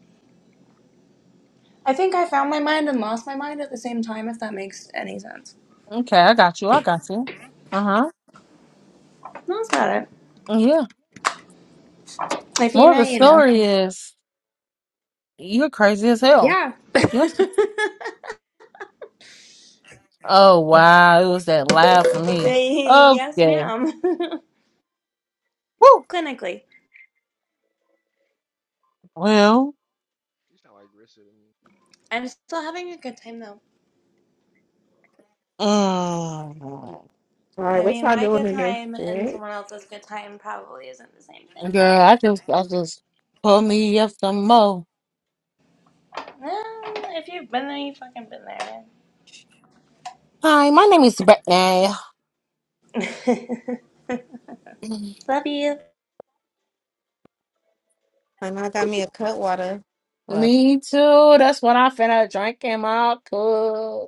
Speaker 13: I think I found my mind and lost my mind at the same time if that makes any sense.
Speaker 8: Okay, I got you. I got you. Uh-huh.
Speaker 13: Well, That's about it.
Speaker 8: Yeah.
Speaker 13: If you
Speaker 8: More of
Speaker 13: know,
Speaker 8: the
Speaker 13: you know.
Speaker 8: story is you're crazy as hell.
Speaker 13: Yeah.
Speaker 8: Yes. Oh wow, it was that loud for
Speaker 13: [laughs]
Speaker 8: me.
Speaker 13: yes,
Speaker 8: Okay.
Speaker 13: ma'am.
Speaker 8: Woo.
Speaker 13: [laughs] Clinically.
Speaker 8: Well,
Speaker 5: sound like Rissa to me.
Speaker 13: I'm still having a good time though.
Speaker 8: mm,
Speaker 4: right?
Speaker 13: I
Speaker 4: What
Speaker 13: mean,
Speaker 4: y'all
Speaker 13: my
Speaker 4: doing
Speaker 13: good
Speaker 4: in this
Speaker 13: time and
Speaker 4: shit?
Speaker 13: someone else's good time probably isn't the same thing
Speaker 8: girl,
Speaker 13: though.
Speaker 8: I just I just pull me up some more.
Speaker 13: Well, if you've been there, you've fucking been there.
Speaker 8: Hi, my name is Brittany.
Speaker 13: man.
Speaker 8: [clears throat]
Speaker 13: [laughs] Love you.
Speaker 4: And I got me a cut water. Well,
Speaker 8: Me too. That's what I'm finna drink in my cup.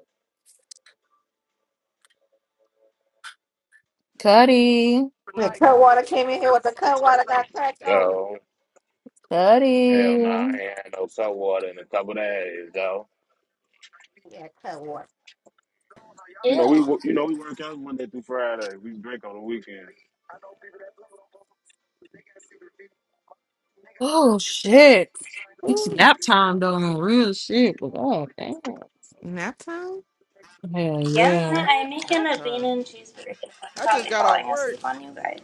Speaker 8: Cuddy.
Speaker 4: the cut water came in here with the cut water got cracked over.
Speaker 17: Yo, hell nah,
Speaker 8: Cuddy.
Speaker 17: I ain't had no salt water in a couple of days, though.
Speaker 4: Yeah, cut water.
Speaker 17: You
Speaker 13: Ew.
Speaker 17: know we wo- you know we work out Monday through Friday. We drink on the weekend.
Speaker 8: Oh shit. It's
Speaker 4: Ooh,
Speaker 8: nap time though on real shit, but oh damn.
Speaker 4: nap time.
Speaker 8: Hell yeah.
Speaker 13: Yeah,
Speaker 5: What?
Speaker 13: I'm making
Speaker 5: Nap
Speaker 13: a bean
Speaker 5: time.
Speaker 13: and cheeseburger. I'm
Speaker 5: I just
Speaker 13: probably
Speaker 5: got off
Speaker 13: falling
Speaker 5: work.
Speaker 13: asleep on you guys.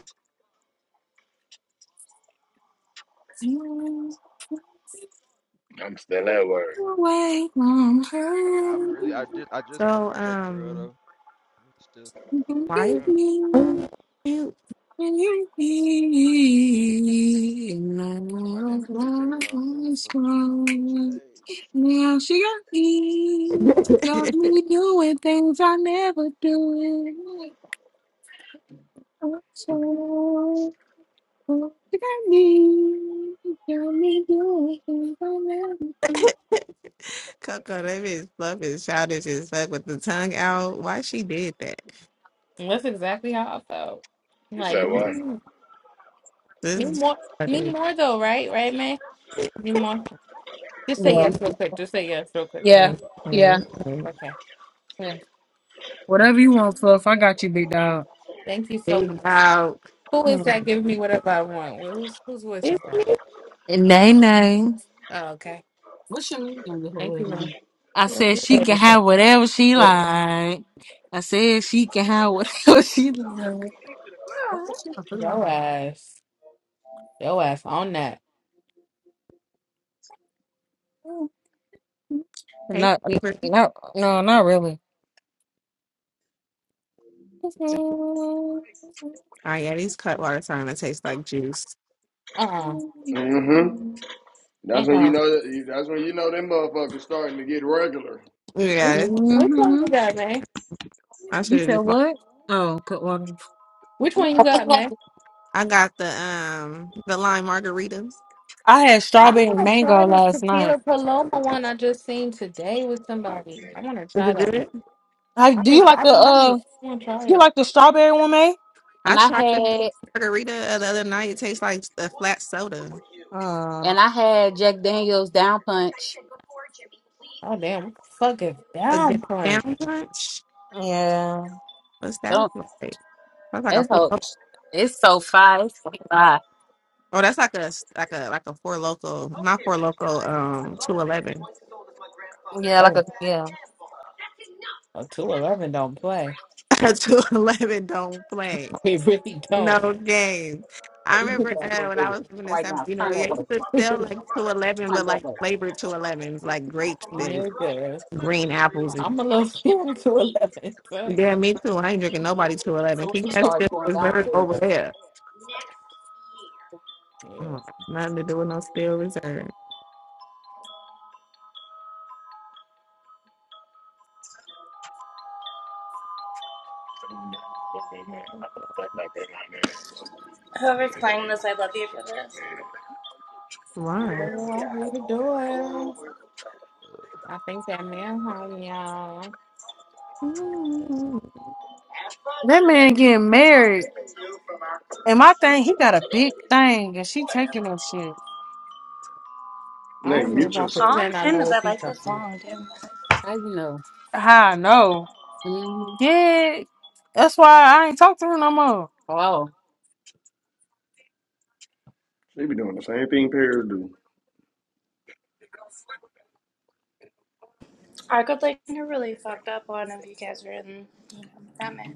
Speaker 8: Don't
Speaker 17: I'm still at work.
Speaker 8: Wait on
Speaker 5: Nah,
Speaker 8: her.
Speaker 5: I'm really I did I just parked
Speaker 4: So,
Speaker 5: my truck for real
Speaker 4: um,
Speaker 5: though. I'm still
Speaker 8: Don't
Speaker 5: in the
Speaker 4: why
Speaker 8: give
Speaker 5: truck.
Speaker 8: me
Speaker 4: you cute?
Speaker 8: when you need. No
Speaker 5: Turn my damn refrigerator off. That
Speaker 8: lies
Speaker 5: motherfucker been on for two
Speaker 8: wrong.
Speaker 5: days.
Speaker 8: Now she got me. Got
Speaker 4: [laughs]
Speaker 8: me doing things I never do. Yeah,
Speaker 4: Coco, that bitch fluff and childish as fuck with the tongue out. Why she did that?
Speaker 9: And That's exactly how I felt.
Speaker 17: You
Speaker 9: Like,
Speaker 17: said what?
Speaker 9: mm,
Speaker 4: This
Speaker 9: me
Speaker 4: is
Speaker 9: more,
Speaker 4: what
Speaker 9: me
Speaker 4: it
Speaker 9: more though, right? Right, man? Me more. Just say
Speaker 4: is.
Speaker 9: yes real quick. Just say yes real quick.
Speaker 8: yeah, yeah,
Speaker 4: Okay.
Speaker 9: Okay.
Speaker 8: yeah. Whatever you want, Fluff. I got you, big dog.
Speaker 9: Thank you so
Speaker 4: Big
Speaker 9: much.
Speaker 4: dog.
Speaker 9: Who is that
Speaker 8: Mm.
Speaker 9: giving me whatever I want? Wh- Whose whose voice is
Speaker 4: It's
Speaker 9: that?
Speaker 8: And then
Speaker 9: Oh, okay.
Speaker 8: What's your mean? you
Speaker 9: Thank you, man.
Speaker 8: I can
Speaker 4: me.
Speaker 8: have whatever she like. I said she can have whatever [laughs] she like.
Speaker 13: Aw.
Speaker 9: Yo ass. Yo ass on that.
Speaker 4: Hey, Cooper. oh yeah, these cutwater starting to taste like juice.
Speaker 9: Uh-uh.
Speaker 12: Mm-hmm. That's when you
Speaker 9: Uh-uh.
Speaker 12: know that. That's when you know them motherfuckers starting to get regular.
Speaker 9: Which,
Speaker 4: Yeah,
Speaker 9: which one you got, man?
Speaker 4: I should have just. bought-
Speaker 8: Oh,
Speaker 9: Which one you got, man?
Speaker 4: I got the um the lime margarita.
Speaker 8: I had
Speaker 9: I
Speaker 8: strawberry and
Speaker 9: want to try
Speaker 8: mango
Speaker 9: this
Speaker 8: last night.
Speaker 9: tequila paloma one I just seen today with somebody. I want to
Speaker 4: Is
Speaker 9: try
Speaker 4: it
Speaker 9: that one.
Speaker 4: good?
Speaker 8: I,
Speaker 9: I've
Speaker 8: do
Speaker 9: been,
Speaker 8: you like
Speaker 9: I've
Speaker 8: the
Speaker 9: been hungry.
Speaker 8: uh?
Speaker 9: I want to try
Speaker 8: You
Speaker 9: it.
Speaker 8: like the strawberry one, May?
Speaker 4: I
Speaker 8: And I
Speaker 4: tried this
Speaker 8: had
Speaker 4: margarita the other night. It tastes like a flat soda.
Speaker 8: Uh, and I had Jack Daniels down punch.
Speaker 9: Oh, damn. Fucking
Speaker 4: A
Speaker 9: down front.
Speaker 4: down punch.
Speaker 8: yeah.
Speaker 4: What's that
Speaker 8: Don't
Speaker 4: like? That's like a
Speaker 8: that
Speaker 4: four.
Speaker 8: hoe, it's so fire. It's so fire.
Speaker 4: Oh, that's like a like a like a four local, not four local. Um, two eleven.
Speaker 9: Oh, a 211 don't play.
Speaker 4: [laughs] Two eleven don't play
Speaker 9: [laughs] We really don't.
Speaker 4: no games i remember uh, when i was living in
Speaker 8: Right
Speaker 4: san
Speaker 8: now,
Speaker 4: you know
Speaker 8: turn
Speaker 4: yeah
Speaker 8: that
Speaker 4: you
Speaker 8: way,
Speaker 4: could
Speaker 9: [laughs]
Speaker 4: sell like Two Eleven,
Speaker 8: turn
Speaker 4: but
Speaker 8: that
Speaker 4: like
Speaker 8: way. As
Speaker 4: flavored Two Elevens, like grapes and
Speaker 9: Nigga.
Speaker 4: green apples and
Speaker 9: I'm a little [laughs] scared to 11.
Speaker 4: yeah
Speaker 9: Fuck.
Speaker 4: me too i ain't drinking nobody Two Eleven.
Speaker 8: soon as
Speaker 4: keep
Speaker 8: you
Speaker 4: that
Speaker 8: start
Speaker 4: still
Speaker 8: going
Speaker 4: reserve over
Speaker 8: downstairs,
Speaker 4: there
Speaker 9: Yeah.
Speaker 4: oh, nothing to do with no still reserve
Speaker 13: Whoever's playing this, I love you for this.
Speaker 4: why
Speaker 9: Oh, I hear the door. I think that man hung y'all.
Speaker 4: Mm.
Speaker 8: That man getting married, and my thing, he got a big thing, and she taking that shit.
Speaker 9: I
Speaker 12: Nigga,
Speaker 9: don't know if
Speaker 12: mute
Speaker 9: I
Speaker 13: All
Speaker 12: yourself.
Speaker 13: I'm
Speaker 9: pretend I
Speaker 13: saying
Speaker 9: know
Speaker 13: is
Speaker 9: what
Speaker 13: I
Speaker 9: he's
Speaker 13: like the
Speaker 9: talking about.
Speaker 13: song, too.
Speaker 8: How I know. Hey, That's why I ain't talk to her no more. oh,
Speaker 12: They be doing the same thing parents do.
Speaker 13: I could like a really fucked up one if you guys were in, you know, that man.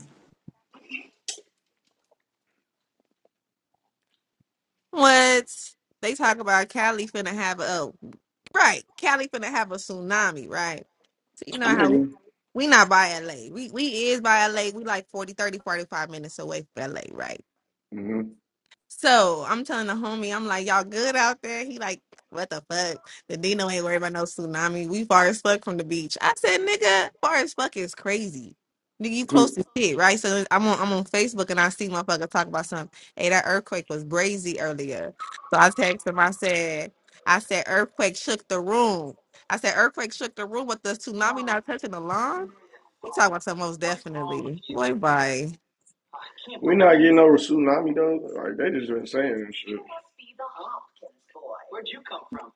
Speaker 4: what they talk about cali finna have a oh, right cali finna have a tsunami right so you know how
Speaker 12: Nigga.
Speaker 4: We not by LA. We we is by LA. We like 40, 30, 45 minutes away from LA, right?
Speaker 12: Mm-hmm.
Speaker 4: So I'm telling the homie, I'm like, y'all good out there? He like, what the fuck? The Dino ain't worried about no tsunami. We far as fuck from the beach. I said, nigga, far as fuck is crazy. Nigga, you close
Speaker 12: [laughs]
Speaker 4: to shit, right? So I'm on I'm on Facebook and I see motherfucker talk about something. Hey, that earthquake was brazy earlier. So I text him, I said, I said earthquake shook the room. I said earthquake shook the room with the tsunami not touching the lawn. You talking about something most definitely. Boy, bye.
Speaker 12: You know a tsunami though? Like they just been saying this shit.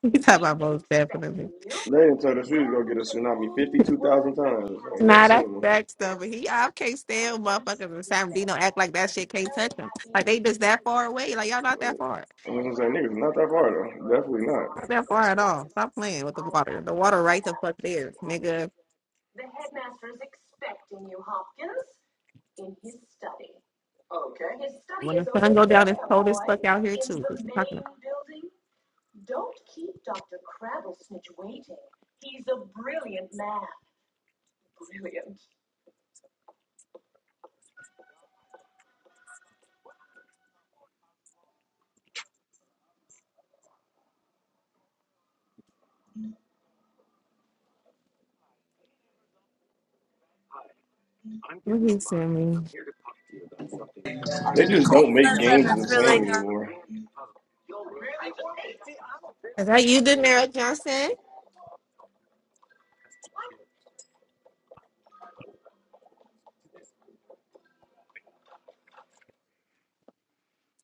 Speaker 4: You talking about most definitely.
Speaker 12: They didn't tell us we was gonna get a tsunami fifty two thousand times. I ain't never
Speaker 4: Nah, that's
Speaker 12: seen one.
Speaker 4: that stuff. But he, I can't stand motherfuckers in San Bernardino act like that shit can't touch them. Like they just that far away. Like y'all not that far.
Speaker 12: I was gonna say niggas not that far though. Definitely not.
Speaker 4: Not that far at all. Stop playing with the water. The water right the fuck there, nigga. When the sun go down, it's cold as fuck out here too. What you talking about? What he sent me?
Speaker 12: They just
Speaker 13: Like,
Speaker 12: don't make
Speaker 13: listen,
Speaker 12: games
Speaker 13: it's
Speaker 12: the
Speaker 13: really
Speaker 12: same
Speaker 13: good.
Speaker 12: anymore.
Speaker 4: Is that you, Daenerys Johnson?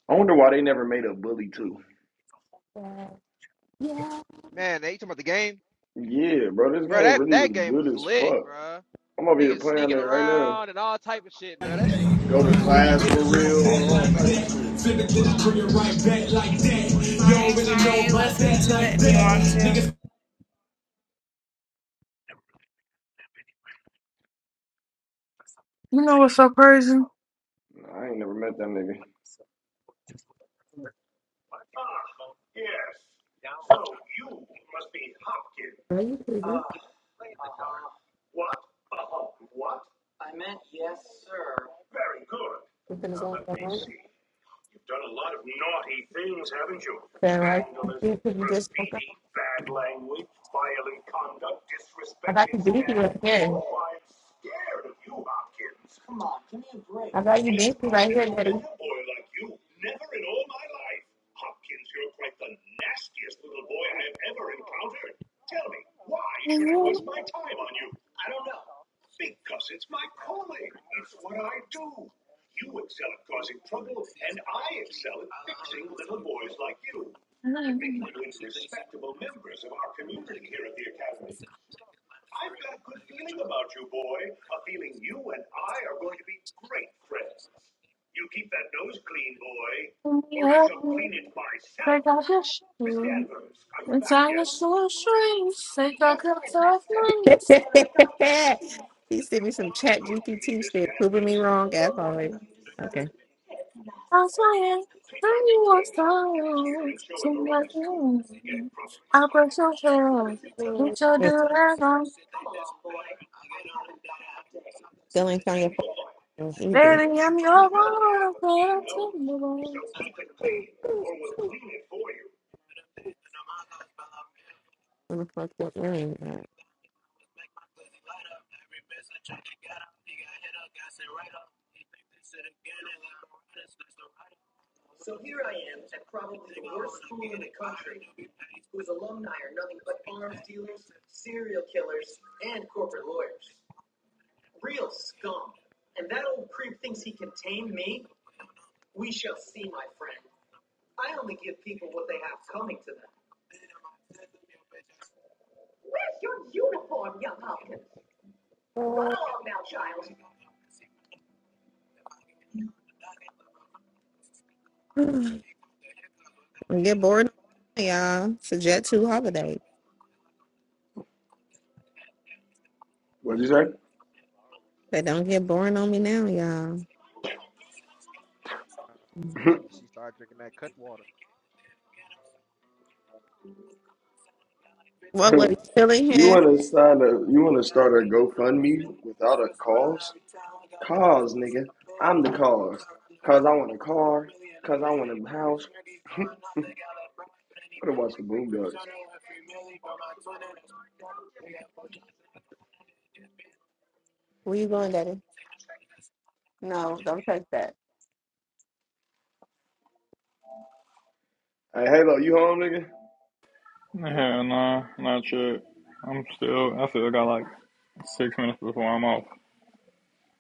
Speaker 12: I wonder why they never made a bully too.
Speaker 4: Yeah. Yeah.
Speaker 5: Man, they talking about the game?
Speaker 12: Yeah, bro, this
Speaker 5: Bro,
Speaker 12: game
Speaker 5: that,
Speaker 12: really was
Speaker 5: that game
Speaker 12: good
Speaker 5: was
Speaker 12: as
Speaker 5: lit,
Speaker 12: fuck.
Speaker 5: bro.
Speaker 12: I'm over here
Speaker 5: Niggas
Speaker 12: playing
Speaker 5: sneaking
Speaker 12: it right now.
Speaker 5: around and all type of shit, bro. That shit was
Speaker 12: Go to
Speaker 5: fun, nigga.
Speaker 12: class for real, all type of shit.
Speaker 8: You know what's so crazy?
Speaker 12: I ain't never met that nigga.
Speaker 4: Are you crazy? You're gonna go on the road? Yeah, right. [laughs] You just woke up. I thought you beat you again. I got you busy right here, daddy.
Speaker 8: Take off your shoes. Inside your shoe strings. Take off your tough
Speaker 4: [laughs] he sent me some chat GPT shit, proving me wrong as always. Okay.
Speaker 8: That's why I bring you on songs to my room. I brush your hair,
Speaker 4: Mm.
Speaker 8: put your
Speaker 4: Wait,
Speaker 8: do
Speaker 4: Still ain't found your phone either.
Speaker 8: Baby, I'm your one, little timber.
Speaker 4: Where the fuck your earring at? Mm. [sighs] Don't get bored on me, y'all. It's a jet two holiday.
Speaker 12: What'd you say?
Speaker 4: They don't get boring on me now, y'all.
Speaker 5: Uh, she she started drinking that cut water.
Speaker 4: What was still
Speaker 12: [laughs]
Speaker 4: in
Speaker 12: you
Speaker 4: here?
Speaker 12: wanna start a you wanna start a GoFundMe without a cause? Cause nigga. I'm the cause. Cause I want a car. Cause I want a house. I'm gonna watch the Boondocks.
Speaker 4: Where you going, daddy? No, don't touch that.
Speaker 12: Hey Halo, you home nigga?
Speaker 18: Hell nah, not yet. I'm still, I still got like six minutes before I'm off.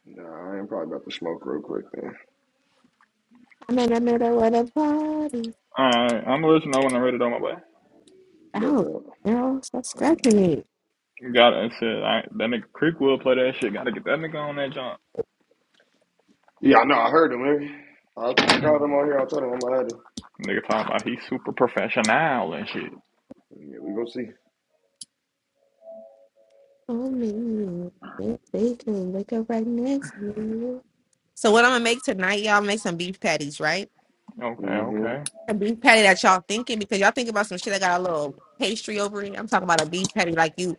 Speaker 12: Nah, I ain't probably about to smoke real quick then.
Speaker 4: I'm in the middle of the party.
Speaker 18: Alright, I'm gonna let you know when I'm ready to on my way.
Speaker 12: Bet
Speaker 4: Ow,
Speaker 12: that.
Speaker 4: girl, stop scratching me.
Speaker 18: Got it, shit. I, that nigga Creek will play that shit. Gotta get that nigga on that jump.
Speaker 12: Yeah, I know I heard him, nigga. I, I got him on here, I told him I'm gonna add him.
Speaker 18: Nigga talking about he's super professional and shit.
Speaker 12: Yeah, we gonna see.
Speaker 4: Oh man, yes, they can wake up right next to me. So what I'm gonna make tonight, y'all make some beef patties, right?
Speaker 18: Okay,
Speaker 12: Mm-hmm.
Speaker 18: okay.
Speaker 4: A beef patty that y'all thinking because y'all thinking about some shit that got a little pastry over it. I'm talking about a beef patty like you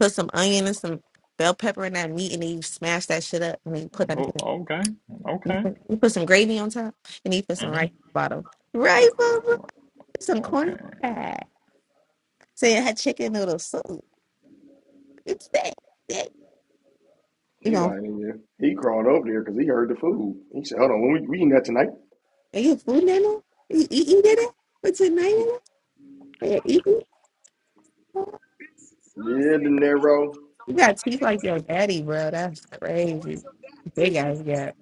Speaker 4: put some onion and some bell pepper in that meat and then you smash that shit up and then you put that in
Speaker 18: Oh,
Speaker 4: the-
Speaker 18: okay,
Speaker 4: you
Speaker 18: okay.
Speaker 4: put, you put some gravy on top and then you put some
Speaker 18: Mm-hmm.
Speaker 4: rice on the bottom. Right, Bubba? Some corn
Speaker 18: Okay.
Speaker 4: pack. So you had chicken noodle soup. It's that, that you
Speaker 12: He
Speaker 4: know,
Speaker 12: lying in here. He crawled over there because he heard the food. He said, "Hold on, when we, we eating that tonight?"
Speaker 4: are you food nano? You, you, you did it for tonight? Yeah, You
Speaker 12: Yeah, De Niro.
Speaker 4: you got teeth like your daddy, bro. That's crazy. Big ass gap.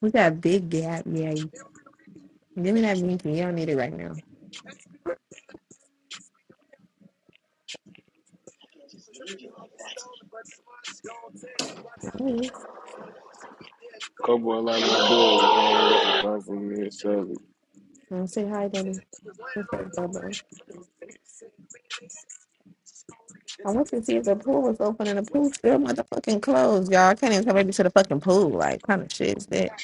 Speaker 4: We got big gap. Yeah. Give me that minky. You don't need it right now. Mm.
Speaker 17: Couple of like my dude, you know, I got a problem for me and so
Speaker 4: And say hi, Daddy. What's up, Bubba? I went to see if the pool was open, and the pool still motherfucking closed, y'all. I can't even come baby to the fucking pool. Like, kind of shit is that?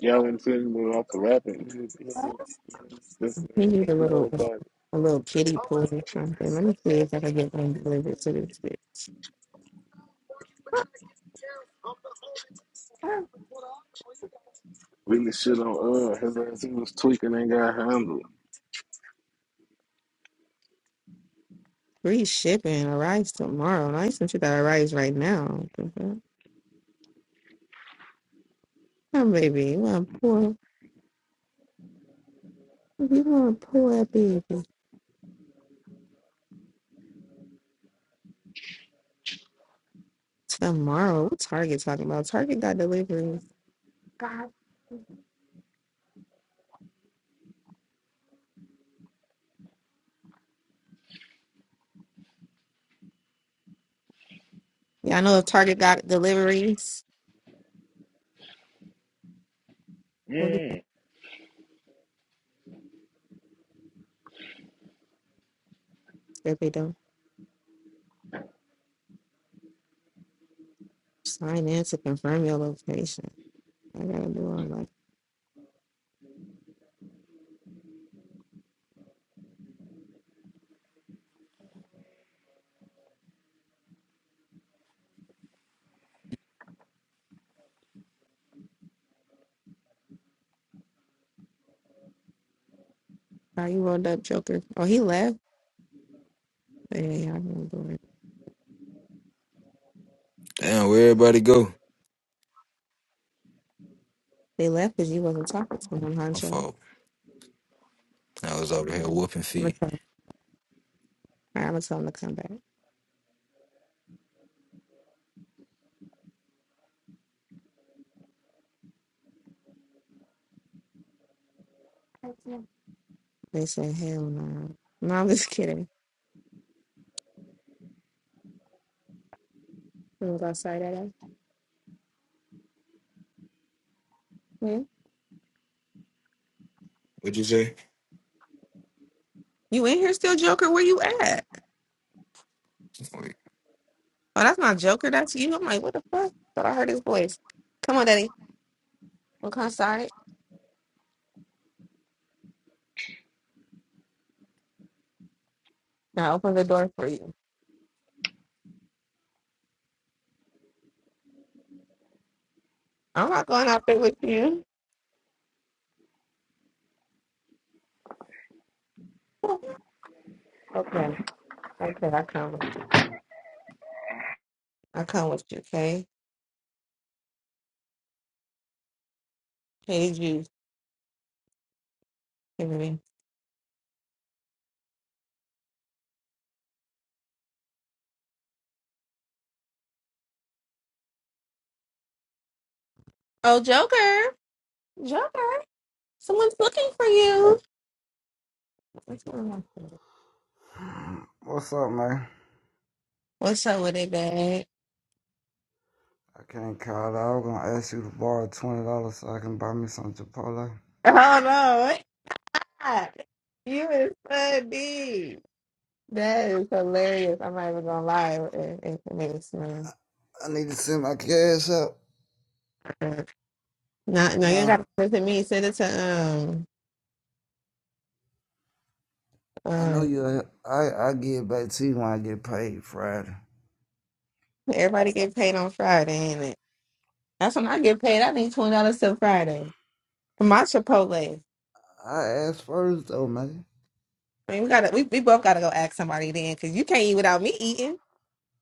Speaker 17: y'all want to see me off the rapping. This is
Speaker 4: We
Speaker 17: what
Speaker 4: need a
Speaker 17: I'm
Speaker 4: little,
Speaker 17: doing, but
Speaker 4: a little kiddie pool or something. Let me see if I can get one delivered to this shit.
Speaker 17: really shit on uh his ass he was tweaking and got handled.
Speaker 4: Free shipping arrives tomorrow. And I sent you that arrives right now. Mm-hmm. Oh, baby, you want to pull? You want to pull that baby tomorrow? What Target talking about? Target got deliveries. God. Yeah, I know if Target got deliveries. What do you think they do? Sign in to confirm your location. I gotta do all that. How you rolled up, Joker? Oh, he left. Yeah, yeah, yeah, I didn't do it.
Speaker 7: Damn, where everybody go?
Speaker 4: They left because you wasn't talking to him,
Speaker 7: My
Speaker 4: Honcho.
Speaker 7: fault. I was over here whooping
Speaker 4: I'm gonna
Speaker 7: feet.
Speaker 4: tell. All right, I'm gonna tell him to come back. They said, hell no. No, I'm just kidding. He was outside that. Yeah.
Speaker 7: What'd you say?
Speaker 4: You in here still, Joker? Where you at?
Speaker 7: Wait.
Speaker 4: Oh, that's not Joker. That's you. I'm like, what the fuck? Thought I heard his voice. Come on, Daddy. We'll come outside. Now open the door for you. I'm not going out there with you. okay. Okay, I come with you. I come with you, okay? Hey, you. Give me. Oh, Joker. Joker. Someone's looking for you. What's going on?
Speaker 19: What's up, man?
Speaker 4: What's up with it, babe?
Speaker 19: I can't call out. I was gonna ask you to borrow twenty dollars so I can buy me some Chipotle.
Speaker 4: Oh, no. What? You is funny. That is hilarious. I'm not even going to lie. It, it, it made me smile.
Speaker 19: I need to send my cash up.
Speaker 4: Not, no, you ain't
Speaker 19: Huh?
Speaker 4: got to send it to me. Send it to um
Speaker 19: I know
Speaker 4: um.
Speaker 19: you. I I get it back to you when I get paid Friday.
Speaker 4: Everybody get paid on Friday, ain't it? That's when I get paid. I need twenty dollars till Friday for my Chipotle.
Speaker 19: I asked first though, man.
Speaker 4: I mean, we gotta we, we both gotta go ask somebody then, cause you can't eat without me eating.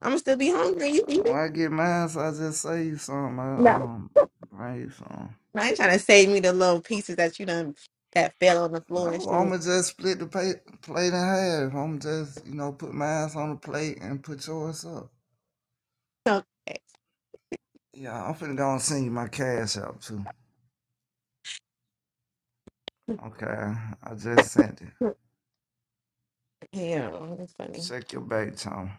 Speaker 4: I'm gonna still be hungry. You
Speaker 19: Uh,
Speaker 4: eating?
Speaker 19: when I get mine, so I just say you some. I
Speaker 4: No,
Speaker 19: um bring you some.
Speaker 4: I ain't trying to save me the little pieces that you done that fell on the floor and
Speaker 19: No,
Speaker 4: shit.
Speaker 19: I'ma just split the pay, plate in half. I'ma just you know put mine on the plate and put yours up.
Speaker 4: So
Speaker 19: Yeah, I'm finna go and send you my cash out too. Okay, I just sent it.
Speaker 4: [laughs] yeah, that's funny.
Speaker 19: Check your bait, Tom.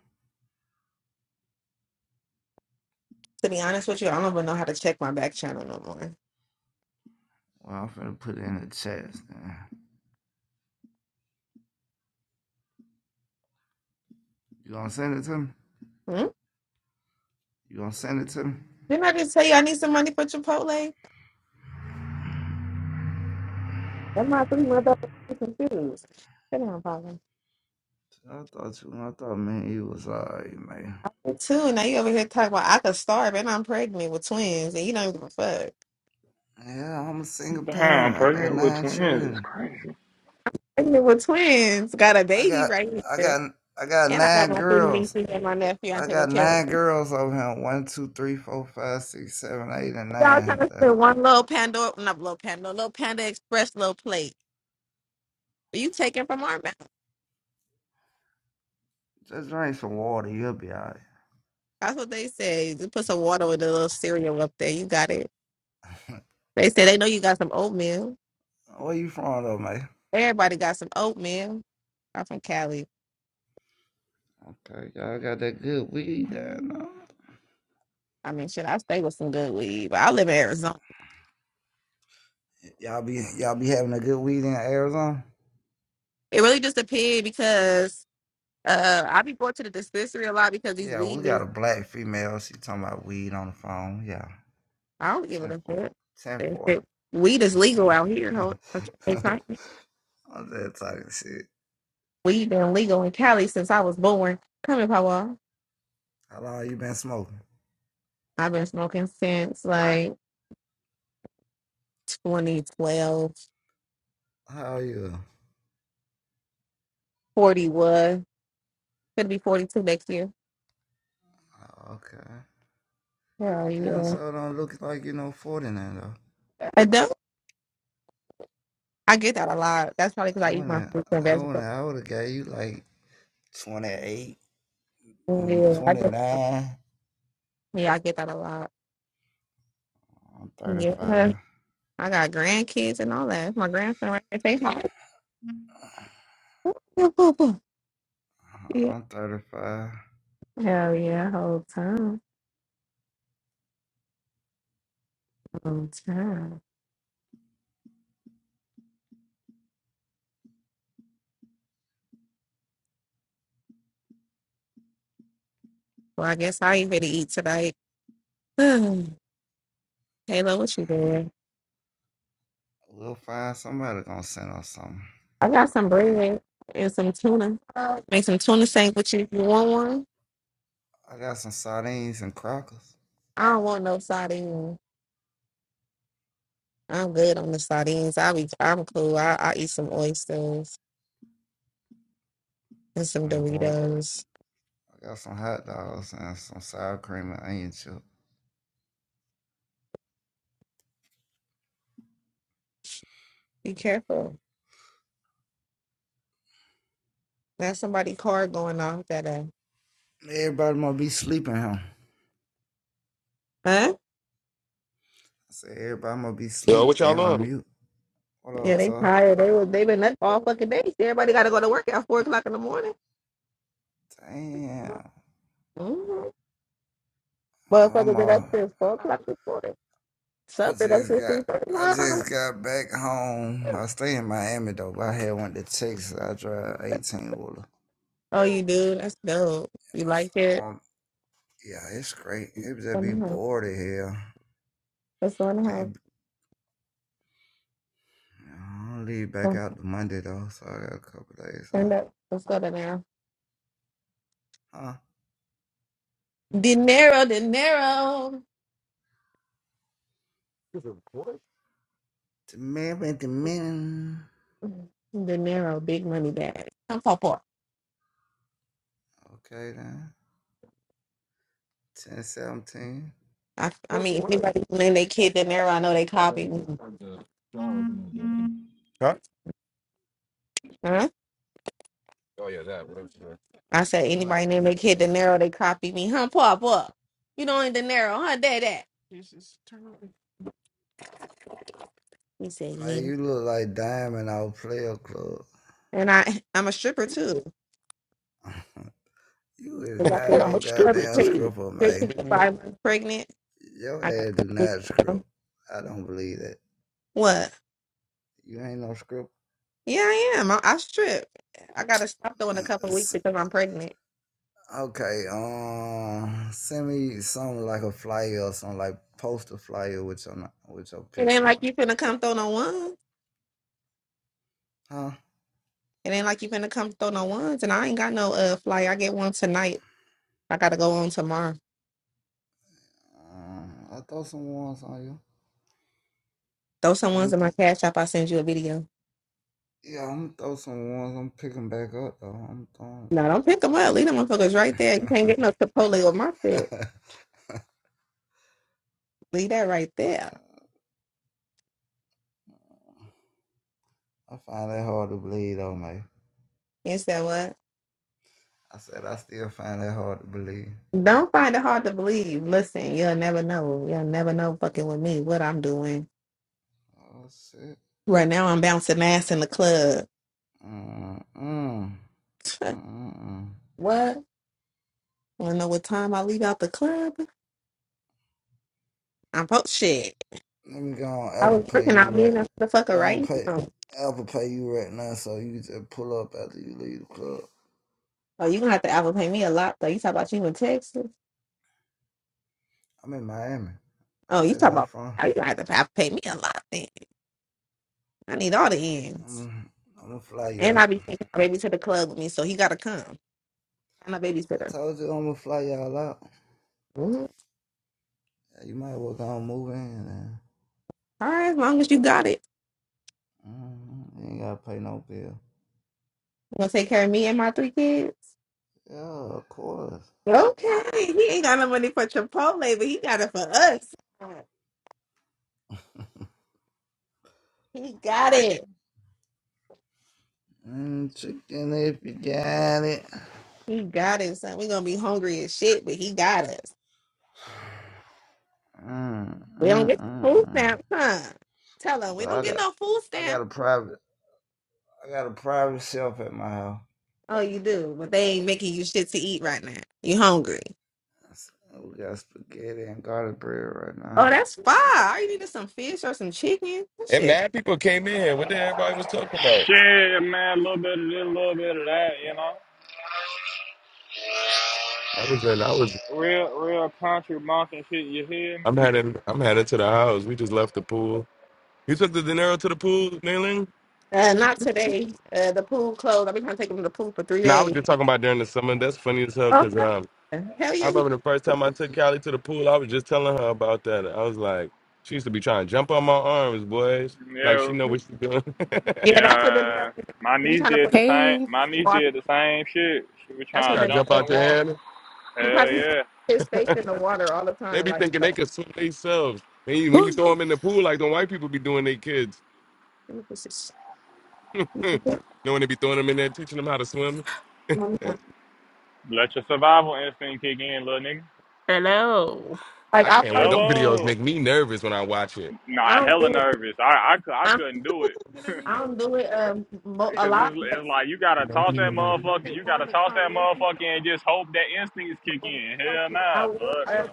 Speaker 4: To be honest with you, I don't even know how to check my back channel no more.
Speaker 19: Well, I'm finna put it in the chat. You gonna send it to me?
Speaker 4: Hmm?
Speaker 19: You gonna send it to me?
Speaker 4: Didn't I just tell you I need some money for Chipotle? That my three motherfucking confused. Sit down, Paula.
Speaker 19: I thought you. I thought man, you was alright, man.
Speaker 4: Two, now you over here talking about I could starve and I'm pregnant with twins and you don't give a fuck.
Speaker 19: Yeah, I'm a single
Speaker 18: Damn,
Speaker 19: parent. I got
Speaker 18: pregnant with
Speaker 19: nine
Speaker 18: twins is
Speaker 19: children.
Speaker 18: crazy.
Speaker 4: Pregnant with twins, got a
Speaker 19: I
Speaker 4: baby
Speaker 19: got,
Speaker 4: right
Speaker 19: I
Speaker 4: here.
Speaker 19: got, I got
Speaker 4: And I got
Speaker 19: nine
Speaker 4: my three
Speaker 19: girls.
Speaker 4: nieces and my nephew I'm
Speaker 19: I
Speaker 4: taking
Speaker 19: got
Speaker 4: care of.
Speaker 19: nine girls over here. One, two, three, four, five, six, seven, eight, and
Speaker 4: Y'all trying
Speaker 19: nine.
Speaker 4: to
Speaker 19: Uh,
Speaker 4: spend one little Pandora, not little Pandora, little Panda Express little plate. But you taking from our mouth.
Speaker 19: Just drink some water. You'll be alright.
Speaker 4: That's what they say. Just put some water with a little cereal up there. You got it.
Speaker 19: [laughs]
Speaker 4: They say they know you got some oatmeal.
Speaker 19: Where you from, though, man?
Speaker 4: Everybody got some oatmeal. I'm from Cali.
Speaker 19: Okay, y'all got that good weed there, no?
Speaker 4: I mean, shit, I stay with some good weed? But I live in Arizona.
Speaker 19: Y'all be y'all be having a good weed in Arizona?
Speaker 4: It really just depends because uh, I be going to the dispensary a lot because these
Speaker 19: Yeah, we
Speaker 4: weed
Speaker 19: got
Speaker 4: is,
Speaker 19: a black female. She talking about weed on the phone. Yeah.
Speaker 4: I don't give
Speaker 19: ten
Speaker 4: a
Speaker 19: four,
Speaker 4: fuck.
Speaker 19: ten
Speaker 4: If
Speaker 19: four.
Speaker 4: it- Weed is
Speaker 19: [laughs] 4.
Speaker 4: legal out here. Hold-
Speaker 19: 10
Speaker 4: on. it's
Speaker 19: 4.
Speaker 4: not-
Speaker 19: I'm just talking shit.
Speaker 4: Weed been legal in Cali since I was born. Come here, Papa.
Speaker 19: How long you been smoking?
Speaker 4: I've been smoking since like 2012,
Speaker 19: How are you?
Speaker 4: 41. Could be 42 next year.
Speaker 19: Oh, okay.
Speaker 4: Hell
Speaker 19: You damn
Speaker 4: yeah.
Speaker 19: so don't look like you know 40 now though.
Speaker 4: I don't. I get that a lot. That's probably because
Speaker 19: I
Speaker 4: I eat my
Speaker 19: wanna
Speaker 4: fruits and
Speaker 19: I wanna
Speaker 4: vegetables.
Speaker 19: I would have got you like twenty eight,
Speaker 4: Yeah, I
Speaker 19: twenty
Speaker 4: get.
Speaker 19: nine,
Speaker 4: Yeah, I get that a lot.
Speaker 19: mm, I'm
Speaker 4: Yeah.
Speaker 19: 35.
Speaker 4: I got grandkids and all that. My grandson right there, they hard. Boop, boop, boop. Yeah.
Speaker 19: I'm 35.
Speaker 4: Hell yeah, whole time. Whole time. Well, I guess I ain't ready to eat tonight. [sighs] Halo, what you doing?
Speaker 19: We'll find somebody gonna send us something
Speaker 4: I got
Speaker 19: for
Speaker 4: some
Speaker 19: the day.
Speaker 4: bread and some tuna. Make some tuna sandwiches. You want one?
Speaker 19: I got some sardines and crackers
Speaker 4: I don't want no sardines. I'm good on the sardines. I be, I'm cool. I, I eat some oysters and some
Speaker 19: on board.
Speaker 4: Doritos.
Speaker 19: I got some hot dogs and some sour cream and onion chip.
Speaker 4: Be careful. That's somebody car going off that uh,
Speaker 19: Everybody must be sleeping, huh? I
Speaker 4: huh?
Speaker 19: said everybody must be
Speaker 1: Yo,
Speaker 19: sleep.
Speaker 1: what
Speaker 19: They
Speaker 1: y'all
Speaker 19: on
Speaker 1: on?
Speaker 19: mute. What
Speaker 4: Yeah,
Speaker 19: up,
Speaker 4: they
Speaker 19: Tuh?
Speaker 4: tired. They was they been up all fucking day. Everybody got to go to work at four o'clock in the morning.
Speaker 19: Damn.
Speaker 4: Mm-hmm.
Speaker 19: I'm
Speaker 4: Motherfucker been up
Speaker 19: all.
Speaker 4: since four o'clock this morning.
Speaker 19: I
Speaker 4: Some been up
Speaker 19: just
Speaker 4: since
Speaker 19: got.
Speaker 4: three thirty.
Speaker 19: I just got back home. I stay in Miami though. But I had went to Texas. I drive 18 wheeler.
Speaker 4: Oh, you do? That's dope. You
Speaker 19: I
Speaker 4: like
Speaker 19: I
Speaker 4: it?
Speaker 19: want. Yeah, it's great. It would just
Speaker 4: Let's go
Speaker 19: be
Speaker 4: in the house.
Speaker 19: bored in here.
Speaker 4: Let's go in the house.
Speaker 19: Can't I'll leave back
Speaker 4: Come,
Speaker 19: out to Monday though, so I got a couple days. So,
Speaker 4: Stand up. Let's go to now.
Speaker 19: huh?
Speaker 4: Dinero, dinero,
Speaker 1: What?
Speaker 19: Tomorrow, tomorrow.
Speaker 4: dinero. Big money bag. Come for
Speaker 19: Okay then. Ten seventeen.
Speaker 4: I, I
Speaker 1: What for
Speaker 4: mean, if anybody name their kid dinero, I know they
Speaker 1: what?
Speaker 4: copy me.
Speaker 19: My,
Speaker 1: Huh? Oh yeah, that. What
Speaker 4: I said, anybody name they kid De Niro, they copy me. Huh, pop up. You know, in De Niro, huh, dad, that. He said,
Speaker 19: my,
Speaker 4: yeah.
Speaker 19: you look like Diamond out player club.
Speaker 4: And I, I'm a stripper too.
Speaker 19: [laughs] you is
Speaker 4: I got
Speaker 19: not
Speaker 1: yeah,
Speaker 4: this
Speaker 1: I'm
Speaker 19: no
Speaker 1: a stripper
Speaker 19: goddamn
Speaker 1: too.
Speaker 19: scripper, man.
Speaker 4: five months pregnant.
Speaker 19: Your
Speaker 4: I got
Speaker 19: ass do not
Speaker 4: [laughs]
Speaker 19: script. I don't believe that.
Speaker 4: what?
Speaker 19: You ain't no script.
Speaker 4: Yeah, I am. I, I strip. I gotta stop though in a couple of
Speaker 19: [laughs]
Speaker 4: weeks because I'm pregnant.
Speaker 19: Okay, um, send me something like a flyer or something like post a flyer with your with your
Speaker 4: It ain't
Speaker 19: picture
Speaker 4: like
Speaker 19: on.
Speaker 4: you finna come throw no ones.
Speaker 19: it. Huh?
Speaker 4: It ain't like you finna come throw no ones. And I ain't got no uh flight. I get one tonight. I gotta go on tomorrow.
Speaker 19: Um, I throw some ones on you.
Speaker 4: Throw some ones
Speaker 19: Um,
Speaker 4: in my cash app. I send you a video.
Speaker 19: yeah, I'm gonna throw some ones. I'm picking back up though. I'm throwing.
Speaker 4: No, don't pick them up. Leave them motherfuckers right there. You
Speaker 19: Though. [laughs]
Speaker 4: can't get no Chipotle with my shit. Leave that right there.
Speaker 19: I find that hard to believe though, mate.
Speaker 4: You said what?
Speaker 19: I said I still find that hard to believe.
Speaker 4: Don't find it hard to believe. Listen, you'll never know. You'll never know fucking with me what I'm doing.
Speaker 19: Oh shit.
Speaker 4: Right now, I'm bouncing ass in the club.
Speaker 19: Mm mm mm
Speaker 4: [laughs]
Speaker 19: mm. mm.
Speaker 4: what? Wanna know what time I leave out the club? I'm post shit.
Speaker 19: Let me go on
Speaker 4: I
Speaker 19: Apple
Speaker 4: was
Speaker 19: Pay
Speaker 4: freaking
Speaker 19: you
Speaker 4: out being
Speaker 19: right.
Speaker 4: that motherfucker
Speaker 19: Go on
Speaker 4: right
Speaker 19: pay
Speaker 4: now.
Speaker 19: Apple Pay you right now, so you can just pull up after you leave the club.
Speaker 4: Oh, you gonna have to Apple pay me a lot though. You talk about you in Texas.
Speaker 19: I'm in Miami. I
Speaker 4: Oh, you
Speaker 19: just
Speaker 4: talk about
Speaker 19: left from.
Speaker 4: oh, you gonna have to Apple pay me a lot then. I need all the ends.
Speaker 19: I'm, I'm gonna fly
Speaker 4: And I
Speaker 19: y'all.
Speaker 4: be taking my baby to the club with me, so he gotta come. I'm a
Speaker 19: I
Speaker 4: babysitter.
Speaker 19: told you I'm gonna fly y'all out.
Speaker 4: Mhm.
Speaker 19: Yeah, you might work on moving.
Speaker 4: All right, as long as you got it.
Speaker 19: And, mm, you ain't gotta pay no bill.
Speaker 4: You gonna take care of me and my three kids?
Speaker 19: Yeah, of course.
Speaker 4: Okay. He ain't got no money for Chipotle, but he got it for us. He got it.
Speaker 19: Mm, chicken if you got it.
Speaker 4: He got it, son. We gonna be hungry as shit, but he got us.
Speaker 19: Mm,
Speaker 4: We don't
Speaker 19: mm,
Speaker 4: get no food
Speaker 19: mm, mm.
Speaker 4: stamps, huh? Tell him
Speaker 19: So
Speaker 4: we
Speaker 19: I
Speaker 4: don't get
Speaker 19: got,
Speaker 4: no food
Speaker 19: I got
Speaker 4: stamps.
Speaker 19: a private, I got a private shelf at my house.
Speaker 4: Oh, you do, but they ain't making you shit to eat right now. You hungry?
Speaker 19: I said, We got spaghetti and garlic bread right now.
Speaker 4: Oh, that's fine. All you need is some fish or some chicken. That
Speaker 1: And
Speaker 4: shit
Speaker 1: mad people came in here. What the everybody was talking about?
Speaker 18: Shit, man, a little bit of this, a little bit of that, you know?
Speaker 1: I was in. I was.
Speaker 18: Real, real country monkey shit, you hear me?
Speaker 1: I'm heading. I'm headed to the house. We just left the pool. You took the dinero to the pool, Nailing?
Speaker 4: Uh, not today. Uh, the pool closed. I've been trying to take him to the pool for three
Speaker 1: No, I was
Speaker 4: days.
Speaker 1: just talking about during the summer. That's funny as hell
Speaker 4: Oh,
Speaker 1: because um,
Speaker 4: yeah. hell
Speaker 1: I
Speaker 4: yeah. he-
Speaker 1: remember the first time I took Callie to the pool, I was just telling her about that. I was like, she used to be trying to jump on my arms, boys. Like she
Speaker 18: Yeah,
Speaker 1: know what she's doing. [laughs]
Speaker 4: Yeah, that's what the nail
Speaker 18: Yeah,
Speaker 4: is.
Speaker 18: my
Speaker 4: He's
Speaker 18: niece
Speaker 4: trying to
Speaker 18: did
Speaker 4: put him
Speaker 18: the same.
Speaker 11: Hey.
Speaker 18: My
Speaker 4: in the
Speaker 18: niece
Speaker 4: water.
Speaker 18: did the same shit. She was
Speaker 4: That's what
Speaker 18: trying
Speaker 1: Try
Speaker 18: to
Speaker 4: the
Speaker 1: to
Speaker 18: jump
Speaker 1: jump
Speaker 4: nail
Speaker 18: in
Speaker 1: out
Speaker 18: the
Speaker 1: your
Speaker 4: is.
Speaker 18: water.
Speaker 1: hand.
Speaker 4: He
Speaker 18: Hell
Speaker 4: probably puts
Speaker 18: yeah!
Speaker 4: his face in the water all the
Speaker 1: They
Speaker 4: time.
Speaker 1: be
Speaker 4: Like,
Speaker 1: thinking they
Speaker 4: like
Speaker 1: can swim themselves. When you, when you
Speaker 11: Ooh.
Speaker 1: throw them in the pool, like the white people be doing their kids.
Speaker 4: "Ooh, this is,
Speaker 1: [laughs] you
Speaker 4: you think this-
Speaker 1: know when they be throwing them in there, teaching them how to swim.
Speaker 4: Mommy,
Speaker 18: Let your survival instinct kick in, little nigga.
Speaker 11: [laughs]
Speaker 4: like
Speaker 1: I
Speaker 4: I
Speaker 1: can't. Well,
Speaker 4: probably
Speaker 1: those videos
Speaker 18: Hello.
Speaker 1: make me nervous when I watch it.
Speaker 4: I
Speaker 18: Nah,
Speaker 4: don't
Speaker 18: hella
Speaker 4: do it.
Speaker 18: nervous. I I, cou- I
Speaker 4: I
Speaker 18: couldn't do it
Speaker 4: I don't do it um mo- a
Speaker 18: because
Speaker 4: lot.
Speaker 18: it's it's like you
Speaker 1: You
Speaker 18: gotta
Speaker 1: know,
Speaker 18: toss
Speaker 1: he
Speaker 18: that
Speaker 1: even doing.
Speaker 18: motherfucker.
Speaker 1: it.
Speaker 18: You gotta toss that motherfucker and just hope that instincts kick in. Hell nah,
Speaker 4: I will.
Speaker 18: fuck
Speaker 4: Uh,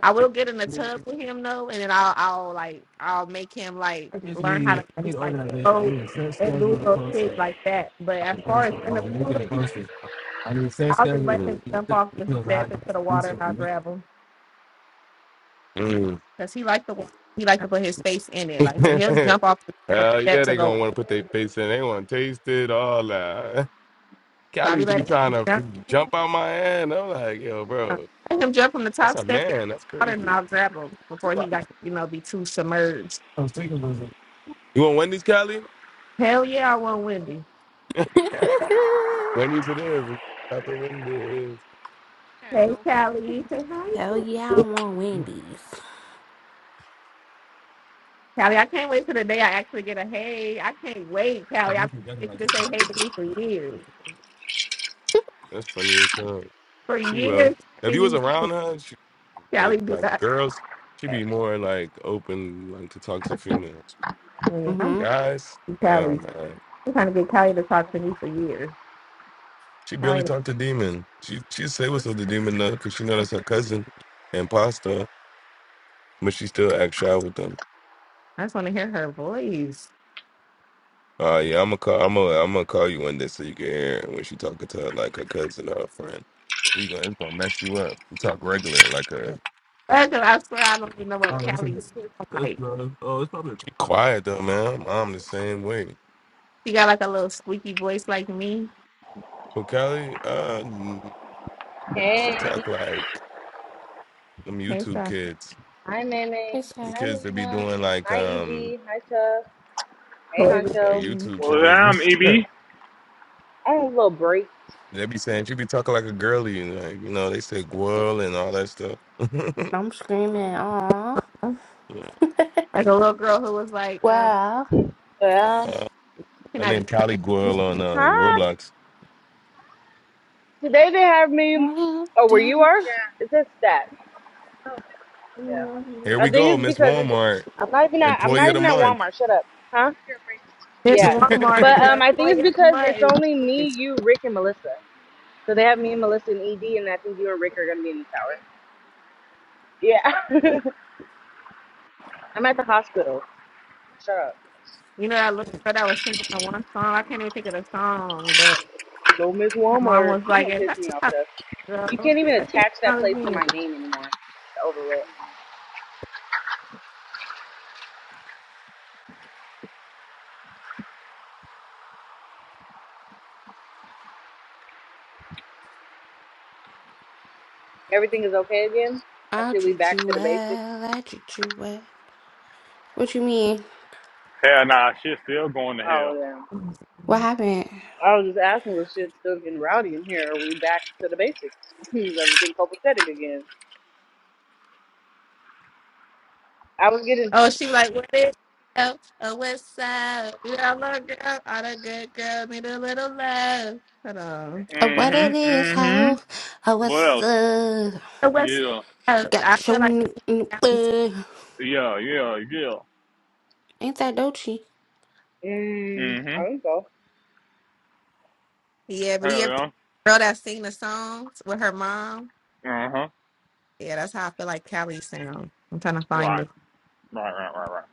Speaker 4: I will get in the tub with him though, and then I'll, I'll like, I'll make him like
Speaker 1: I just
Speaker 4: learn how
Speaker 1: need,
Speaker 4: to
Speaker 1: I need
Speaker 4: use like
Speaker 1: organization. I
Speaker 4: rope
Speaker 1: need a set
Speaker 4: and do
Speaker 1: schedule to
Speaker 4: little
Speaker 1: post
Speaker 4: shit
Speaker 1: it.
Speaker 4: like that. But
Speaker 1: I
Speaker 4: as
Speaker 1: can
Speaker 4: far
Speaker 1: post
Speaker 4: as
Speaker 1: it. I
Speaker 4: in the
Speaker 1: will make
Speaker 4: pool,
Speaker 1: it and post it. I need a set
Speaker 4: I'll
Speaker 1: schedule.
Speaker 4: just let
Speaker 1: to
Speaker 4: him jump
Speaker 1: set
Speaker 4: off the
Speaker 1: Because
Speaker 4: step
Speaker 1: I,
Speaker 4: into the
Speaker 1: I'm
Speaker 4: water, and
Speaker 1: so
Speaker 4: I'll
Speaker 1: weak.
Speaker 4: grab him
Speaker 1: Mm.
Speaker 4: because he like the water. He like to put his face in it, like so he'll
Speaker 1: [laughs]
Speaker 4: jump off the top of the
Speaker 1: Hell
Speaker 4: step
Speaker 1: yeah,
Speaker 4: to
Speaker 1: they gonna
Speaker 4: go.
Speaker 1: want to put their face in. They want to taste it, all that. [laughs]
Speaker 4: So I'll
Speaker 1: Cali
Speaker 4: be
Speaker 1: used to be
Speaker 4: like,
Speaker 1: trying to
Speaker 4: jump,
Speaker 1: jump out my hand. I'm like, yo,
Speaker 4: uh,
Speaker 1: bro,
Speaker 4: let him jump from the
Speaker 1: that's
Speaker 4: top
Speaker 1: a
Speaker 4: step in
Speaker 1: man. That's
Speaker 4: the water, and
Speaker 1: crazy.
Speaker 4: I'll grab him before he
Speaker 1: I
Speaker 4: like you know be too submerged.
Speaker 1: was thinking about it. You want Wendy's, Cali?
Speaker 4: Hell yeah, I want Wendy.
Speaker 1: [laughs] Wendy's it is. Taco Wendy it is.
Speaker 4: Hey Callie, say
Speaker 11: Hell
Speaker 4: hi.
Speaker 11: yeah, I want Wendy's.
Speaker 4: Callie, I can't wait till the day I actually get a hey. I can't wait,
Speaker 1: I
Speaker 4: Callie.
Speaker 1: know
Speaker 4: I've
Speaker 1: she doesn't
Speaker 4: been
Speaker 1: like
Speaker 4: waiting you to
Speaker 1: that
Speaker 4: say hey
Speaker 1: taco.
Speaker 4: to me for years.
Speaker 1: That's funny as hell.
Speaker 4: For
Speaker 1: She will.
Speaker 4: years, for
Speaker 1: If you
Speaker 4: you
Speaker 1: was around her, she
Speaker 4: Callie
Speaker 1: it's
Speaker 4: be
Speaker 1: like
Speaker 4: like
Speaker 1: girls, she be
Speaker 4: that.
Speaker 1: more like open, like to talk to females.
Speaker 4: Man, I'm
Speaker 11: Mhm.
Speaker 1: Guys, hell
Speaker 4: Callie.
Speaker 1: man.
Speaker 4: I'm trying to get Callie to talk to me for years.
Speaker 1: She barely
Speaker 4: Callie,
Speaker 1: talked to Demon. She she say what's up to Demon though, cause she know that's her cousin and pasta, but she still act shy with them.
Speaker 4: I just want to hear her voice.
Speaker 1: Uh yeah, I'm gonna call. I'm gonna. I'm gonna call you one day so you can hear her when she talking to her like her cousin or her friend. You gonna, it's gonna mess you up. You talk regular like her.
Speaker 4: That's what I swear I don't even know what
Speaker 1: Oh, that's,
Speaker 4: Callie sounds
Speaker 1: that's
Speaker 4: like.
Speaker 1: not. Oh, it's probably she quiet though, man. I'm the same way.
Speaker 4: She got like a little squeaky voice like me.
Speaker 1: But Kelly, uh, mm, she
Speaker 20: Hey,
Speaker 1: talk like them
Speaker 4: Hey,
Speaker 1: YouTube
Speaker 4: so-
Speaker 1: kids.
Speaker 20: hi Meme.
Speaker 11: It's her.
Speaker 1: Them
Speaker 20: Hi
Speaker 1: kids that be
Speaker 20: Lena.
Speaker 1: doing like
Speaker 20: Hi
Speaker 1: um
Speaker 20: Easy. Hi Tuff. Hey
Speaker 4: toy with
Speaker 1: like
Speaker 20: Honcho.
Speaker 4: you.
Speaker 1: YouTube
Speaker 18: no. Well,
Speaker 1: channels and [laughs]
Speaker 18: damn,
Speaker 1: stuff.
Speaker 18: EB.
Speaker 20: I had a little break.
Speaker 1: They be saying she be talking like a girly, like you know they say girl and all that stuff.
Speaker 11: I'm screaming, aw,
Speaker 1: [laughs]
Speaker 4: like a little girl who was like, um,
Speaker 11: well.
Speaker 20: But um
Speaker 1: Uh,
Speaker 4: can
Speaker 1: I
Speaker 4: I do
Speaker 1: named Kylie Goyle on um,
Speaker 20: huh?
Speaker 1: Roblox.
Speaker 20: Today they have me
Speaker 11: I
Speaker 20: oh where you are? Yeah. It says stat. Yeah.
Speaker 1: Here
Speaker 20: I
Speaker 1: we
Speaker 20: think
Speaker 1: go,
Speaker 20: it's
Speaker 1: Miss
Speaker 20: because it's
Speaker 1: Walmart,
Speaker 20: I'm not even at I'm
Speaker 1: Employee
Speaker 20: not
Speaker 1: of the
Speaker 20: even at
Speaker 1: Month.
Speaker 20: Walmart. Shut up. Huh?
Speaker 4: this
Speaker 20: Yeah.
Speaker 1: [laughs]
Speaker 20: But
Speaker 4: Walmart
Speaker 1: Why
Speaker 20: um
Speaker 4: [laughs]
Speaker 20: I think it's
Speaker 4: employee of the
Speaker 20: because it's
Speaker 4: month?
Speaker 20: only me,
Speaker 4: is
Speaker 20: you, Rick and Melissa. So they have me and Melissa and ED and I think you and Rick are gonna be in the tower. Yeah. [laughs] I'm at the hospital. Shut up.
Speaker 4: You know, I looked but I was thinking of one song. I can't even think of the song, but
Speaker 20: Little Miss
Speaker 4: her mom
Speaker 20: Walmart.
Speaker 4: was
Speaker 20: You're
Speaker 4: like,
Speaker 20: gonna
Speaker 4: "Is
Speaker 20: piss
Speaker 4: that
Speaker 20: me off
Speaker 4: how it
Speaker 20: You
Speaker 4: go?"
Speaker 20: can't
Speaker 4: She's
Speaker 20: even
Speaker 4: like, think
Speaker 20: attach that
Speaker 4: about it
Speaker 20: place to my
Speaker 4: again.
Speaker 20: name anymore. It's over with. Everything is okay again. I see we
Speaker 11: treat
Speaker 20: back
Speaker 11: you
Speaker 20: to the basics.
Speaker 11: well, I treat you well. What you mean?
Speaker 18: Hell nah, shit still going to hell.
Speaker 20: Oh yeah.
Speaker 11: What happened?
Speaker 20: I was just asking was shit still getting rowdy in here. Are we back to the basics? [laughs] is everything copacetic again? I was getting
Speaker 4: Oh, she like, what is up? Oh, what's up? You got a little girl. All the good girls need a little love. Hold on.
Speaker 11: Uh, what it
Speaker 18: Mm-hmm.
Speaker 11: is, ho?
Speaker 18: Mm-hmm.
Speaker 11: How
Speaker 18: What
Speaker 11: what's
Speaker 18: else?
Speaker 11: up?
Speaker 4: Oh, what's
Speaker 18: Yeah.
Speaker 4: up? I
Speaker 11: Got your
Speaker 4: feel like
Speaker 11: n- n- uh.
Speaker 18: Yeah. Yeah. Yeah.
Speaker 11: Ain't that Dolce?
Speaker 20: mm,
Speaker 18: hmm
Speaker 20: I don't know.
Speaker 4: yeah, but
Speaker 18: Hell
Speaker 4: you ever girl that sing the songs with her mom?
Speaker 18: yeah. Uh huh.
Speaker 4: Yeah, that's how I feel like Callie sound. I'm trying to find
Speaker 18: Right.
Speaker 4: it.
Speaker 18: Right. Right. Right. Right.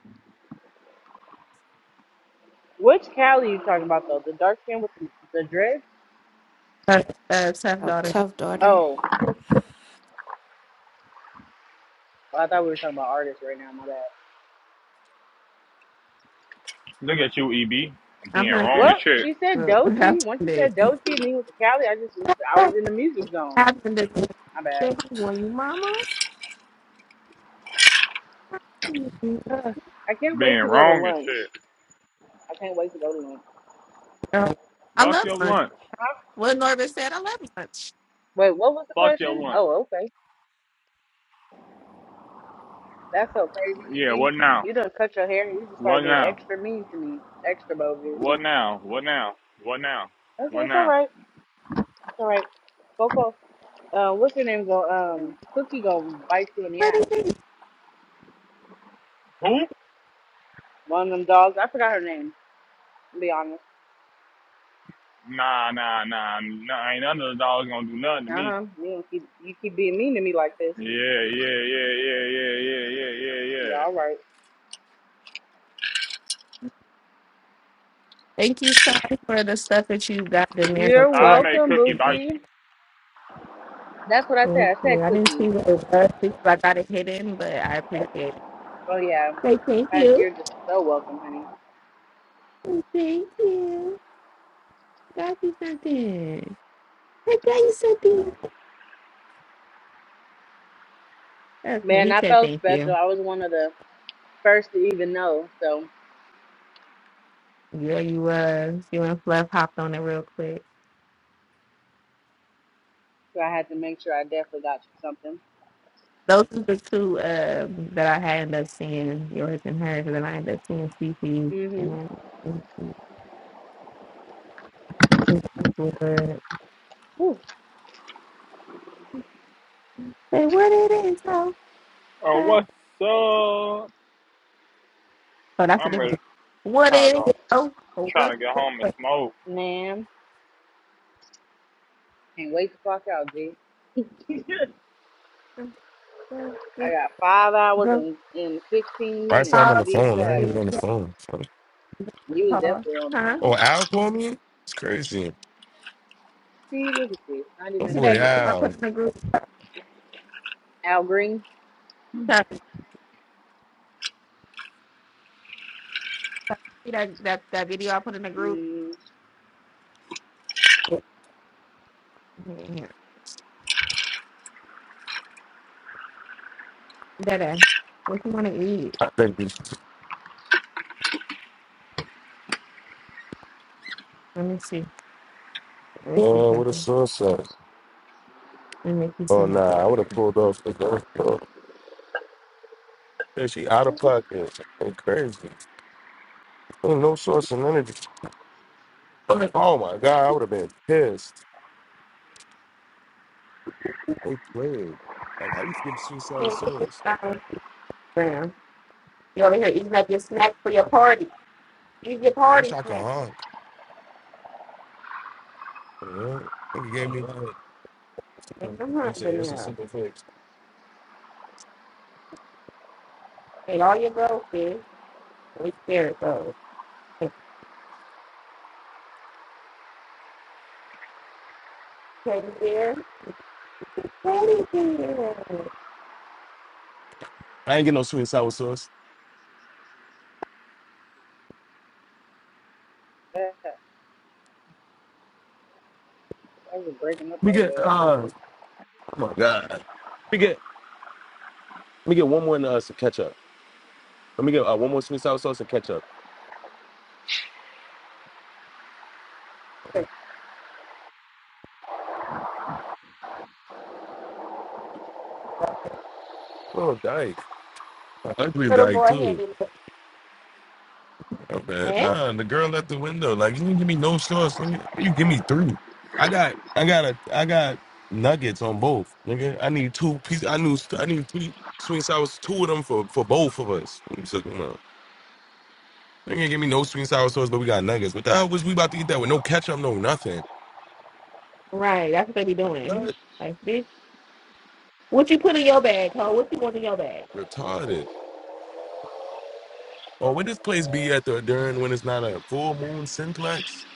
Speaker 20: Which Callie you talking about though? The dark skin with the, the dread?
Speaker 4: Her, uh, tough
Speaker 11: Oh,
Speaker 4: daughter.
Speaker 11: tough daughter.
Speaker 20: Oh, I thought we were talking about artists right now, my bad.
Speaker 18: Look at you, EB.
Speaker 4: I'm
Speaker 18: Being
Speaker 4: gonna.
Speaker 18: wrong
Speaker 20: Well,
Speaker 18: as shit.
Speaker 20: she
Speaker 4: [laughs]
Speaker 20: said
Speaker 4: I
Speaker 20: Dochi.
Speaker 4: found
Speaker 20: Once you
Speaker 4: it.
Speaker 20: said Dochi and then you went to Cali, I just was I was
Speaker 4: What
Speaker 20: in the music zone.
Speaker 4: happened to
Speaker 20: My
Speaker 4: Say,
Speaker 20: bad.
Speaker 4: were you mama? Girl,
Speaker 20: [sighs] I can't wait
Speaker 18: Being
Speaker 20: to go to
Speaker 18: wrong as
Speaker 20: lunch.
Speaker 18: shit.
Speaker 20: I can't wait to go to lunch.
Speaker 4: I
Speaker 18: Fuck
Speaker 4: love
Speaker 18: your
Speaker 4: lunch.
Speaker 18: lunch.
Speaker 20: Huh?
Speaker 4: What Norbert said, I love lunch.
Speaker 20: Wait, what was the
Speaker 18: Fuck your
Speaker 20: question?
Speaker 18: lunch.
Speaker 20: Oh, okay. That's so crazy,
Speaker 18: Yeah.
Speaker 20: Evie.
Speaker 18: What now?
Speaker 20: You done cut your hair and you just
Speaker 18: What
Speaker 20: start being
Speaker 18: now?
Speaker 20: extra mean to me. Extra bogus.
Speaker 18: What now? What now? What now?
Speaker 20: Okay,
Speaker 18: What
Speaker 20: it's all
Speaker 18: now?
Speaker 20: right. It's all right. Coco, uh, what's your name? Go, um, Cookie go bite you in the
Speaker 4: What do you
Speaker 20: ass.
Speaker 4: think?
Speaker 18: Who?
Speaker 20: One of them dogs. I forgot her name. To be honest.
Speaker 18: Nah. Nah. Nah. Nah. Ain't none of the dogs gonna do nothing to
Speaker 20: Uh
Speaker 18: me.
Speaker 20: huh. You don't keep you keep being mean to me like this.
Speaker 18: Yeah. Yeah. Yeah. Yeah. Yeah. Yeah. Yeah. Yeah.
Speaker 20: Yeah, all
Speaker 18: Yeah.
Speaker 20: right.
Speaker 4: Thank you, sorry for the stuff that you got the manual
Speaker 20: You're
Speaker 4: too.
Speaker 18: I
Speaker 4: I didn't
Speaker 18: make
Speaker 20: welcome,
Speaker 18: cookie
Speaker 4: see
Speaker 18: bite
Speaker 4: that.
Speaker 20: Bookie.
Speaker 18: you.
Speaker 20: That's what I
Speaker 4: Thank
Speaker 20: said. I said
Speaker 4: you. I didn't
Speaker 20: Cookie.
Speaker 4: see what it was. because I got it hidden, but I appreciate it.
Speaker 20: Oh yeah.
Speaker 4: Say thank
Speaker 20: I,
Speaker 4: you.
Speaker 20: you're just so welcome, honey.
Speaker 4: Thank you. Got you something. I got you something. Okay,
Speaker 20: Man,
Speaker 4: he
Speaker 20: I
Speaker 4: said
Speaker 20: felt
Speaker 4: thank
Speaker 20: special.
Speaker 4: you.
Speaker 20: I was one of the first to even know. So,
Speaker 4: Yeah, you was. You and Fluff hopped on it real quick.
Speaker 20: so I had to make sure I definitely got you something.
Speaker 4: Those are the two um, that I had end up seeing, yours and hers, and then I ended up seeing Cece's,
Speaker 20: Mhm.
Speaker 4: and then it was uh,
Speaker 20: Whew,
Speaker 4: say what it is, oh,
Speaker 18: Oh,
Speaker 4: oh,
Speaker 18: what's up?
Speaker 4: that's a
Speaker 18: I'm ready.
Speaker 4: different. one. What
Speaker 18: Trying to
Speaker 4: it
Speaker 18: go.
Speaker 4: is, oh,
Speaker 18: Trying
Speaker 4: what's
Speaker 18: to get
Speaker 4: the
Speaker 18: home and smoke.
Speaker 20: Man, can't wait to clock out, G. [laughs] I got five hours
Speaker 4: go?
Speaker 20: and, and fifteen
Speaker 1: I say
Speaker 20: minutes
Speaker 1: I'm on
Speaker 4: Uh,
Speaker 20: to
Speaker 1: the
Speaker 20: be
Speaker 1: phone? I ain't
Speaker 20: exact.
Speaker 1: even
Speaker 4: it's
Speaker 1: on the
Speaker 4: a
Speaker 1: phone.
Speaker 20: You was
Speaker 4: car.
Speaker 20: definitely on the
Speaker 4: Huh?
Speaker 20: phone.
Speaker 1: Oh, Al called me? It's crazy.
Speaker 20: See, look at you, not
Speaker 1: My
Speaker 4: You see
Speaker 20: even
Speaker 4: that
Speaker 1: boy
Speaker 20: paying
Speaker 4: video I
Speaker 20: attention.
Speaker 4: put
Speaker 1: Al.
Speaker 4: in the group?
Speaker 20: Al Green.
Speaker 4: Huh? See that that that video I put in the group?
Speaker 20: Mm,
Speaker 4: Yeah. That uh, what you want to eat?
Speaker 1: I think he's-
Speaker 4: Let me see. Let me see
Speaker 1: Oh, what a
Speaker 4: something.
Speaker 1: sunset.
Speaker 4: Let me see
Speaker 1: Oh, nah, I would have pulled off the girl. Yeah, she out of pocket. Ain't crazy. Ain't no source of energy. Oh, my God, I would have been pissed. They played. Like, how you give two seven swords?
Speaker 4: something. man. You over here eating up your snacks for your party. Use your
Speaker 1: I wish
Speaker 4: party
Speaker 1: I could
Speaker 4: snacks.
Speaker 1: honk. You know? Nigga gave me.
Speaker 4: Man, I'm
Speaker 1: They say
Speaker 4: hungry
Speaker 1: it's a
Speaker 4: now.
Speaker 1: simple fix.
Speaker 4: Ate all your goldfish. Which spirit goes. Teddy bear. Teddy bear.
Speaker 1: I ain't get no sweet and sour sauce.
Speaker 20: that- I was just breaking up
Speaker 1: Let me
Speaker 20: like
Speaker 1: get
Speaker 20: that.
Speaker 1: uh oh my god. Let me get let me get one more and uh some ketchup. Let me get uh, one more sweet and sour sauce and ketchup. Oh dyke. Ugly
Speaker 4: Little
Speaker 1: dyke
Speaker 4: boy
Speaker 1: too.
Speaker 4: headed.
Speaker 1: Oh, man.
Speaker 4: Eh?
Speaker 1: Nah, the girl at the window. Like you didn't give me no sauce, nigga. You give me three. I got I got a I got nuggets on both, nigga. I need two pieces I knew I need three sweet and sour two of them for for both of us. So, come They can't give me no sweet and sour sauce, but we got nuggets. What the hell was we about to eat that with no ketchup, no nothing?
Speaker 4: Right, that's what they be
Speaker 1: Like
Speaker 4: doing.
Speaker 1: what?
Speaker 4: Like, bitch, what you put in your bag, ho? What you want in your bag?
Speaker 1: Retarded. Or would this place be at the during when it's not a full moon simplex?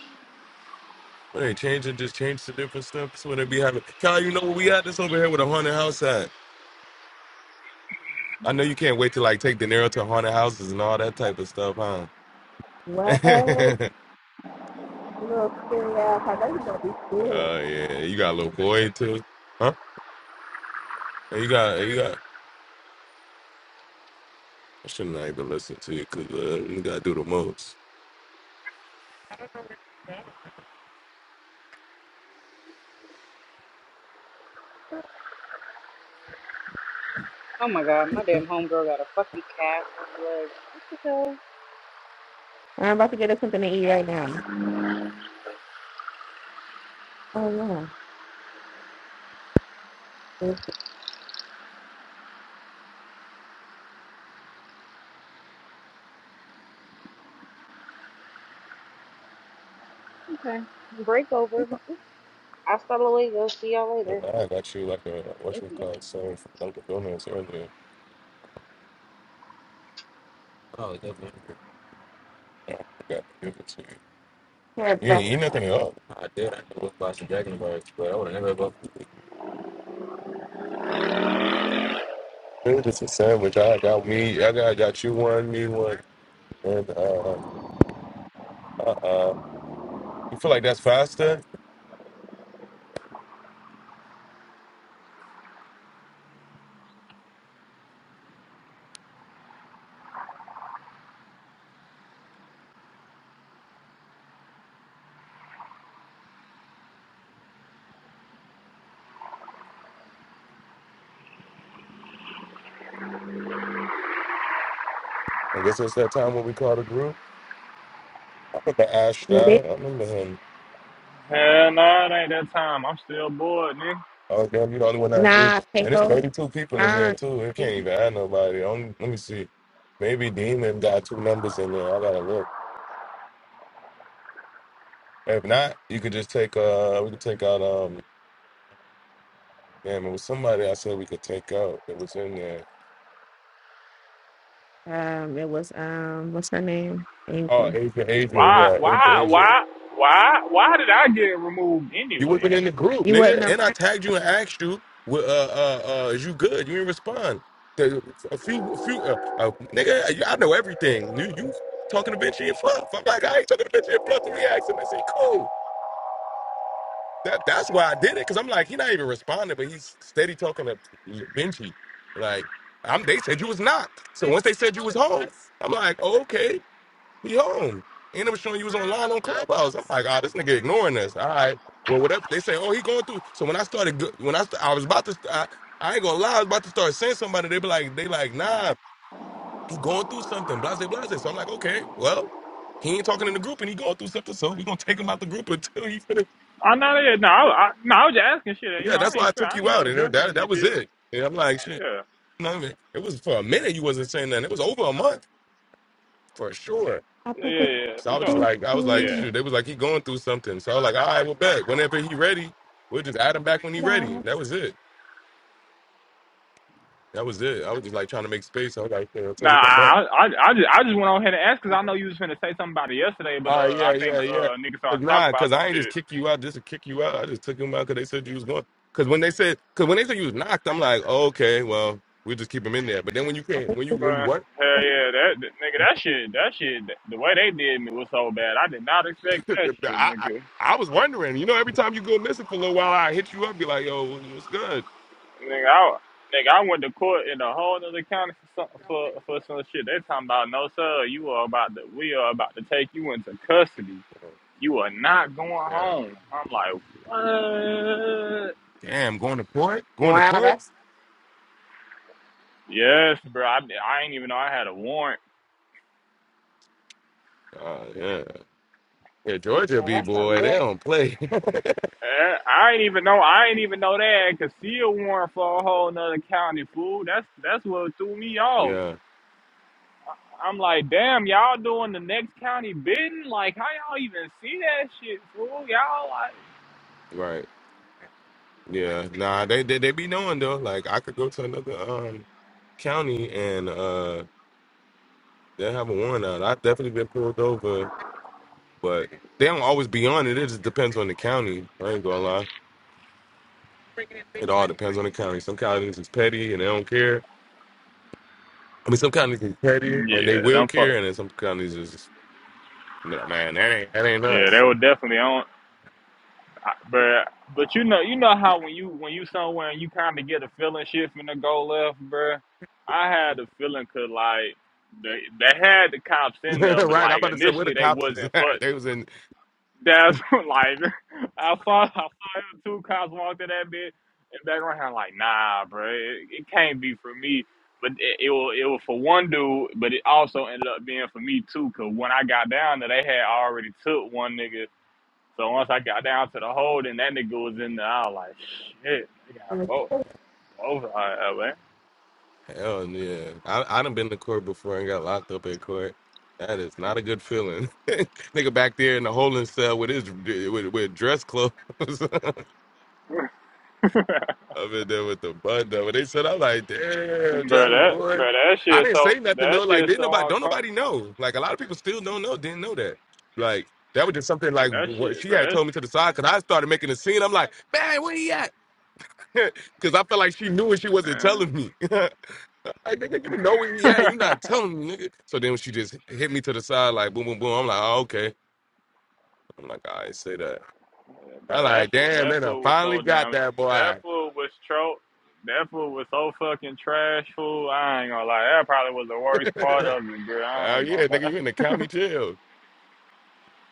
Speaker 1: When they change it, just change to different stuff. That's what they be having. Kyle, you know what we at this over here with a haunted house at. I know you can't wait to like take De Niro to haunted houses and all that type of stuff, huh?
Speaker 4: What?
Speaker 1: [laughs]
Speaker 4: Little scary ass. I know you gonna be scared.
Speaker 1: Oh yeah. You got a little boy too. Huh? And you got you got I shouldn't even listen to you because uh, you gotta do the most.
Speaker 20: Oh my god, my damn homegirl got a fucking cast on her leg. What the hell?
Speaker 4: I'm about to get us something to eat right now. Oh, yeah.
Speaker 20: Okay. Break over. Hasta luego. See y'all later.
Speaker 1: Well, I got you like a what you call someone from Dunkin' Donuts earlier. Oh, definitely. Got to give it to you. You
Speaker 4: It's
Speaker 1: ain't eat nothing at all. I did. I knew it was about some dragon birds, but I would have never go. It was just a sandwich. I got me. I got got you one, me one, and uh, uh, uh. You feel like that's faster? I guess it's that time when we call the group. I remember Ash
Speaker 4: terrifying.
Speaker 1: Down. I remember him.
Speaker 18: Hell no, it ain't that time. I'm still bored, nigga.
Speaker 1: Oh damn, you the only one in that group,
Speaker 4: Nah,
Speaker 1: and it's
Speaker 4: Taylor.
Speaker 1: thirty-two people in there
Speaker 4: Nah.
Speaker 1: too. It can't even add nobody. Only, let me see. Maybe Demon got two numbers in there. I gotta look. If not, you could just take. Uh, we could take out. Um, damn, it was somebody I said we could take out that was in there.
Speaker 4: Um, it was um, what's her name?
Speaker 1: Oh,
Speaker 4: April.
Speaker 1: Asia, Asia,
Speaker 18: Why,
Speaker 1: yeah, Asia,
Speaker 18: why,
Speaker 1: Asia.
Speaker 18: why, why, why did I get removed
Speaker 1: You
Speaker 18: anyway?
Speaker 1: wasn't in the group,
Speaker 4: You wasn't
Speaker 1: nigga. And I
Speaker 4: around.
Speaker 1: tagged you and asked you, "Well, uh, uh, uh, is you good? You didn't respond. The- A few, a few, uh, uh, nigga, I know everything. You, you talking to bitch and fluff. I'm like, I ain't talking to bitch and fluff. We asked him and said, cool. That, that's why I did it, because I'm like, he not even responding, but he's steady talking to Vinci. Like, I'm, they said you was not. So once they said you was home, I'm like, oh, okay. be home. He Ain't never showing you was online on Clubhouse. I'm like, ah, this nigga ignoring us. All right. Well, whatever they say, oh, he going through. So when I started, go- when I st- I was about to, st- I, I ain't gonna lie, I was about to start saying somebody. They be like, they like, nah, he going through something, blase, blase. So I'm like, okay, well, he ain't talking in the group and he going through something, so we gonna take him out the group until he finish.
Speaker 18: I know that. No, I, I, no, I was just asking shit. You
Speaker 1: Yeah,
Speaker 18: know,
Speaker 1: that's
Speaker 18: I ain't
Speaker 1: why I
Speaker 18: sure.
Speaker 1: took
Speaker 18: I
Speaker 1: you
Speaker 18: ain't
Speaker 1: out,
Speaker 18: never
Speaker 1: and
Speaker 18: stressing.
Speaker 1: that
Speaker 18: anything. You
Speaker 1: that was
Speaker 18: feel me?
Speaker 1: it. And I'm like, shit,
Speaker 18: Yeah,
Speaker 1: you know what I mean? It was for a minute you wasn't saying nothing. It was over a month for sure.
Speaker 4: I
Speaker 18: yeah,
Speaker 4: put
Speaker 18: yeah,
Speaker 4: the
Speaker 18: yeah,
Speaker 1: So
Speaker 18: for
Speaker 1: I was just
Speaker 18: sure.
Speaker 4: food
Speaker 1: like, I was like,
Speaker 4: on
Speaker 18: Yeah.
Speaker 1: shoot, they was like, he going through something. So I was like, all right, well, bet. Whenever he ready, we'll just add him back when he ready. That was it. That was it. I was just like trying to make space. I was like, yeah, until
Speaker 18: Nah,
Speaker 1: he come back.
Speaker 18: I, I, I just, I just went on ahead and asked because I know you was finna say something about it yesterday, but
Speaker 1: All right,
Speaker 18: uh, I
Speaker 1: yeah,
Speaker 18: think
Speaker 1: yeah, yeah.
Speaker 18: uh, niggas
Speaker 1: Cause
Speaker 18: started talking
Speaker 1: nah,
Speaker 18: about
Speaker 1: cause
Speaker 18: some
Speaker 1: I ain't just
Speaker 18: shit.
Speaker 1: kick you out just to kick you out. I just took him out because they said you was going. Cause when they said, cause when they said you was knocked, I'm like, oh, okay, well, we'll just keep him in there. But then when you
Speaker 4: I
Speaker 1: can't,
Speaker 4: put
Speaker 1: when you
Speaker 4: the- food
Speaker 1: when you
Speaker 18: Bruh,
Speaker 1: what?
Speaker 18: hell yeah, that, that nigga,
Speaker 4: down.
Speaker 18: that shit, that shit, the way they did me was so bad. I did not expect
Speaker 1: [laughs]
Speaker 18: that shit,
Speaker 1: I, I
Speaker 18: nigga.
Speaker 1: I was wondering. You know, every time you go missing for a little while, I hit you up, be like, yo, what's good?
Speaker 18: Nigga, I, nigga, I went to court in a whole other county for some, for, for some shit. They talking about no sir, you are about to we are about to take you into custody. You are not going
Speaker 1: Yeah.
Speaker 18: home. I'm like, what?
Speaker 1: Damn, going to court, going to
Speaker 4: Wow,
Speaker 1: court.
Speaker 4: that's
Speaker 18: Yes, bro. I, I ain't even know I had a warrant.
Speaker 1: Uh, yeah, yeah. Georgia
Speaker 4: yeah,
Speaker 1: B
Speaker 4: that's something
Speaker 1: boy, they
Speaker 4: different.
Speaker 1: don't play.
Speaker 18: Eh, I ain't even know. I ain't even know they had concealed warrant for a whole nother county, fool. That's that's what threw me
Speaker 1: [laughs]
Speaker 18: off.
Speaker 1: yeah,
Speaker 18: I'm like, damn, y'all doing the next county bidding? Like, how y'all even see that shit, fool? Y'all like.
Speaker 1: right. Yeah, nah. They, they they be knowing though. Like I could go to another um county and uh they have a warrant out. I've definitely been pulled over, but they don't always be on it. It just depends on the county. I ain't gonna lie. It all depends on the county. Some counties is petty and they don't care. I mean, some counties is petty and they
Speaker 18: Yeah,
Speaker 1: will
Speaker 18: them fuck.
Speaker 1: care, and then some counties is just, no, man, that ain't that ain't
Speaker 18: Yeah, they
Speaker 1: us.
Speaker 18: were definitely on. I- But but you know you know how when you when you somewhere and you kind of get a feeling shit finna go left, bruh. I had a feeling 'cause like they they had the cops
Speaker 1: [laughs]
Speaker 18: in there, but
Speaker 1: right, I'm
Speaker 18: like
Speaker 1: about to say where the
Speaker 18: initially they
Speaker 1: cops was
Speaker 18: wasn't
Speaker 1: at.
Speaker 18: fuck.
Speaker 1: They was in
Speaker 18: That's [laughs] like I saw I saw them two cops walk to that bitch and back around. I'm like, nah, bro, it, it can't be for me. But it, it was it was for one dude, but it also ended up being for me too. Cause when I got down there, they had already took one nigga. So once I got down to the hold and that nigga was in there, I was like, shit, they got both both of us, man.
Speaker 1: Hell yeah. I I done been to court before and got locked up in court. That is not a good feeling. [laughs] Nigga back there in the holding cell with his with, with dress clothes. [laughs]
Speaker 18: [laughs] bro,
Speaker 1: I'm in there with the bun up. And they said, I'm like, damn, Johnny
Speaker 18: that
Speaker 1: boy.
Speaker 18: bro, that
Speaker 1: I
Speaker 18: shit
Speaker 1: didn't
Speaker 18: so
Speaker 1: say nothing
Speaker 18: that
Speaker 1: though. Like,
Speaker 18: shit
Speaker 1: didn't nobody
Speaker 18: so
Speaker 1: don't nobody
Speaker 18: uncomfortable.
Speaker 1: know. Like a lot of people still don't know, didn't know that. Like that was just something like
Speaker 18: That
Speaker 1: what
Speaker 18: shit,
Speaker 1: she
Speaker 18: bro,
Speaker 1: had
Speaker 18: that
Speaker 1: told me to the side because I started making a scene. I'm like, man, where he at? [laughs] Because I felt like she knew and she wasn't telling
Speaker 18: shit,
Speaker 1: me. [laughs] Like, nigga, you know where he at, and you
Speaker 18: man.
Speaker 1: not
Speaker 18: [laughs]
Speaker 1: telling me, nigga. So then when she just hit me to the side, like, boom, boom, boom. I'm like, oh, okay. I'm like, I ain't say that.
Speaker 18: Yeah,
Speaker 1: I'm
Speaker 18: bro, that
Speaker 1: like,
Speaker 18: food,
Speaker 1: damn,
Speaker 18: that
Speaker 1: they done
Speaker 18: food was
Speaker 1: finally
Speaker 18: so
Speaker 1: got
Speaker 18: damn.
Speaker 1: that
Speaker 18: That
Speaker 1: boy.
Speaker 18: food was tro. That food was so fucking trash food. I ain't gonna lie. That probably was the
Speaker 1: [laughs] oh,
Speaker 18: worst part of it, bro. I ain't gonna
Speaker 1: yeah, nigga,
Speaker 18: lie.
Speaker 1: you
Speaker 18: [laughs]
Speaker 1: in the county jail.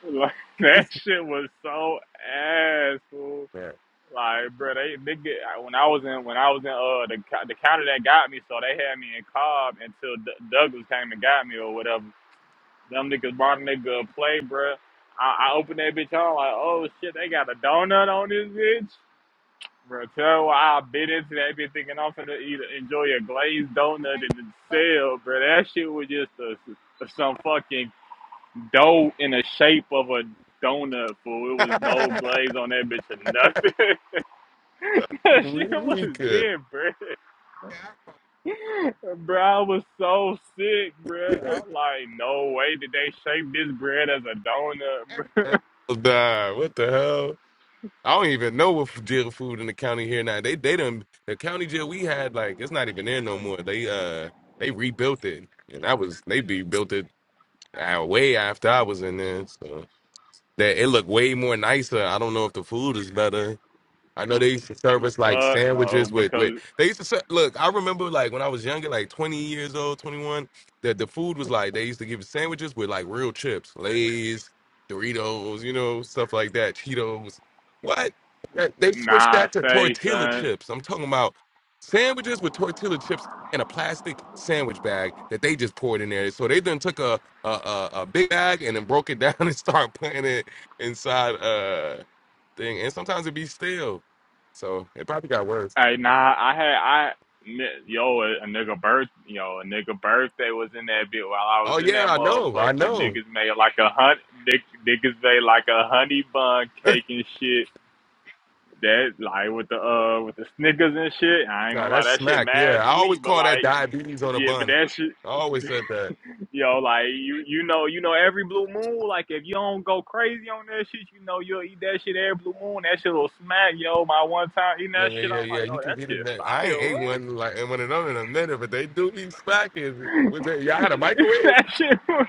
Speaker 18: Like that shit was so ass fool.
Speaker 1: Man.
Speaker 18: Like, bro, they, they get, when I was in when I was in uh the co- the county that got me, so they had me in Cobb until D- Douglas came and got me or whatever. Them niggas brought a nigga a plate, bro. I, I opened that bitch on like, oh shit, they got a donut on this bitch. Bro, tell why I've been into that bitch thinking I'm finna eat enjoy a glazed donut in the cell, bro. That shit was just a, some fucking dough in the shape of a donut, fool. It was
Speaker 1: [laughs]
Speaker 18: no glaze on that bitch or nothing. [laughs] that shit was
Speaker 1: Weak.
Speaker 18: good, bro. Bro, I was so sick, bro.
Speaker 1: Nah,
Speaker 18: I'm like, no way did they shape this bread as a donut,
Speaker 1: what the hell? I don't even know what f- jail food in the county here now. They they done the county jail we had like it's not even there no more. They uh they rebuilt it and that was they rebuilt it uh, way after I was in there. So that it looked way more nicer. I don't know if the food is better. I know they used to serve
Speaker 18: bro.
Speaker 1: us
Speaker 18: [laughs]
Speaker 1: like
Speaker 18: Fuck no,
Speaker 1: sandwiches with with
Speaker 18: because
Speaker 1: they used to ser- look. I remember like when I was younger, like twenty years old, twenty one, that the food was like they used to give us sandwiches with like real chips, Lay's, Doritos, you know, stuff like that, Cheetos. What? That- They switched
Speaker 18: nah,
Speaker 1: that to
Speaker 18: say
Speaker 1: tortilla
Speaker 18: son.
Speaker 1: chips. I'm talking about sandwiches with tortilla chips in a plastic sandwich bag that they just poured in there. So they then took a a, a, a big bag and then broke it down [laughs] and started putting it inside uh thing. And sometimes it'd be stale. So it probably got worse.
Speaker 18: Hey, nah, I had I ni- yo a, a nigga birth yo a nigga birthday was in that bit while I was
Speaker 1: Oh
Speaker 18: in
Speaker 1: yeah,
Speaker 18: that
Speaker 1: I know, I
Speaker 18: motherfucker.
Speaker 1: know.
Speaker 18: Niggas made like a hunt nick, niggas made like a honey bun
Speaker 1: [laughs]
Speaker 18: cake and shit. That like with the uh with the Snickers and shit. I ain't
Speaker 1: Nah,
Speaker 18: gonna lie,
Speaker 1: that's
Speaker 18: that shit
Speaker 1: smack. Yeah,
Speaker 18: mad
Speaker 1: I always
Speaker 18: sweet, but
Speaker 1: call that
Speaker 18: like.
Speaker 1: diabetes on a
Speaker 18: Yeah, but
Speaker 1: bun.
Speaker 18: that shit,
Speaker 1: I always said that.
Speaker 18: yo, like you, you know, you know, every blue moon, like if you don't go crazy on that shit, you know, you'll eat that shit every blue moon. That shit will smack, yo. My one time eating
Speaker 1: Yeah,
Speaker 18: that
Speaker 1: yeah,
Speaker 18: shit,
Speaker 1: yeah,
Speaker 18: I'm
Speaker 1: yeah.
Speaker 18: like,
Speaker 1: You
Speaker 18: oh,
Speaker 1: can
Speaker 18: that
Speaker 1: eat it.
Speaker 18: shit
Speaker 1: Now. I
Speaker 18: fire.
Speaker 1: ain't ate
Speaker 18: What?
Speaker 1: one like and one of them in a minute, but they do be smacking. Was it y'all had a
Speaker 18: [laughs]
Speaker 1: microwave
Speaker 18: that shit. was-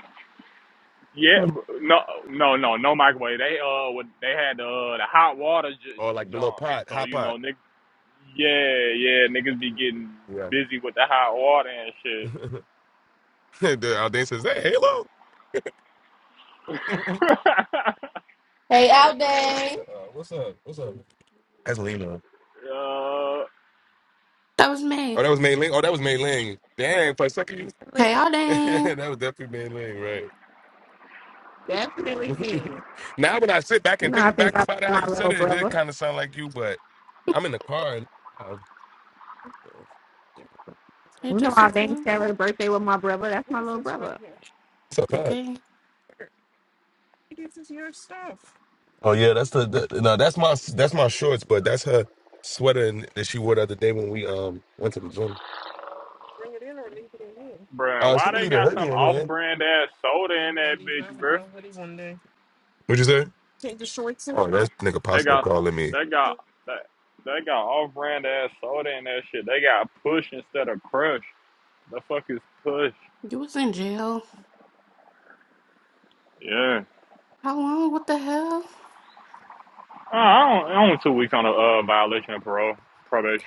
Speaker 18: Yeah,
Speaker 4: Hmm.
Speaker 18: bro. no, no, no, no microwave. They uh, would- they had uh, the hot water j-
Speaker 1: or like the little
Speaker 18: John.
Speaker 1: pot,
Speaker 18: So
Speaker 1: hot
Speaker 18: you
Speaker 1: pot?
Speaker 18: know, niggas. yeah, yeah, niggas be getting
Speaker 1: Yeah.
Speaker 18: busy with the hot water and shit.
Speaker 1: [laughs] the audience says, "Hey, Halo, [laughs] uh,
Speaker 18: [laughs]
Speaker 4: Hey, out day.
Speaker 1: what's up? What's up?" That's Lino.
Speaker 18: uh,
Speaker 11: That was
Speaker 1: Oh,
Speaker 11: me.
Speaker 1: that was Mei Ling. Oh, that was Mei Ling. Dang, for a second, you...
Speaker 11: Hey,
Speaker 4: Definitely,
Speaker 11: all
Speaker 1: [laughs]
Speaker 11: day.
Speaker 1: that was definitely Mei Ling, right?
Speaker 4: definitely
Speaker 1: [laughs]
Speaker 4: me.
Speaker 1: now when I sit back
Speaker 4: You
Speaker 1: and
Speaker 4: know, I
Speaker 1: think
Speaker 4: think
Speaker 1: back
Speaker 4: about
Speaker 1: about it, how
Speaker 4: my
Speaker 1: you said
Speaker 4: little
Speaker 1: it, it did
Speaker 4: brother.
Speaker 1: kind of sound like you, but I'm in the car. And, uh,
Speaker 11: It
Speaker 4: You know,
Speaker 11: just a
Speaker 4: I bang
Speaker 11: clue.
Speaker 4: Sarah's birthday with my brother. That's my little brother.
Speaker 1: it's a fact.
Speaker 11: Okay.
Speaker 1: This is your stuff. Oh yeah, that's the, the no, that's my that's my shorts, but that's her sweater and, that she wore the other day when we um went to the gym. Bring it in or leave it in here.
Speaker 18: bruh,
Speaker 1: Uh, she
Speaker 18: why
Speaker 1: can
Speaker 18: they
Speaker 1: leave the
Speaker 18: got
Speaker 1: hoodie
Speaker 18: some
Speaker 1: in here.
Speaker 18: off-brand ass soda
Speaker 1: Yeah, you
Speaker 18: in that
Speaker 1: might leave
Speaker 18: bitch,
Speaker 1: out with
Speaker 18: bro?
Speaker 1: no hoodie one day. What'd you say? Take the shorts. in. Oh, that's nigga
Speaker 18: They
Speaker 1: Pastor
Speaker 18: got,
Speaker 1: calling me.
Speaker 18: they
Speaker 1: [laughs]
Speaker 18: got, they, they got off-brand ass soda in that shit. They got push instead of crush. The fuck is push?
Speaker 11: You was in jail.
Speaker 18: Yeah.
Speaker 11: How long? What the hell?
Speaker 18: Uh, I don't, only two weeks on a uh, violation of parole probation.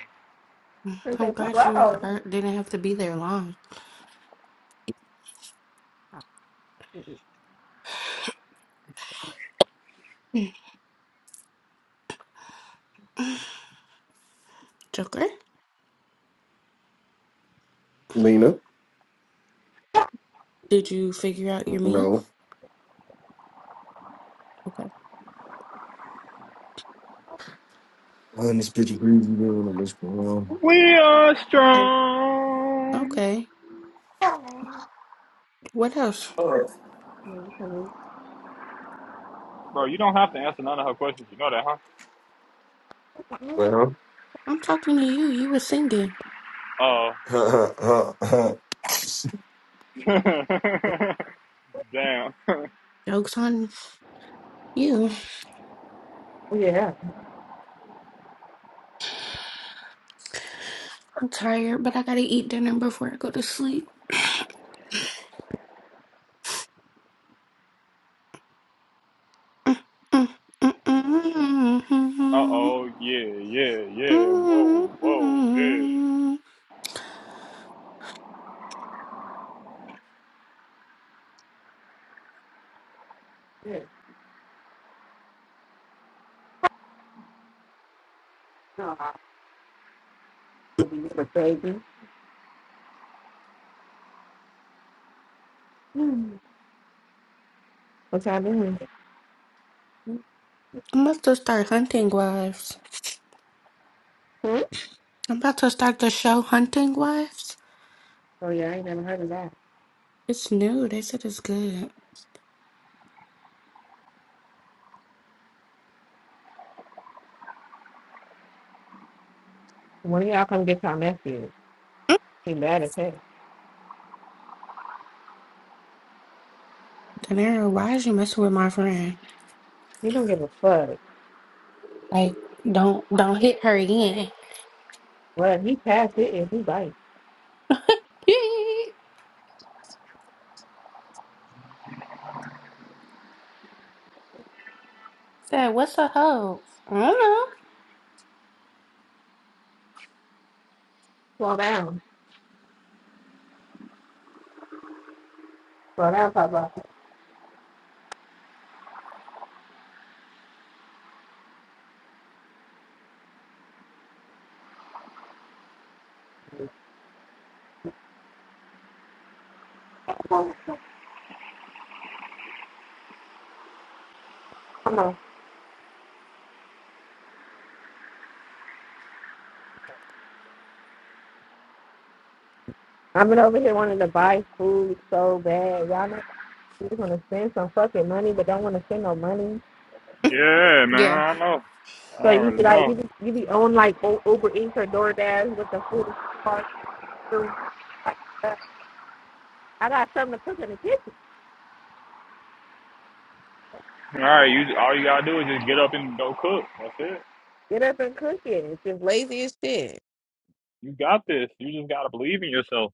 Speaker 11: I'm
Speaker 4: Birthday
Speaker 11: glad you
Speaker 4: parole.
Speaker 11: uh, didn't have to be there long. [sighs] [clears throat] Joker?
Speaker 12: Lena.
Speaker 11: Did you figure out your meal?
Speaker 12: No.
Speaker 11: Okay.
Speaker 12: Man, this bitch is breathing down on this ground.
Speaker 18: We are strong,
Speaker 11: Okay. What else?
Speaker 18: bro. You don't have to answer none of her questions. You know that, huh?
Speaker 12: Well.
Speaker 11: I'm talking to you. You were singing.
Speaker 12: [laughs]
Speaker 18: Oh, [laughs] damn. [laughs]
Speaker 11: Joke's on you.
Speaker 4: Yeah.
Speaker 11: I'm tired, but I gotta eat dinner before I go to sleep.
Speaker 18: Uh oh, yeah, yeah, yeah. Whoa, whoa, yeah,
Speaker 4: Yeah. No, I- it'll be a baby. Hmm. What y'all doing?
Speaker 11: I'm about to start hunting wives.
Speaker 4: Hmm?
Speaker 11: I'm about to start the show Hunting Wives.
Speaker 4: Oh yeah, I ain't never heard of that.
Speaker 11: It's new. They said it's good.
Speaker 4: One of y'all come get y'all nephew.
Speaker 11: De
Speaker 4: He mad as hell.
Speaker 11: Niro, why is you messing with my friend?
Speaker 4: He don't give a fuck.
Speaker 11: Like, don't don't hit her again.
Speaker 4: Well, he passed it and he bites.
Speaker 11: [laughs] Said, what's a hoe? I don't know.
Speaker 4: Slow down. Slow down, Papa. Come on. I've been over here wanting to buy food so bad. Y'all know you want to spend some fucking money, but don't want to spend no money.
Speaker 18: yeah, man.
Speaker 11: Yeah.
Speaker 18: I know. I
Speaker 4: So you
Speaker 18: already
Speaker 4: be like, you
Speaker 18: know.
Speaker 4: be, you be on like Uber Eats or DoorDash with the food in the car. delivery, like I got something to cook in the kitchen.
Speaker 18: All right, you all you gotta do is just get up and go cook. That's it.
Speaker 4: Get up and cook it. It's just lazy as shit.
Speaker 18: You got this. You just gotta believe in yourself.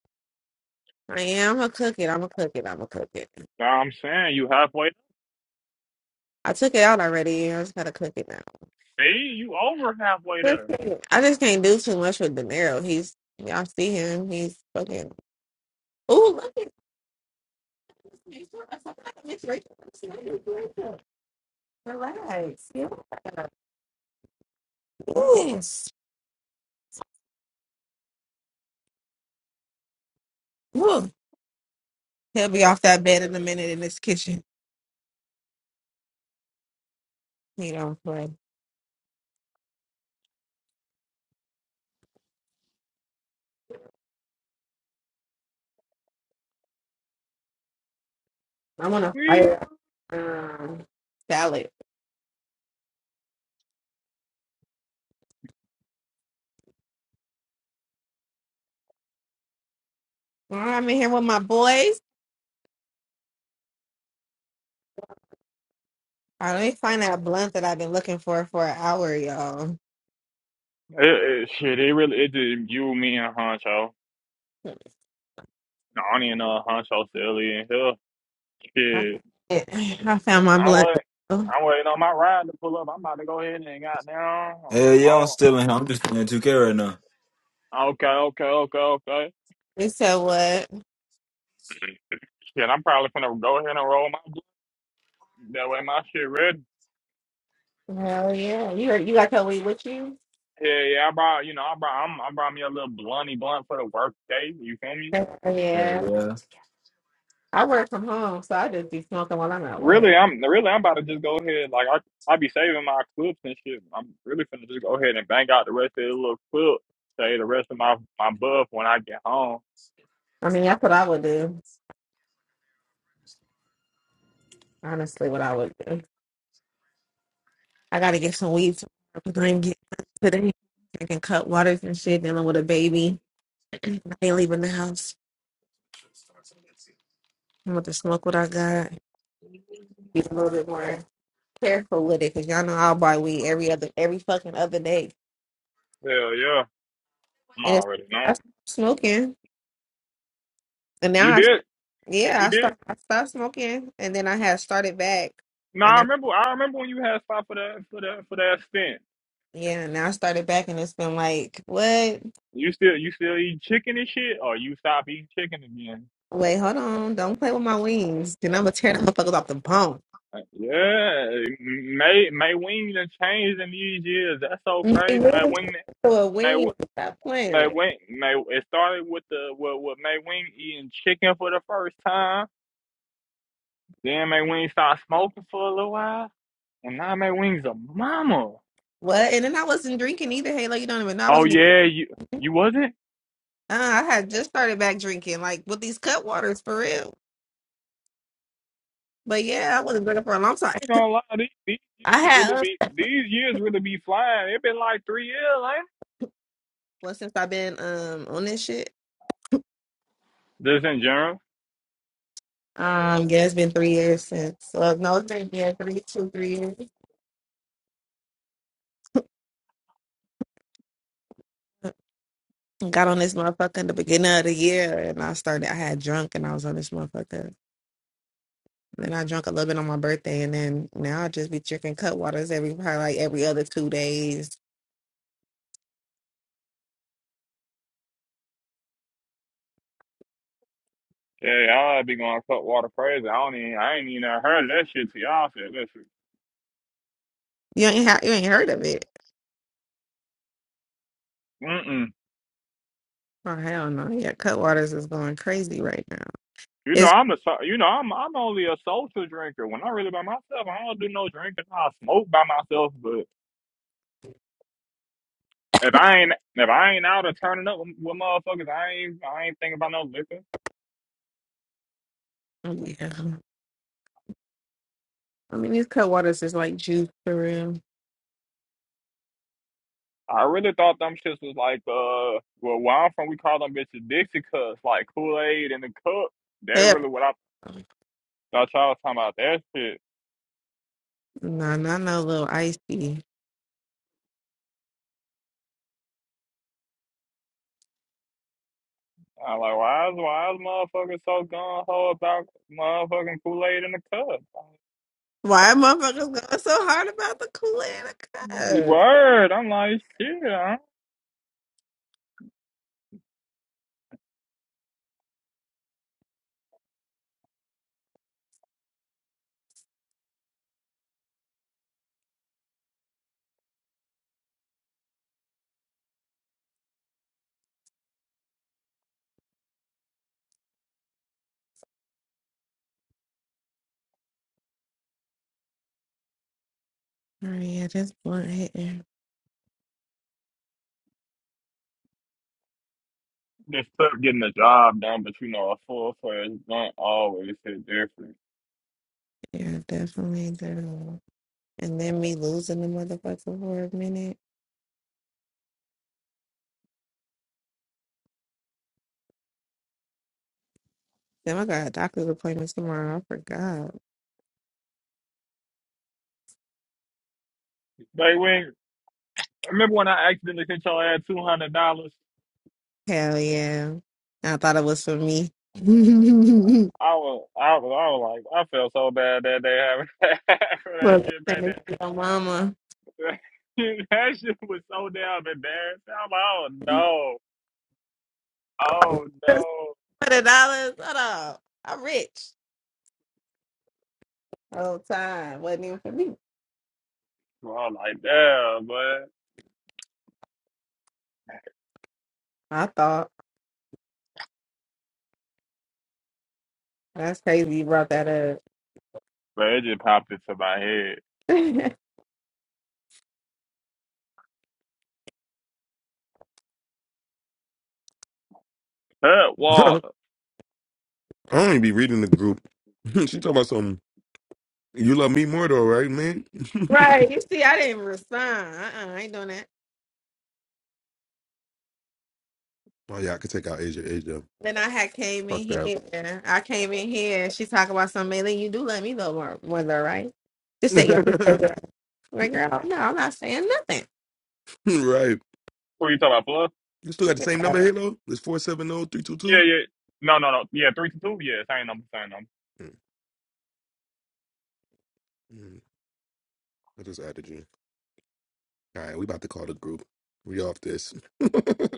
Speaker 4: I am a cook it. I'm a cook it. I'm a cook it.
Speaker 18: Now I'm saying you halfway.
Speaker 4: I took it out already. I just gotta cook it now.
Speaker 18: See, you over halfway
Speaker 4: Just
Speaker 18: there.
Speaker 4: kidding. I just can't do too much with De Niro. He's y'all see him. He's fucking. Oh look at this. I'm like Miss Rachel. Relax. Yeah. Yes. Look. He'll be off that bed in a minute in this kitchen. He don't play. I want to
Speaker 18: We.
Speaker 4: fire um, salad. Well, I'm in here with my boys. I let me find that blunt that I've been looking for for an hour, y'all.
Speaker 18: It, it, shit, it really it just you, me, and Honcho. No, I don't even know if Honcho still in here.
Speaker 4: I found
Speaker 18: Shit,
Speaker 4: it. I found my
Speaker 18: I'm
Speaker 4: blunt.
Speaker 18: waiting. I'm waiting on my ride to pull up. I'm about to go ahead and got down.
Speaker 7: Hell yeah, I'm
Speaker 18: Roll.
Speaker 7: still in here. I'm just playing 2K right now.
Speaker 18: Okay, okay, okay, okay.
Speaker 4: You said what?
Speaker 18: Shit, I'm probably gonna go ahead and roll my blunt. That way my shit ready.
Speaker 4: Hell yeah. You you got your weed with you?
Speaker 18: Yeah, yeah. I brought, you know, I brought, I'm, I brought me a little blunty blunt for the work day. You feel me?
Speaker 4: Hell
Speaker 7: Hell
Speaker 4: yeah.
Speaker 7: yeah.
Speaker 4: I work from home, so I just be smoking while I'm at work.
Speaker 18: Really, I'm really I'm about to just go ahead. Like I I be saving my clips and shit. I'm really finna just go ahead and bang out the rest of the little clip. Say the rest of my my buff when I get home.
Speaker 4: I mean, that's what I would do. Honestly, what I would do. I gotta get some weed tomorrow because I ain't getting none today. Drinking cut waters and shit, dealing with a baby. I ain't leaving the house. I'm about to smoke what I got. Be a little bit more careful with it, cause y'all know I'll buy weed every other every fucking other day.
Speaker 18: Hell yeah, I'm
Speaker 4: And it's
Speaker 18: already
Speaker 4: I
Speaker 18: know.
Speaker 4: stopped smoking. And now
Speaker 18: You
Speaker 4: I
Speaker 18: did,
Speaker 4: Yeah,
Speaker 18: you
Speaker 4: I
Speaker 18: did.
Speaker 4: start I stopped smoking and then I had started back.
Speaker 18: No,
Speaker 4: And
Speaker 18: I
Speaker 4: now
Speaker 18: remember. I remember when you had stopped for that for that for that stint.
Speaker 4: yeah, now I started back and it's been like, what?
Speaker 18: You still you still eat chicken and shit, or you stop eating chicken again?
Speaker 4: Wait, hold on. Don't play with my wings. Then I'm gonna tear the motherfuckers off the bone.
Speaker 18: Like, yeah, May May Wing done changed in these years. That's so
Speaker 4: They
Speaker 18: crazy. May
Speaker 4: really turned
Speaker 18: Wing
Speaker 4: to a wing. Stop
Speaker 18: May
Speaker 4: playing.
Speaker 18: Wing, May it started with the with, with May Wing eating chicken for the first time. Then May Wing started smoking for a little while, and now May Wing's a mama.
Speaker 4: What? And then I wasn't drinking either, Halo. You don't even know I
Speaker 18: Oh
Speaker 4: wasn't even
Speaker 18: yeah, you you wasn't.
Speaker 4: uh, I had just started back drinking, like with these cut waters for real. But yeah, I
Speaker 18: Oh,
Speaker 4: wasn't drinking for a long time.
Speaker 18: I ain't gonna lie, these, these
Speaker 4: I
Speaker 18: years
Speaker 4: had
Speaker 18: really
Speaker 4: uh,
Speaker 18: be these years really be flying. It been like three years, ain't
Speaker 4: well since I've been um on this shit.
Speaker 18: it? Just in general.
Speaker 4: Um, yeah, it's been three years since. Well, no, it's been yeah, three, two, three years. I Got on this motherfucker in the beginning of the year, and I started. I had drunk, and I was on this motherfucker. Then I drank a little bit on my birthday, and then now I just be drinking cut waters every probably like every other two days.
Speaker 18: Yeah, y'all be going to cut water crazy. I don't even I ain't even heard that shit to y'all said. Listen.
Speaker 4: You ain't ha- you ain't heard of it?
Speaker 18: mm mm.
Speaker 4: Oh hell no! Yeah, Cutwaters is going crazy right now.
Speaker 18: You know,
Speaker 4: It's
Speaker 18: I'm a, so- you know, I'm, I'm only a social drinker. When I'm really by myself, I don't do no drinking. I smoke by myself, but if I ain't, if I ain't out or turning up with, with motherfuckers, I ain't, I ain't thinking about no liquor.
Speaker 4: oh, yeah. I mean, these Cutwaters is like juice for real.
Speaker 18: I really thought them shits was like, uh, well, where I'm from, we call them bitches Dixie cups, like Kool Aid in the cup. That
Speaker 4: Hell,
Speaker 18: really what I thought y'all was talking about that shit.
Speaker 4: no, not no little icy.
Speaker 18: I'm like, why is, why is motherfuckers so gung ho about motherfucking Kool Aid in the cup?
Speaker 4: Why motherfuckers going so hard about the Kool Aid
Speaker 18: Like,
Speaker 4: Oh
Speaker 18: Word, I'm like, shit.
Speaker 4: yeah, this blunt hitting.
Speaker 18: Just stuff getting the job done, but you know, a full player don't always hit different.
Speaker 4: Yeah, definitely do. And then me losing the motherfucker for a minute. Then I got a doctor's appointment tomorrow. I forgot.
Speaker 18: Like when remember when I accidentally hit y'all at two hundred dollars,
Speaker 4: Hell yeah. I thought it was for me. [laughs]
Speaker 18: I was I was I was like I felt so bad that day having [laughs] for that
Speaker 4: Well,
Speaker 18: shit back
Speaker 4: thank your mama.
Speaker 18: there. [laughs] that shit was so damn embarrassing. I'm like, oh no,
Speaker 4: Twenty
Speaker 18: oh no.
Speaker 4: dollars. Hold up. I'm rich. Whole time wasn't even for me.
Speaker 18: So I'm like, damn, but
Speaker 4: I thought that's crazy. You brought that up.
Speaker 18: but it just popped into my head.
Speaker 4: [laughs]
Speaker 18: Cut
Speaker 1: I
Speaker 18: water.
Speaker 1: don't even be reading the group. [laughs] she talking about something. You love me more though, right, man? [laughs]
Speaker 4: Right. You see, I didn't respond. Uh-uh, I ain't doing that.
Speaker 1: Oh yeah, I could take out Asia. Asia,
Speaker 4: Then I had came
Speaker 1: fuck
Speaker 4: in
Speaker 1: that.
Speaker 4: here. I came in here and she talking about something. Maybe you do let me know more, more though, right? Just say yeah. Just say
Speaker 1: [laughs]
Speaker 4: yeah. Like, girl, no, I'm not saying nothing.
Speaker 1: right.
Speaker 18: Who you talking about, Fluff?
Speaker 1: You still got the same number, Halo? It's four seven zero three two
Speaker 18: Yeah,
Speaker 1: two.
Speaker 18: yeah. No, no, no. Yeah, three to two. Yeah, same number, same number.
Speaker 1: I just added you. All right, we about to call the group. We off this. [laughs]